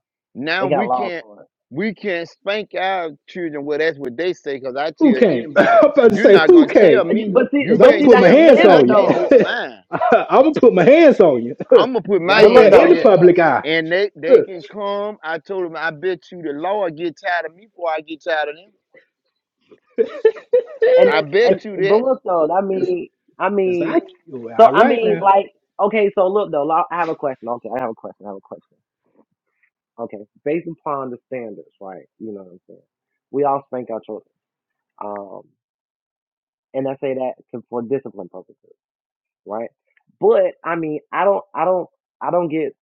They Now got we laws can't for we can't spank our children. Well, that's what they say. Cause I Who tell came? anybody, I'm about to you're say not who gonna came? tell it. me. But see, You Cause I'm but gonna see, can't put that's my tell the me hands that I standard on you. can't though. whoop mine. I'm gonna put my hands on you I'm gonna put my right But look there hands in on though. the you, public eye. and they they can come. I told them, I bet you the Lord get tired of me before I get tired of them. And I and bet you but that. look though, I mean, I Cause I mean, well, so all I right mean, now. like, okay, so look though, lo- I have a question. Okay, I have a question. I have a question. Okay, based upon the standards, right? You know what I'm saying? We all spank our children, um, and I say that to, for discipline purposes, right? But I mean, I don't, I don't, I don't get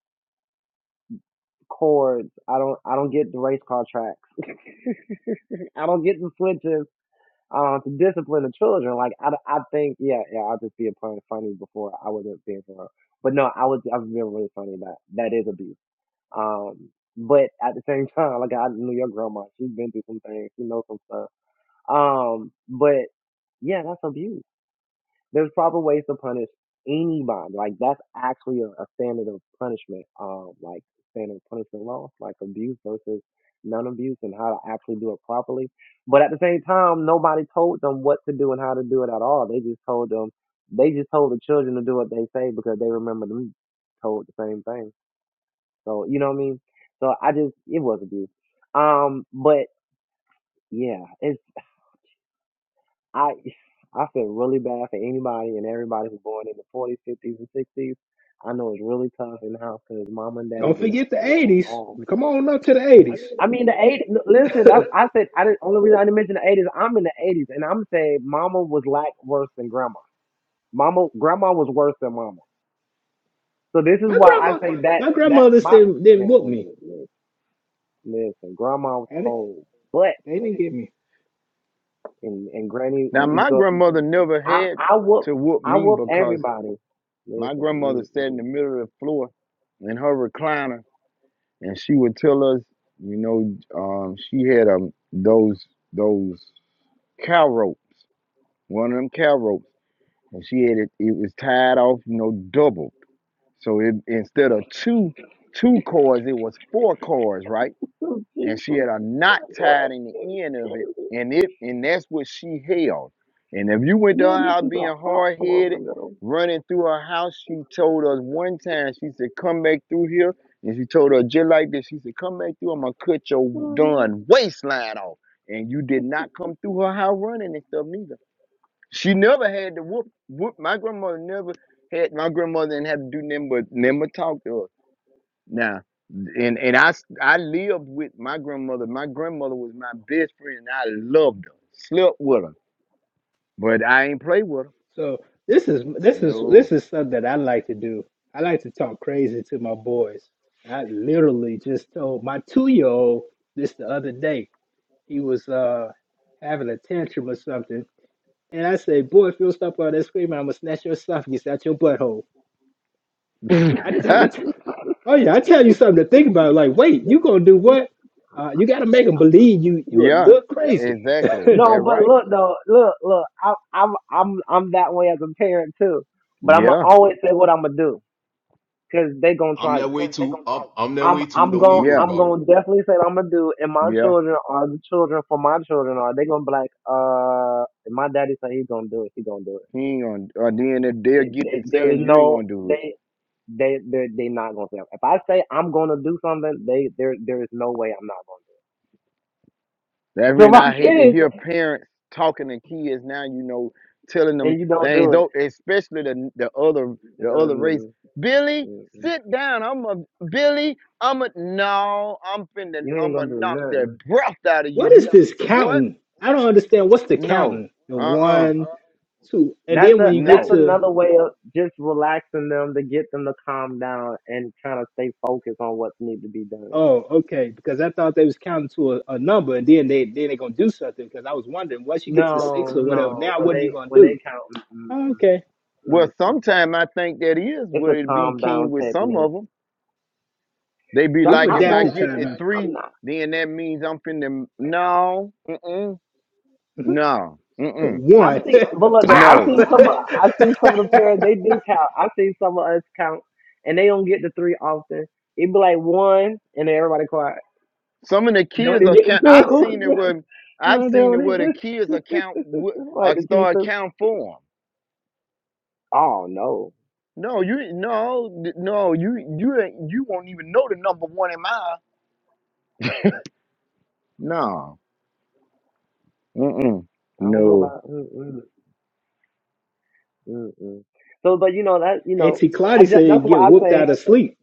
cords. I don't, I don't get the race car tracks. I don't get the switches. uh, to discipline the children. Like I, I think yeah, yeah, I'll just be a pun funny before I wasn't being for real. But no, I was I was being really funny. That that is abuse. Um, but at the same time, like I knew your grandma, she's been through some things, she knows some stuff. Um, but yeah, that's abuse. There's proper ways to punish anybody. Like that's actually a, a standard of punishment. Um, like standard of punishment law, like abuse versus non-abuse, and how to actually do it properly. But at the same time, nobody told them what to do and how to do it at all. They just told them. They just told the children to do what they say because they remember them told the same thing. So you know what I mean. So I just it was abuse. Um, but yeah, it's. I I feel really bad for anybody and everybody who's born in the 40s, 50s, and 60s. I know it's really tough in the house because mom and daddy Don't did not forget the play at '80s. all. Come on up to the I '80s. mean, the 80s, listen, I, I said, I didn't, only reason I didn't mention the 80s, I'm in the 80s, and I'm saying mama was like worse than grandma. Mama, grandma was worse than mama. So this is My why I grandma, say that, my that, grandmothers my, didn't didn't man, whoop me. listen, grandma was I didn't, whole, but, they didn't get me. and, and granny, Now you my go, grandmother never I, had I whoop, to whoop I me whoop because everybody. my grandmother Listen, mm, sat mm. in the middle of the floor in her recliner and she would tell us, you know, um, she had um those those cow ropes, one of them cow ropes, and she had it. It was tied off, you know, doubled. So it instead of two two cords, it was four cords, right? and she had a knot tied in the end of it, and it and that's what she held. And if you went to her house being hard headed, running through her house, she told us one time, she said, Come back through here. And she told her just like this, she said, Come back through, I'm gonna cut your darn waistline off. And you did not come through her house running and stuff neither. She never had to whoop whoop my grandmother never had my grandmother didn't have to do nothing but never talk to her. Now, and and I s- I lived with my grandmother. My grandmother was my best friend. I loved her, slept with her, but I ain't play with her. So this is this is this No. is stuff that I like to do. I like to talk crazy to my boys. I literally just told my two year old this the other day. He was uh having a tantrum or something, and I say, "Boy, if you don't stop all that screaming, I'm gonna snatch your esophagus out your butthole." I tell, I tell, oh yeah, I tell you something to think about. Like, wait, you gonna do what? Uh, you gotta make them believe you you a yeah, little crazy. exactly. That's No, but right. look though, look, look. I, I'm I'm I'm that way as a parent too. But I'm gonna Yeah, always say what I'm gonna do because they gonna I'm try that way you. too. I'm, I'm that I'm way too. I'm Don't gonna even worry yeah, I'm about it. gonna definitely say what I'm gonna do, and my yeah. children are the children for my children are they gonna be like, uh, if my daddy said he's gonna do it, he gonna do He ain't gonna. Or then if they'll it. get They- to there saying is you ain't no gonna do it. they they they they not gonna say if I say I'm gonna do something, they there there is no way I'm not gonna do. it. That So mean my I hate to kids hear parents talking to kids now, you know, telling them and you don't things, do it. though especially the the other the other race. mm, Billy, mm, sit down. I'm a Billy, I'm a no, I'm finna You ain't I'm gonna gonna do knock the nothing. breath out of you. What is You this boy, counting? I don't understand. What's the no. counting? The Uh-uh. one, two, and That's then a when you that's get No. to another way of just relaxing them to get them to calm down and kind of stay focused on what needs to be done. oh, okay, because I thought they was counting to a, a number, and then they then they gonna do something. Because I was wondering once you get to six No, or whatever, no, now when what are you they gonna when they do? count, mm, Oh, mm, okay, mm, Well, mm, mm. sometimes I think that is it's what a it be calm down keen with some technique. of them. They be So we've like, I if I won't. adapted get time. the man. three, I'm not. then that means I'm finna no, mm-mm, no, mm-mm, I One, see, but look though, I pow. no. see some. of- I see some of the parents. They do count. I see some of us count, and they don't get the three often. It'd be like one, and then everybody quiet. Some of the Don't kids even get the account I've seen it two. where I've no, they seen it don't where the even. kids account w- like uh, the start teacher. count for them. Oh no, No, you no th- no you you ain't- you won't even know the number one in mine. No, mm-mm, I don't know No. no. about. Mm-mm, mm-mm. So, but you know that you know, Auntie I Claudia just, said you that's what get I whooped out say. of sleep.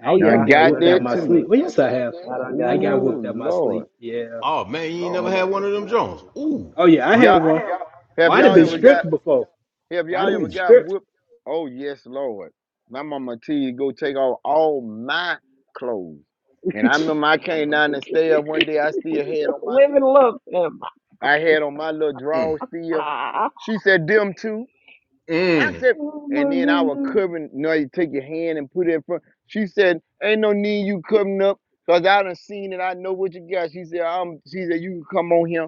I Oh ain't Now I never yeah, I got got done whooped out that had my that sleep. one. too. Well, yes, I have. I done I got got that one. whooped out Ooh my Lord, sleep. Yeah. Oh man, you ain't Yeah, I never had got one of them Jones. that Ooh, Oh yeah, I Oh had yeah, y'all I one. had. Oh, have I'd have y'all ooh, been let ever one. Uh, me, got stripped before. have That'd y'all have ever been ooh, got stripped. whooped? Oh yes, Lord. My mama tell you go take off all my clothes, and I remember I came down and stayed up one day. I still had on my little. women love him. I had on my little draw mm, seal. Ah, She said, them too. I mm, said, oh my and then I was goodness. covering, you you take your hand and put it in front. She said, ain't no need you covering cause I done seen it. I know what you got. She said, I'm, she said, you can come on here.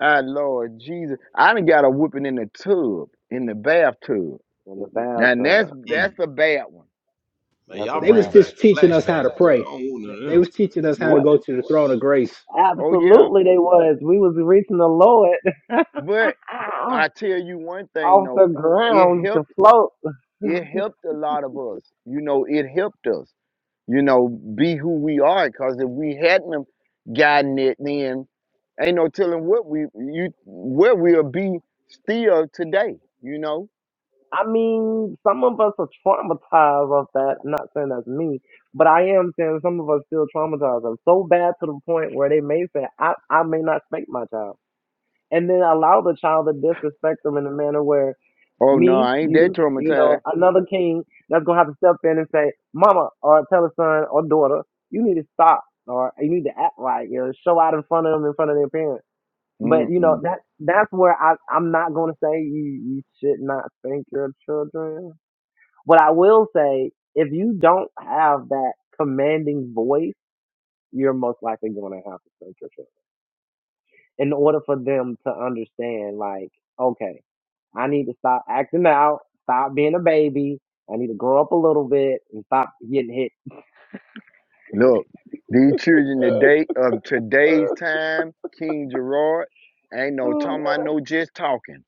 Ah, Lord Jesus. I done got a whooping in the tub, in the bathtub. In the Now and that's, bathtub, that's mm. a bad one. Man, that's a y'all They was bad bringing back one. just teaching us how flashbacks. to Boy, I pray. don't want none of They them. was teaching us how to What? go to the throne of grace. Oh yeah. Absolutely, they was. We was reaching the Lord But I tell you one thing off the though, it ground. We could helped, float. it helped a lot of us. You know, it helped us you know, be who we are. Because if we hadn't have gotten it, then ain't no telling what we you where we'll be still today. You know? I mean, some of us are traumatized of that. I'm Not saying that's me, but I am saying some of us still traumatized. them so bad to the point where they may say, I, I may not spank my child. And then allow the child to disrespect them in a manner where Oh no, me, I ain't that you, you know, traumatized. another king that's going to have to step in and say, Mama, or tell a son or daughter, you need to stop, or you need to act right, you know, show out in front of them, in front of their parents. But you know Mm-mm. that that's where I I'm not gonna say you you should not spank your children but I will say, if you don't have that commanding voice, you're most likely going to have to censorship in order for them to understand, like, okay, I need to stop acting out, stop being a baby. I need to grow up a little bit and stop getting hit. Look, these children today of today's time, King Gerard, ain't no Oh my talking. I god! know just talking.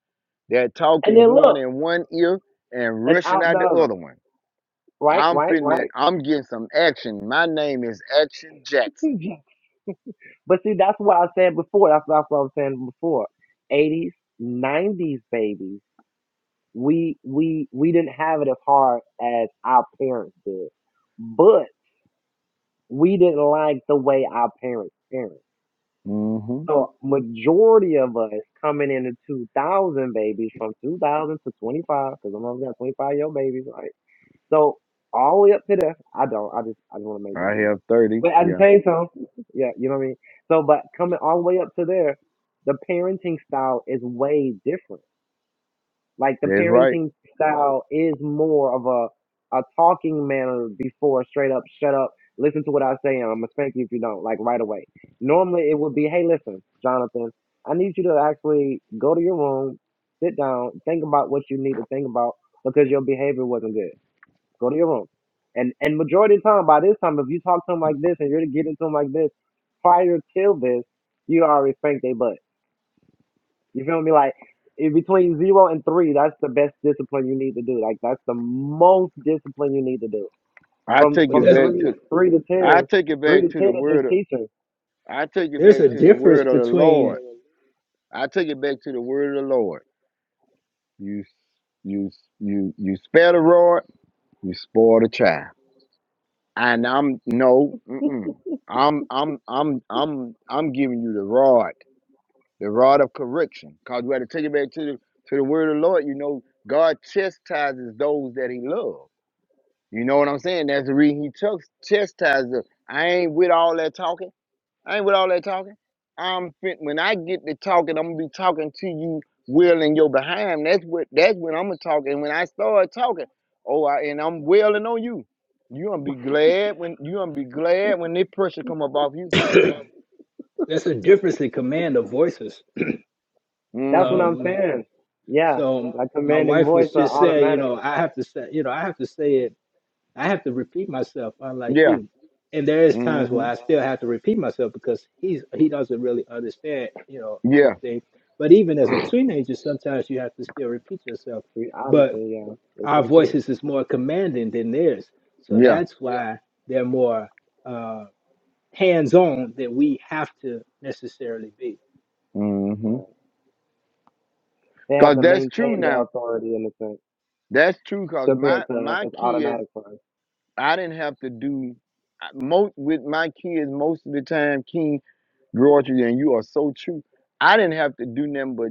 That talk And is then going look, in one ear and and rushing out the out the other, other one. right, I'm right, finna, right. I'm getting some action. My name is Action Jackson. But see, that's what I said before. That's, that's what I was saying before. 80s, 90s babies we we we didn't have it as hard as our parents did, but we didn't like the way our parents parents. Mm-hmm. So majority of us coming into 2000 babies from 2000 to 25 because I'm always got 25 year old babies, right? So all the way up to there, I don't. I just I just want to make I that be known. have thirty. But I can Yeah, tell you something. Yeah, you know what I mean. So but coming all the way up to there, the parenting style is way different Like the that's right. parenting style is more of a a talking manner before straight up shut up, listen to what I say, and I'm gonna spank you if you don't, like right away. Normally it would be, hey, listen, Jonathan, I need you to actually go to your room, sit down, think about what you need to think about because your behavior wasn't good. Go to your room. And and majority of the time by this time, if you talk to them like this and you're to get into them like this prior till this, you already spanked their butt you feel me? Like in between zero and three, that's the best discipline you need to do. Like that's the most discipline you need to do. I From take But it from there's back three to three to I ten, take it three back to to the ten is just word. Of, teaching. I take it there's a back to the difference word of the between Lord. I take it back to the word of the Lord. You you you you spare the rod, you spoil the child. And I'm no, mm-mm. I'm I'm I'm I'm I'm giving you the rod, the rod of correction, cause you got to take it back to the to the word of the Lord. You know, God chastises those that He loves. You know what I'm saying? That's the reason he took chastised them. I ain't with all that talking. I ain't with all that talking. I'm fin- when I get to talking, I'm gonna be talking to you well in your behind. That's what that's when I'm gonna talk. And when I start talking, oh I, and I'm wailing on you. You gonna be glad when you gonna be glad when this pressure come up off you. there's a difference in command of voices. That's what I'm Mm-hmm. Um, saying. Yeah, so like my commanding wife voice was are just saying, you automatic. know, I have to say, you know, I have to say it. I have to repeat myself, unlike Yeah. you. And there is times where I Mm-hmm. still have to repeat myself because he's he doesn't really understand, you know, Yeah. everything. But even as a teenager, sometimes you have to still repeat yourself. We- But Obviously, yeah, it's Our so good. voices is more commanding than theirs. So Yeah. that's Yeah. why they're more uh, hands on than we have to necessarily be. Mm-hmm. Right. They have Cause to that's true maintain the now. authority in a sense That's true. Cause compared my to my it's kids automatic for us. I didn't have to do most with my kids most of the time. King George, and you are so true. I didn't have to do nothing, but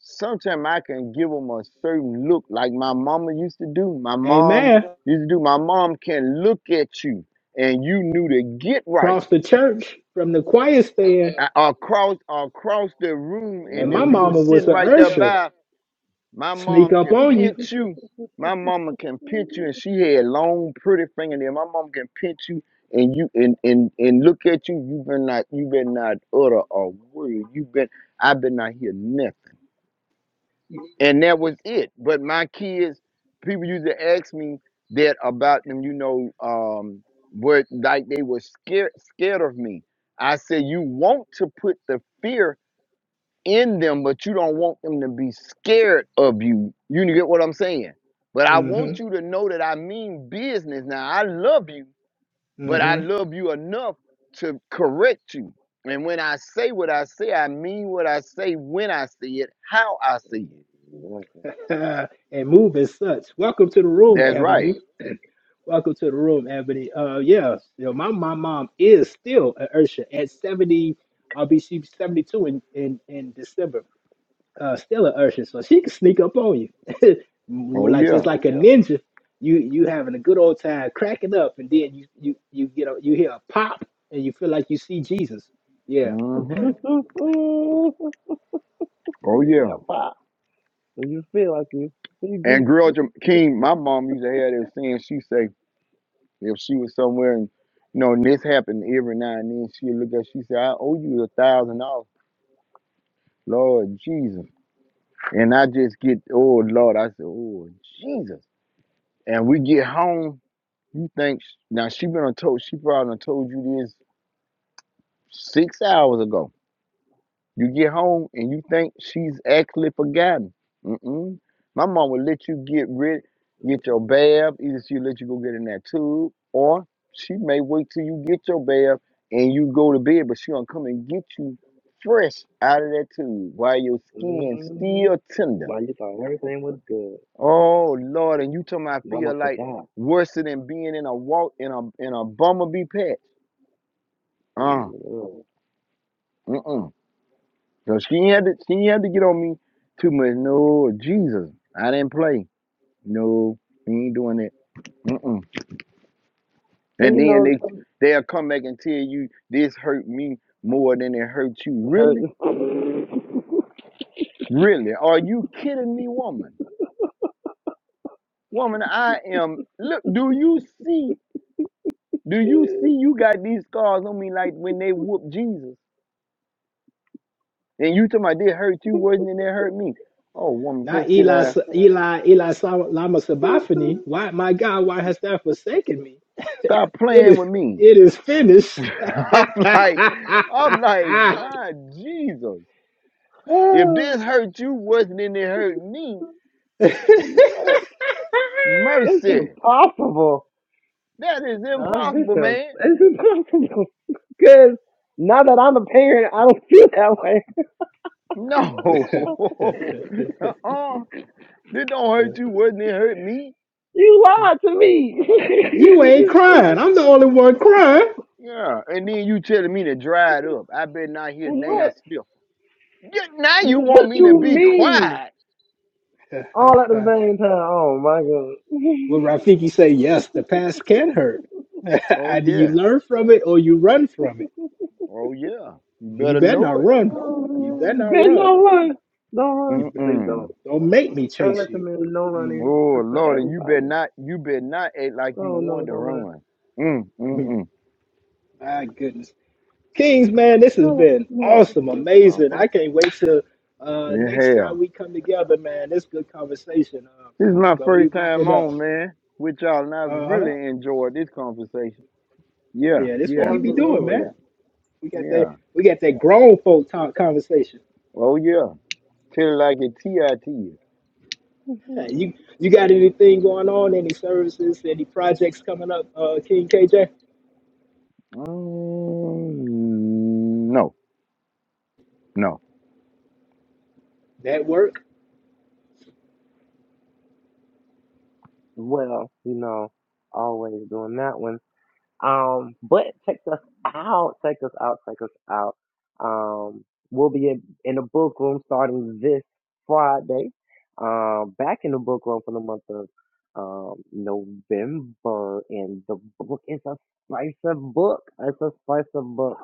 sometimes I can give them a certain look, like my mama used to do. My mom Amen. used to do. My mom can look at you, and you knew to get right Across the church from the choir stand, A- across across the room. and And my if you were hmm mama was sitting an right there by, usher. my Sneak mom up can on you. pinch you. My mama can pinch you, and she had long, pretty fingernails. My mom can pinch you, and you and and and look at you. You been not you been not utter a word. You been I been not hear nothing, and that was it. But my kids, people used to ask me that about them. You know, um, what like they were scared scared of me. I said, you want to put the fear in them, but you don't want them to be scared of you. You get what I'm saying? But I hmm want you to know that I mean business. Now, I love you, but I hmm love you enough to correct you. And when I say what I say, I mean what I say when I say it, how I say it. Exactly. and move as such. Welcome to the room, That's Ebony. right. Welcome to the room, Ebony. Uh, yeah, you know, my my mom is still an Ursha at seventy. I'll be she's seventy two in, in in December. uh, still an urchin, so she can sneak up on you, Oh, like yeah. just like a Yeah. ninja. You you having a good old time, cracking up, and then you you you get a, you hear a pop, and you feel like you see Jesus. Yeah, hmm Oh, yeah. you feel like you CG. And girl Jam- King, my mom used to have this saying. She say if she was somewhere and you know, and this happened every now and then. She would look at, she said, "I owe you a $1,000." Lord Jesus. And I just get, oh Lord, I said, oh Jesus. And we get home, you think now she been on told she probably done told you this six hours ago. You get home and you think she's actually forgotten. Mm-mm. My mom will let you get rid, get your bath. Either she let you go get in that tub, or she may wait till you get your bath and you go to bed, but she gonna come and get you fresh out of that tube while your skin Mm. still tender Like you thought everything was good. Oh Lord, and you tell me I Mama feel like forgot. worse than being in a walk in a in a bumblebee patch. Uh, Mhm. mm-mm. So she ain't had to she ain't had to get on me too much. No, Jesus, I didn't play. No, he ain't doing that. Mm-mm. And And you then know, they they'll come back and tell you this hurt me more than it hurt you. her, Really, really? Are you kidding me, woman? Woman, I am. Look, do you see? Do you see? You got these scars on me like when they whooped Jesus. And you talking about they hurt you worse than they hurt me. Oh woman, go not sit Eli down. Eli Eli Sa- Lama Sabachthani. Why my God, why hast thou forsaken me? Stop It playing is with me. it is finished. I'm like, I'm like, my Jesus. If Oh. this hurt you worse than it hurt me, what? This is mercy. impossible. That is No, this impossible, is man. it's impossible. Because now that I'm a parent, I don't feel that way. No. uh-uh. This don't hurt you worse than it hurt me. You lied to me. You ain't crying. I'm the only one crying. Yeah. And then you telling me to dry it up. I better not hear now what? stiffer. Yeah, now you want What me to you be mean? quiet. All at the same time. Oh my Well, Rafiki say, yes, the past can hurt. Oh Either you yeah. learn from it or you run from it. Oh yeah, you You better better know not it. run. You better god. not Ben, run. don't run. Don't run. You bet- Please don't. Mm-mm. Don't make me I chase you. recommend no Oh Mhm. running for for Lord, and you better everybody. not, you better not act like you Oh, wanted to run. Mm mm mm. My goodness. Kings, man, this has been awesome, amazing. I can't wait till uh, Yeah. next time hell. we come together, man. This good conversation. Uh, This is my but we first wrap time it up. on, man, with y'all, and I Uh-huh. really enjoyed this conversation. Oh, Yeah, yeah, this what yeah, we be doing, man. absolutely. We got that. yeah. We got that grown folk talk conversation. Oh yeah. Tell it like it T.I. you. Hey, you you got anything going on? Any services? Any projects coming up? Uh, King KJ. Mm, no, no. That work? Well, you know, always doing that one. Um, but check us out, check us out, check us out. Um, we'll be in, in the book room starting this Friday. Um, back in the book room for the month of um, November, and the book is a slice of book. It's a slice of book.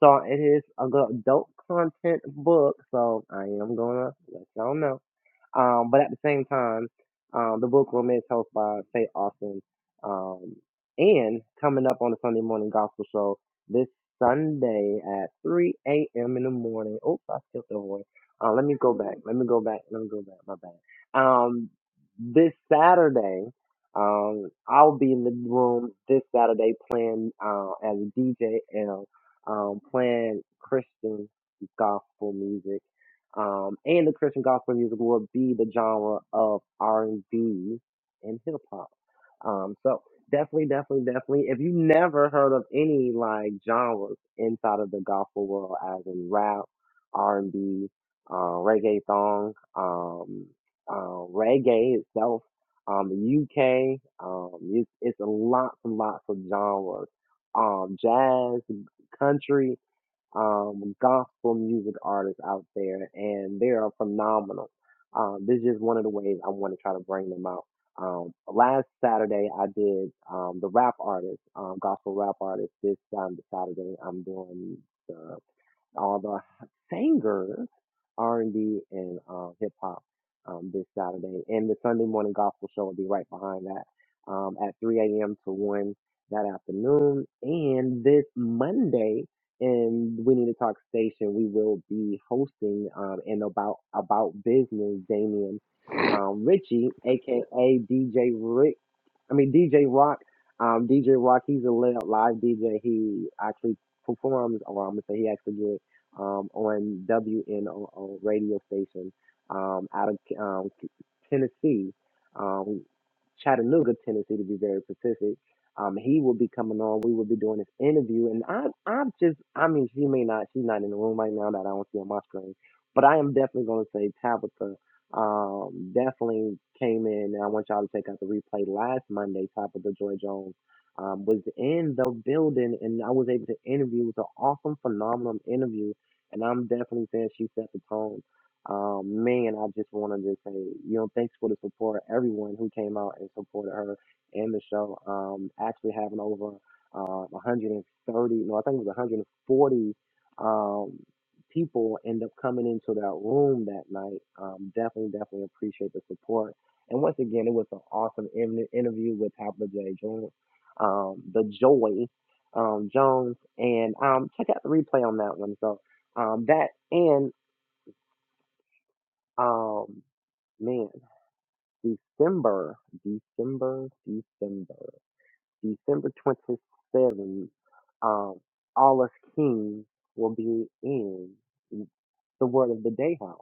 So it is a good adult content book. So I am gonna let y'all know. Um, but at the same time, um, the book room is hosted by St. Austin. Um, and coming up on the Sunday morning gospel show this Sunday at 3 a.m. in the morning. Oops, I skipped over one. Uh, let me go back. Let me go back. Let me go back. My bad. Um, this Saturday, um, I'll be in the room this Saturday playing uh, as a DJ and um, playing Christian gospel music um, and the Christian gospel music will be the genre of R and B and hip hop. Um, so definitely, definitely, definitely. If you never heard of any like genres inside of the gospel world, as in rap, R and B, uh, reggae song, um, uh, reggae itself, um, the UK, um, it's, it's a lots and lots of genres. Um, jazz, country um, gospel music artists out there, and they are phenomenal. Um, this is just one of the ways I want to try to bring them out. Um, last Saturday, I did um, the rap artist, um, gospel rap artist. This um, Saturday, I'm doing. the all the singers, R&B and B and uh, hip hop um, this Saturday. And the Sunday morning gospel show will be right behind that um, at 3 a.m. to 1 that afternoon. And this Monday in We Need to Talk Station, we will be hosting um, an about about business Damien um, Richie, aka DJ Rick. I mean DJ Rock. Um, DJ Rock, he's a li- live DJ. He actually performs, or I'm gonna say he actually did um, on WNOO radio station um, out of um, Tennessee, um, Chattanooga, Tennessee, to be very specific. Um, he will be coming on. We will be doing this interview, and I, I'm just, I mean, she may not, she's not in the room right now that I don't see on my screen, but I am definitely going to say Tabitha um, definitely came in. And I want y'all to check out the replay last Monday. Tabitha Joy Jones um, was in the building, and I was able to interview. It was an awesome, phenomenal interview and I'm definitely saying she set the tone. Um, me and I just want to just say, you know, thanks for the support. Everyone who came out and supported her in the show, um, actually having over uh, 130, no, I think it was 140 um, people end up coming into that room that night. Um, definitely, definitely appreciate the support. And once again, it was an awesome in- interview with Tabitha J. Jones, um, the Joy um, Jones, and um, check out the replay on that one. So um, that and um, man, December, December, December, December twenty seventh. Um, all us kings will be in the Word of the Day house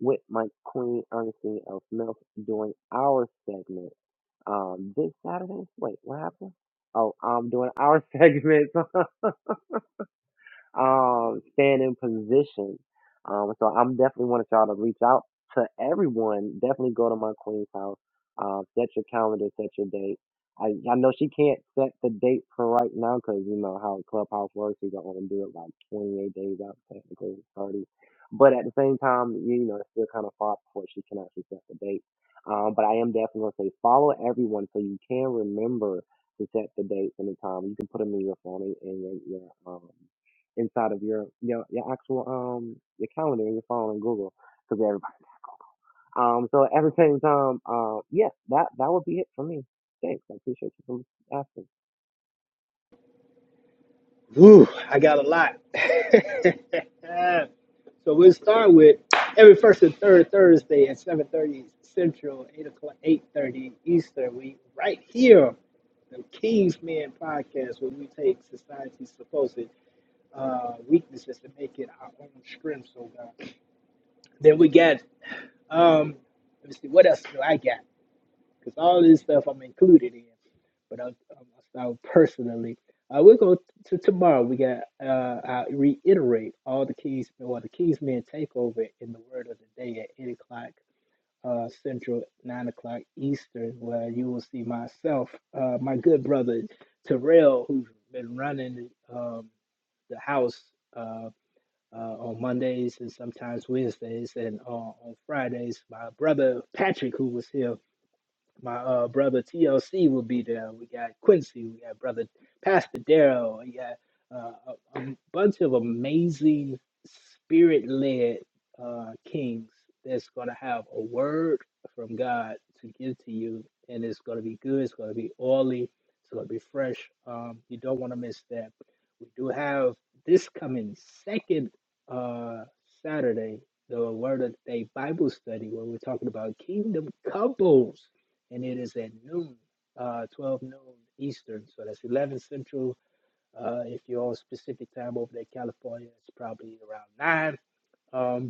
with my Queen Ernestine L. Smith doing our segment. Um, this Saturday. Wait, what happened? Oh, I'm doing our segment. um, staying in position. Um, so I'm definitely wanted y'all to reach out to everyone. Definitely go to my queen's house. Um, set your calendar, set your date. I, I know she can't set the date for right now because you know how clubhouse works. You don't want to do it like 28 days out, technically 30. But at the same time, you know, it's still kind of far before she can actually set the date. Um, but I am definitely going to say follow everyone so you can remember to set the dates and the time. You can put them in your phone and in your, your um, inside of your your your actual um your calendar in your phone and Google because everybody. Um, so at the same time, um, yeah, that that would be it for me. Thanks, I appreciate you for asking. Woo! I got a lot. so we'll start with every first and third Thursday at seven thirty Central, eight o'clock, eight thirty Eastern. We right here, the King's Men podcast, where we take society's supposed uh, weaknesses to make it our own strength. So God. Then we got Um, let me see, what else do I got? Because all this stuff I'm included in, but I'll, I'll start personally. Uh, we're going to tomorrow. We got, uh, I reiterate all the keys, or the keys men takeover in the word of the day at 8 o'clock uh, Central, 9 o'clock Eastern, where you will see myself, uh, my good brother Terrell, who's been running um, the house. Uh uh, on Mondays and sometimes Wednesdays and uh, on Fridays. My brother Patrick, who was here my uh, brother TLC will be there. We got Quincy. We got brother Pastor Darrell. We got uh, a, a bunch of amazing spirit-led uh, kings that's going to have a word from God to give to you, and it's going to be good. It's going to be oily. It's going to be fresh. Um, you don't want to miss that. We do have this coming second uh, Saturday the Word of the Day Bible study where we're talking about kingdom couples and it is at noon, uh, 12 noon Eastern. So that's 11 Central. Uh, if you're on specific time over there, in California, it's probably around 9. Um,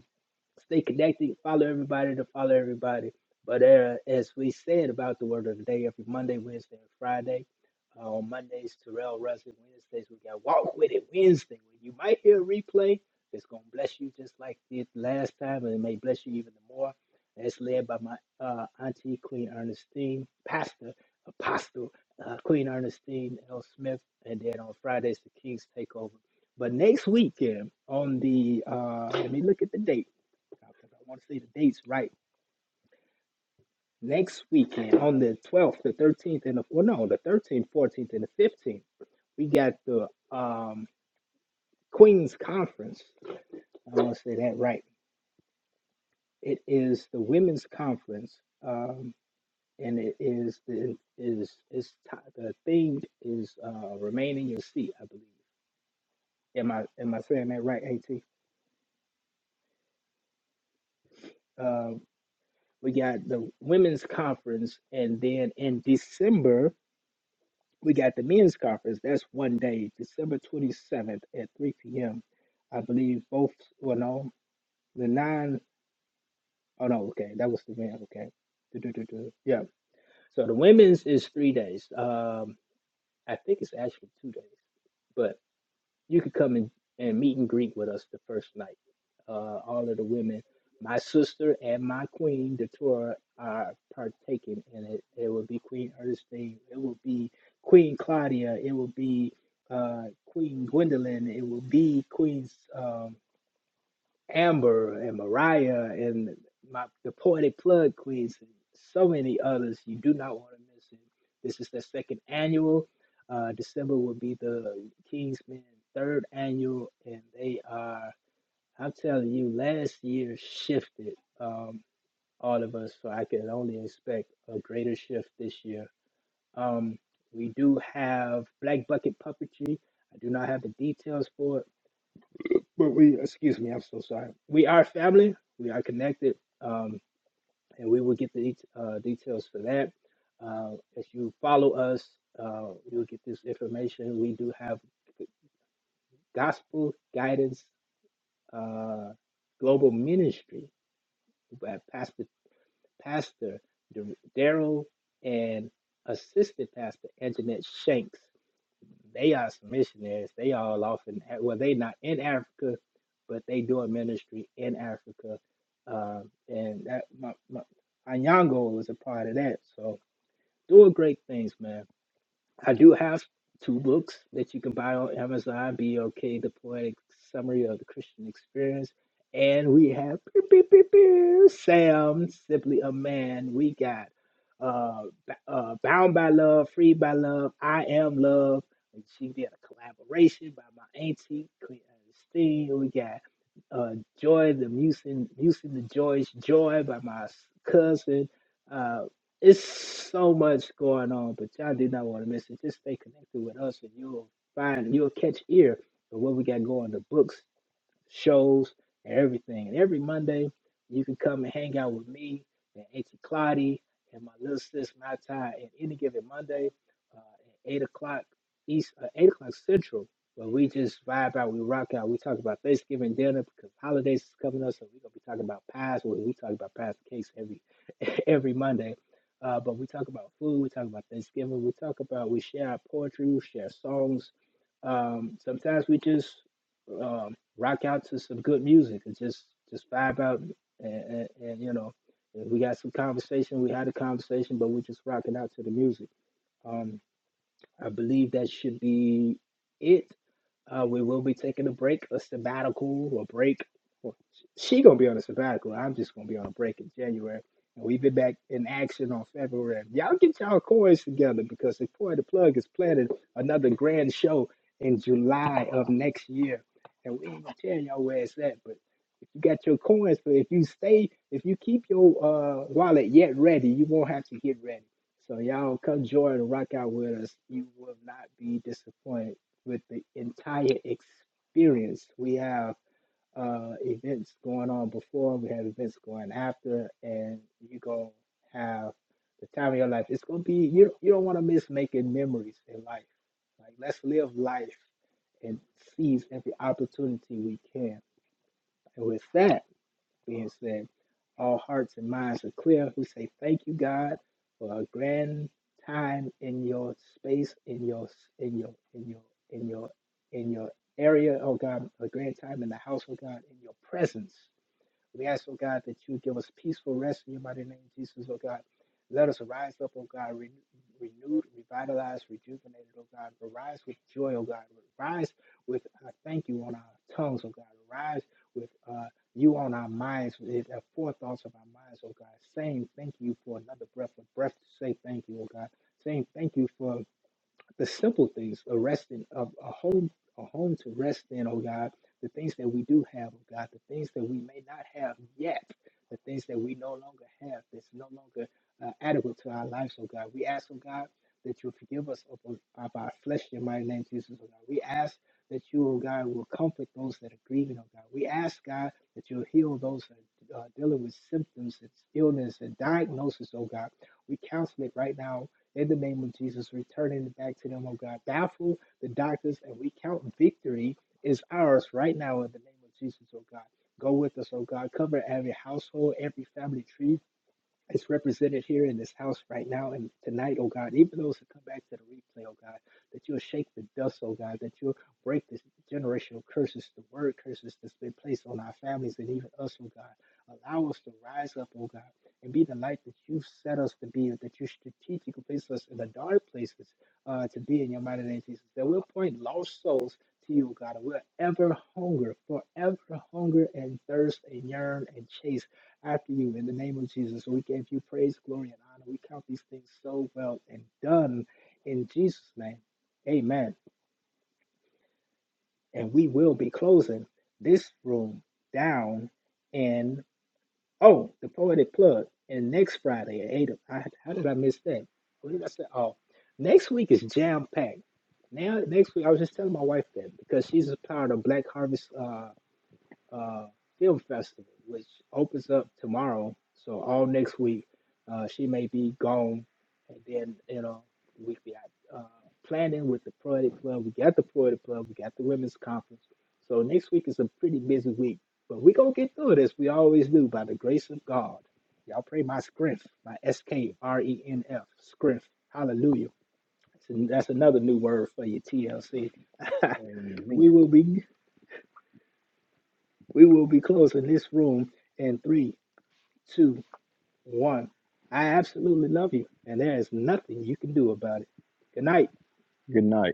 stay connected, follow everybody to follow everybody. But uh, as we said about the word of the day, every Monday, Wednesday, and Friday, uh, on Mondays, Terrell Russell, Wednesdays, we got Walk With It Wednesday. you might hear a replay, it's going to bless you just like it last time, and it may bless you even more. That's led by my uh, auntie, Queen Ernestine, pastor, apostle, uh, Queen Ernestine L. Smith, and then on Fridays, the Kings take over. But next weekend, on the, uh, let me look at the date because I want to see the dates right. Next weekend, on the 12th, the 13th, and the, well, no, the 13th, 14th, and the 15th, we got the um, Queen's Conference. I want to say that right. It is the Women's Conference, um, and it is the is is ti- the theme is uh, remain in your seat. I believe. Am I am I saying that right, At? Um, we got the Women's Conference, and then in December we got the men's conference. That's one day, December 27th at 3 p.m. I believe both, well, no, the nine, oh no, okay, that was the men, okay. Du- du- du- du. Yeah. So the women's is three days. Um, I think it's actually two days, but you could come and, and meet and greet with us the first night. Uh, all of the women, my sister and my queen, Datura, are partaking in it. It will be Queen Ernestine, it will be Queen Claudia, it will be uh, Queen Gwendolyn, it will be Queen um, Amber and Mariah and my the Poetic Plug Queens and so many others. You do not want to miss it. This is the second annual. Uh, December will be the Kingsmen third annual, and they are. I'm telling you, last year shifted um, all of us, so I can only expect a greater shift this year. Um, we do have Black Bucket Puppetry. I do not have the details for it but we, excuse me, I'm so sorry. We are family. We are connected, um, and we will get the det- uh, details for that. Uh, as you follow us, uh, you'll get this information. We do have gospel guidance, uh, global ministry by Pastor Pastor Dar- Daryl and Assistant Pastor Anjanette Shanks. They are some missionaries. They all off in well, they not in Africa, but they doing ministry in Africa. Um, and that my, my Anyango was a part of that. So doing great things, man. I do have two books that you can buy on Amazon: Be okay, The Poetic Summary of the Christian Experience," and we have beep, beep, beep, beep, Sam, simply a man. We got uh, B- uh, "Bound by Love," "Free by Love," "I Am Love." And she did a collaboration by my auntie Clean Steen. We got uh, "Joy," the Music, Music the Joy's "Joy" by my s- cousin. uh, it's so much going on, but y'all do not want to miss it. Just stay connected with us and you'll find, you'll catch ear of what we got going, the books shows, and everything. And every Monday, you can come and hang out with me and Auntie Claudia and my little sis Matai at any given Monday uh, at eight o'clock east, uh, eight o'clock central. Where we just vibe out, we rock out. We talk about Thanksgiving dinner because holidays is coming up, so we're gonna be talking about pies. Well, we talk about pies and cakes every every Monday. Uh, but we talk about food, we talk about Thanksgiving, we talk about, we share our poetry, we share songs. Um, sometimes we just um, rock out to some good music and just just vibe out and, and, and you know we got some conversation we had a conversation but we're just rocking out to the music Um, I believe that should be it. Uh, we will be taking a break, a sabbatical, or break. Well, she gonna be on a sabbatical. I'm just gonna be on a break in January, and we've been back in action on February. Y'all get y'all coins together because the coin the plug is planning another grand show in July of next year, and we ain't gonna tell y'all where it's at. But if you got your coins, but if you stay, if you keep your uh, wallet yet ready, you won't have to get ready. So y'all come join and rock out with us. You will not be disappointed with the entire experience. We have uh, events going on before, we have events going after, and you're gonna have the time of your life. It's gonna be you. You don't want to miss making memories in life. Like let's live life and seize every opportunity we can. And with that being said. All hearts and minds are clear. We say thank you, God, for a grand time in your space, in your in your in your in your in your area, oh God, a grand time in the house, oh God, in your presence. We ask, oh God, that you give us peaceful rest in your mighty name, Jesus, oh God. Let us rise up, oh God, re- renewed, revitalized, rejuvenated, oh God. Rise with joy, oh God. Rise with uh, thank you on our tongues, oh God. Rise with uh, you on our minds, with the forethoughts of our minds, oh God. Saying thank you for another breath, a breath to say thank you, oh God. Saying thank you for the simple things, a resting, a, a home, a home to rest in, oh God, the things that we do have, oh God, the things that we may not have yet, the things that we no longer have, that's no longer uh, adequate to our lives, oh God. We ask, oh God, that you forgive us of, of our flesh in my name, Jesus, oh God. We ask that you, oh God, will comfort those that are grieving, oh God. We ask, God, that you'll heal those that are uh, dealing with symptoms and illness and diagnosis, oh God. We counsel it right now in the name of Jesus, returning back to them, oh God. Baffle the doctors, and we count victory is ours right now in the name of Jesus, oh God. Go with us, oh God. Cover every household, every family tree it's represented here in this house right now and tonight, oh God, even those who come back to the replay, oh God, that you'll shake the dust, oh God, that you'll break this generational curses, the word curses that's been placed on our families and even us, oh God. Allow us to rise up, oh God, and be the light that you've set us to be, that you strategically place us in the dark places uh, to be in your mighty name, Jesus. That we'll point lost souls to you, oh God, and we'll ever hunger, forever hunger and thirst and yearn and chase after you in the name of Jesus. We give you praise, glory, and honor. We count these things so well and done in Jesus' name. Amen. And we will be closing this room down in, oh, the poetic plug. And next Friday at 8, I, how did I miss that? What did I say? Oh, next week is jam packed. Now, next week, I was just telling my wife that because she's a part of Black Harvest. uh, uh, Film Festival, which opens up tomorrow. So all next week, uh, she may be gone, and then you know the week we got uh, planning with the Poetic Club. We got the Poetic Club. We got the Women's Conference. So next week is a pretty busy week, but we gonna get through this. We always do by the grace of God. Y'all pray my strength, my S K R E N F strength. Hallelujah. that's another new word for you, TLC. Amen. we will be. We will be closing this room in three, two, one. I absolutely love you, and there is nothing you can do about it. Good night. Good night.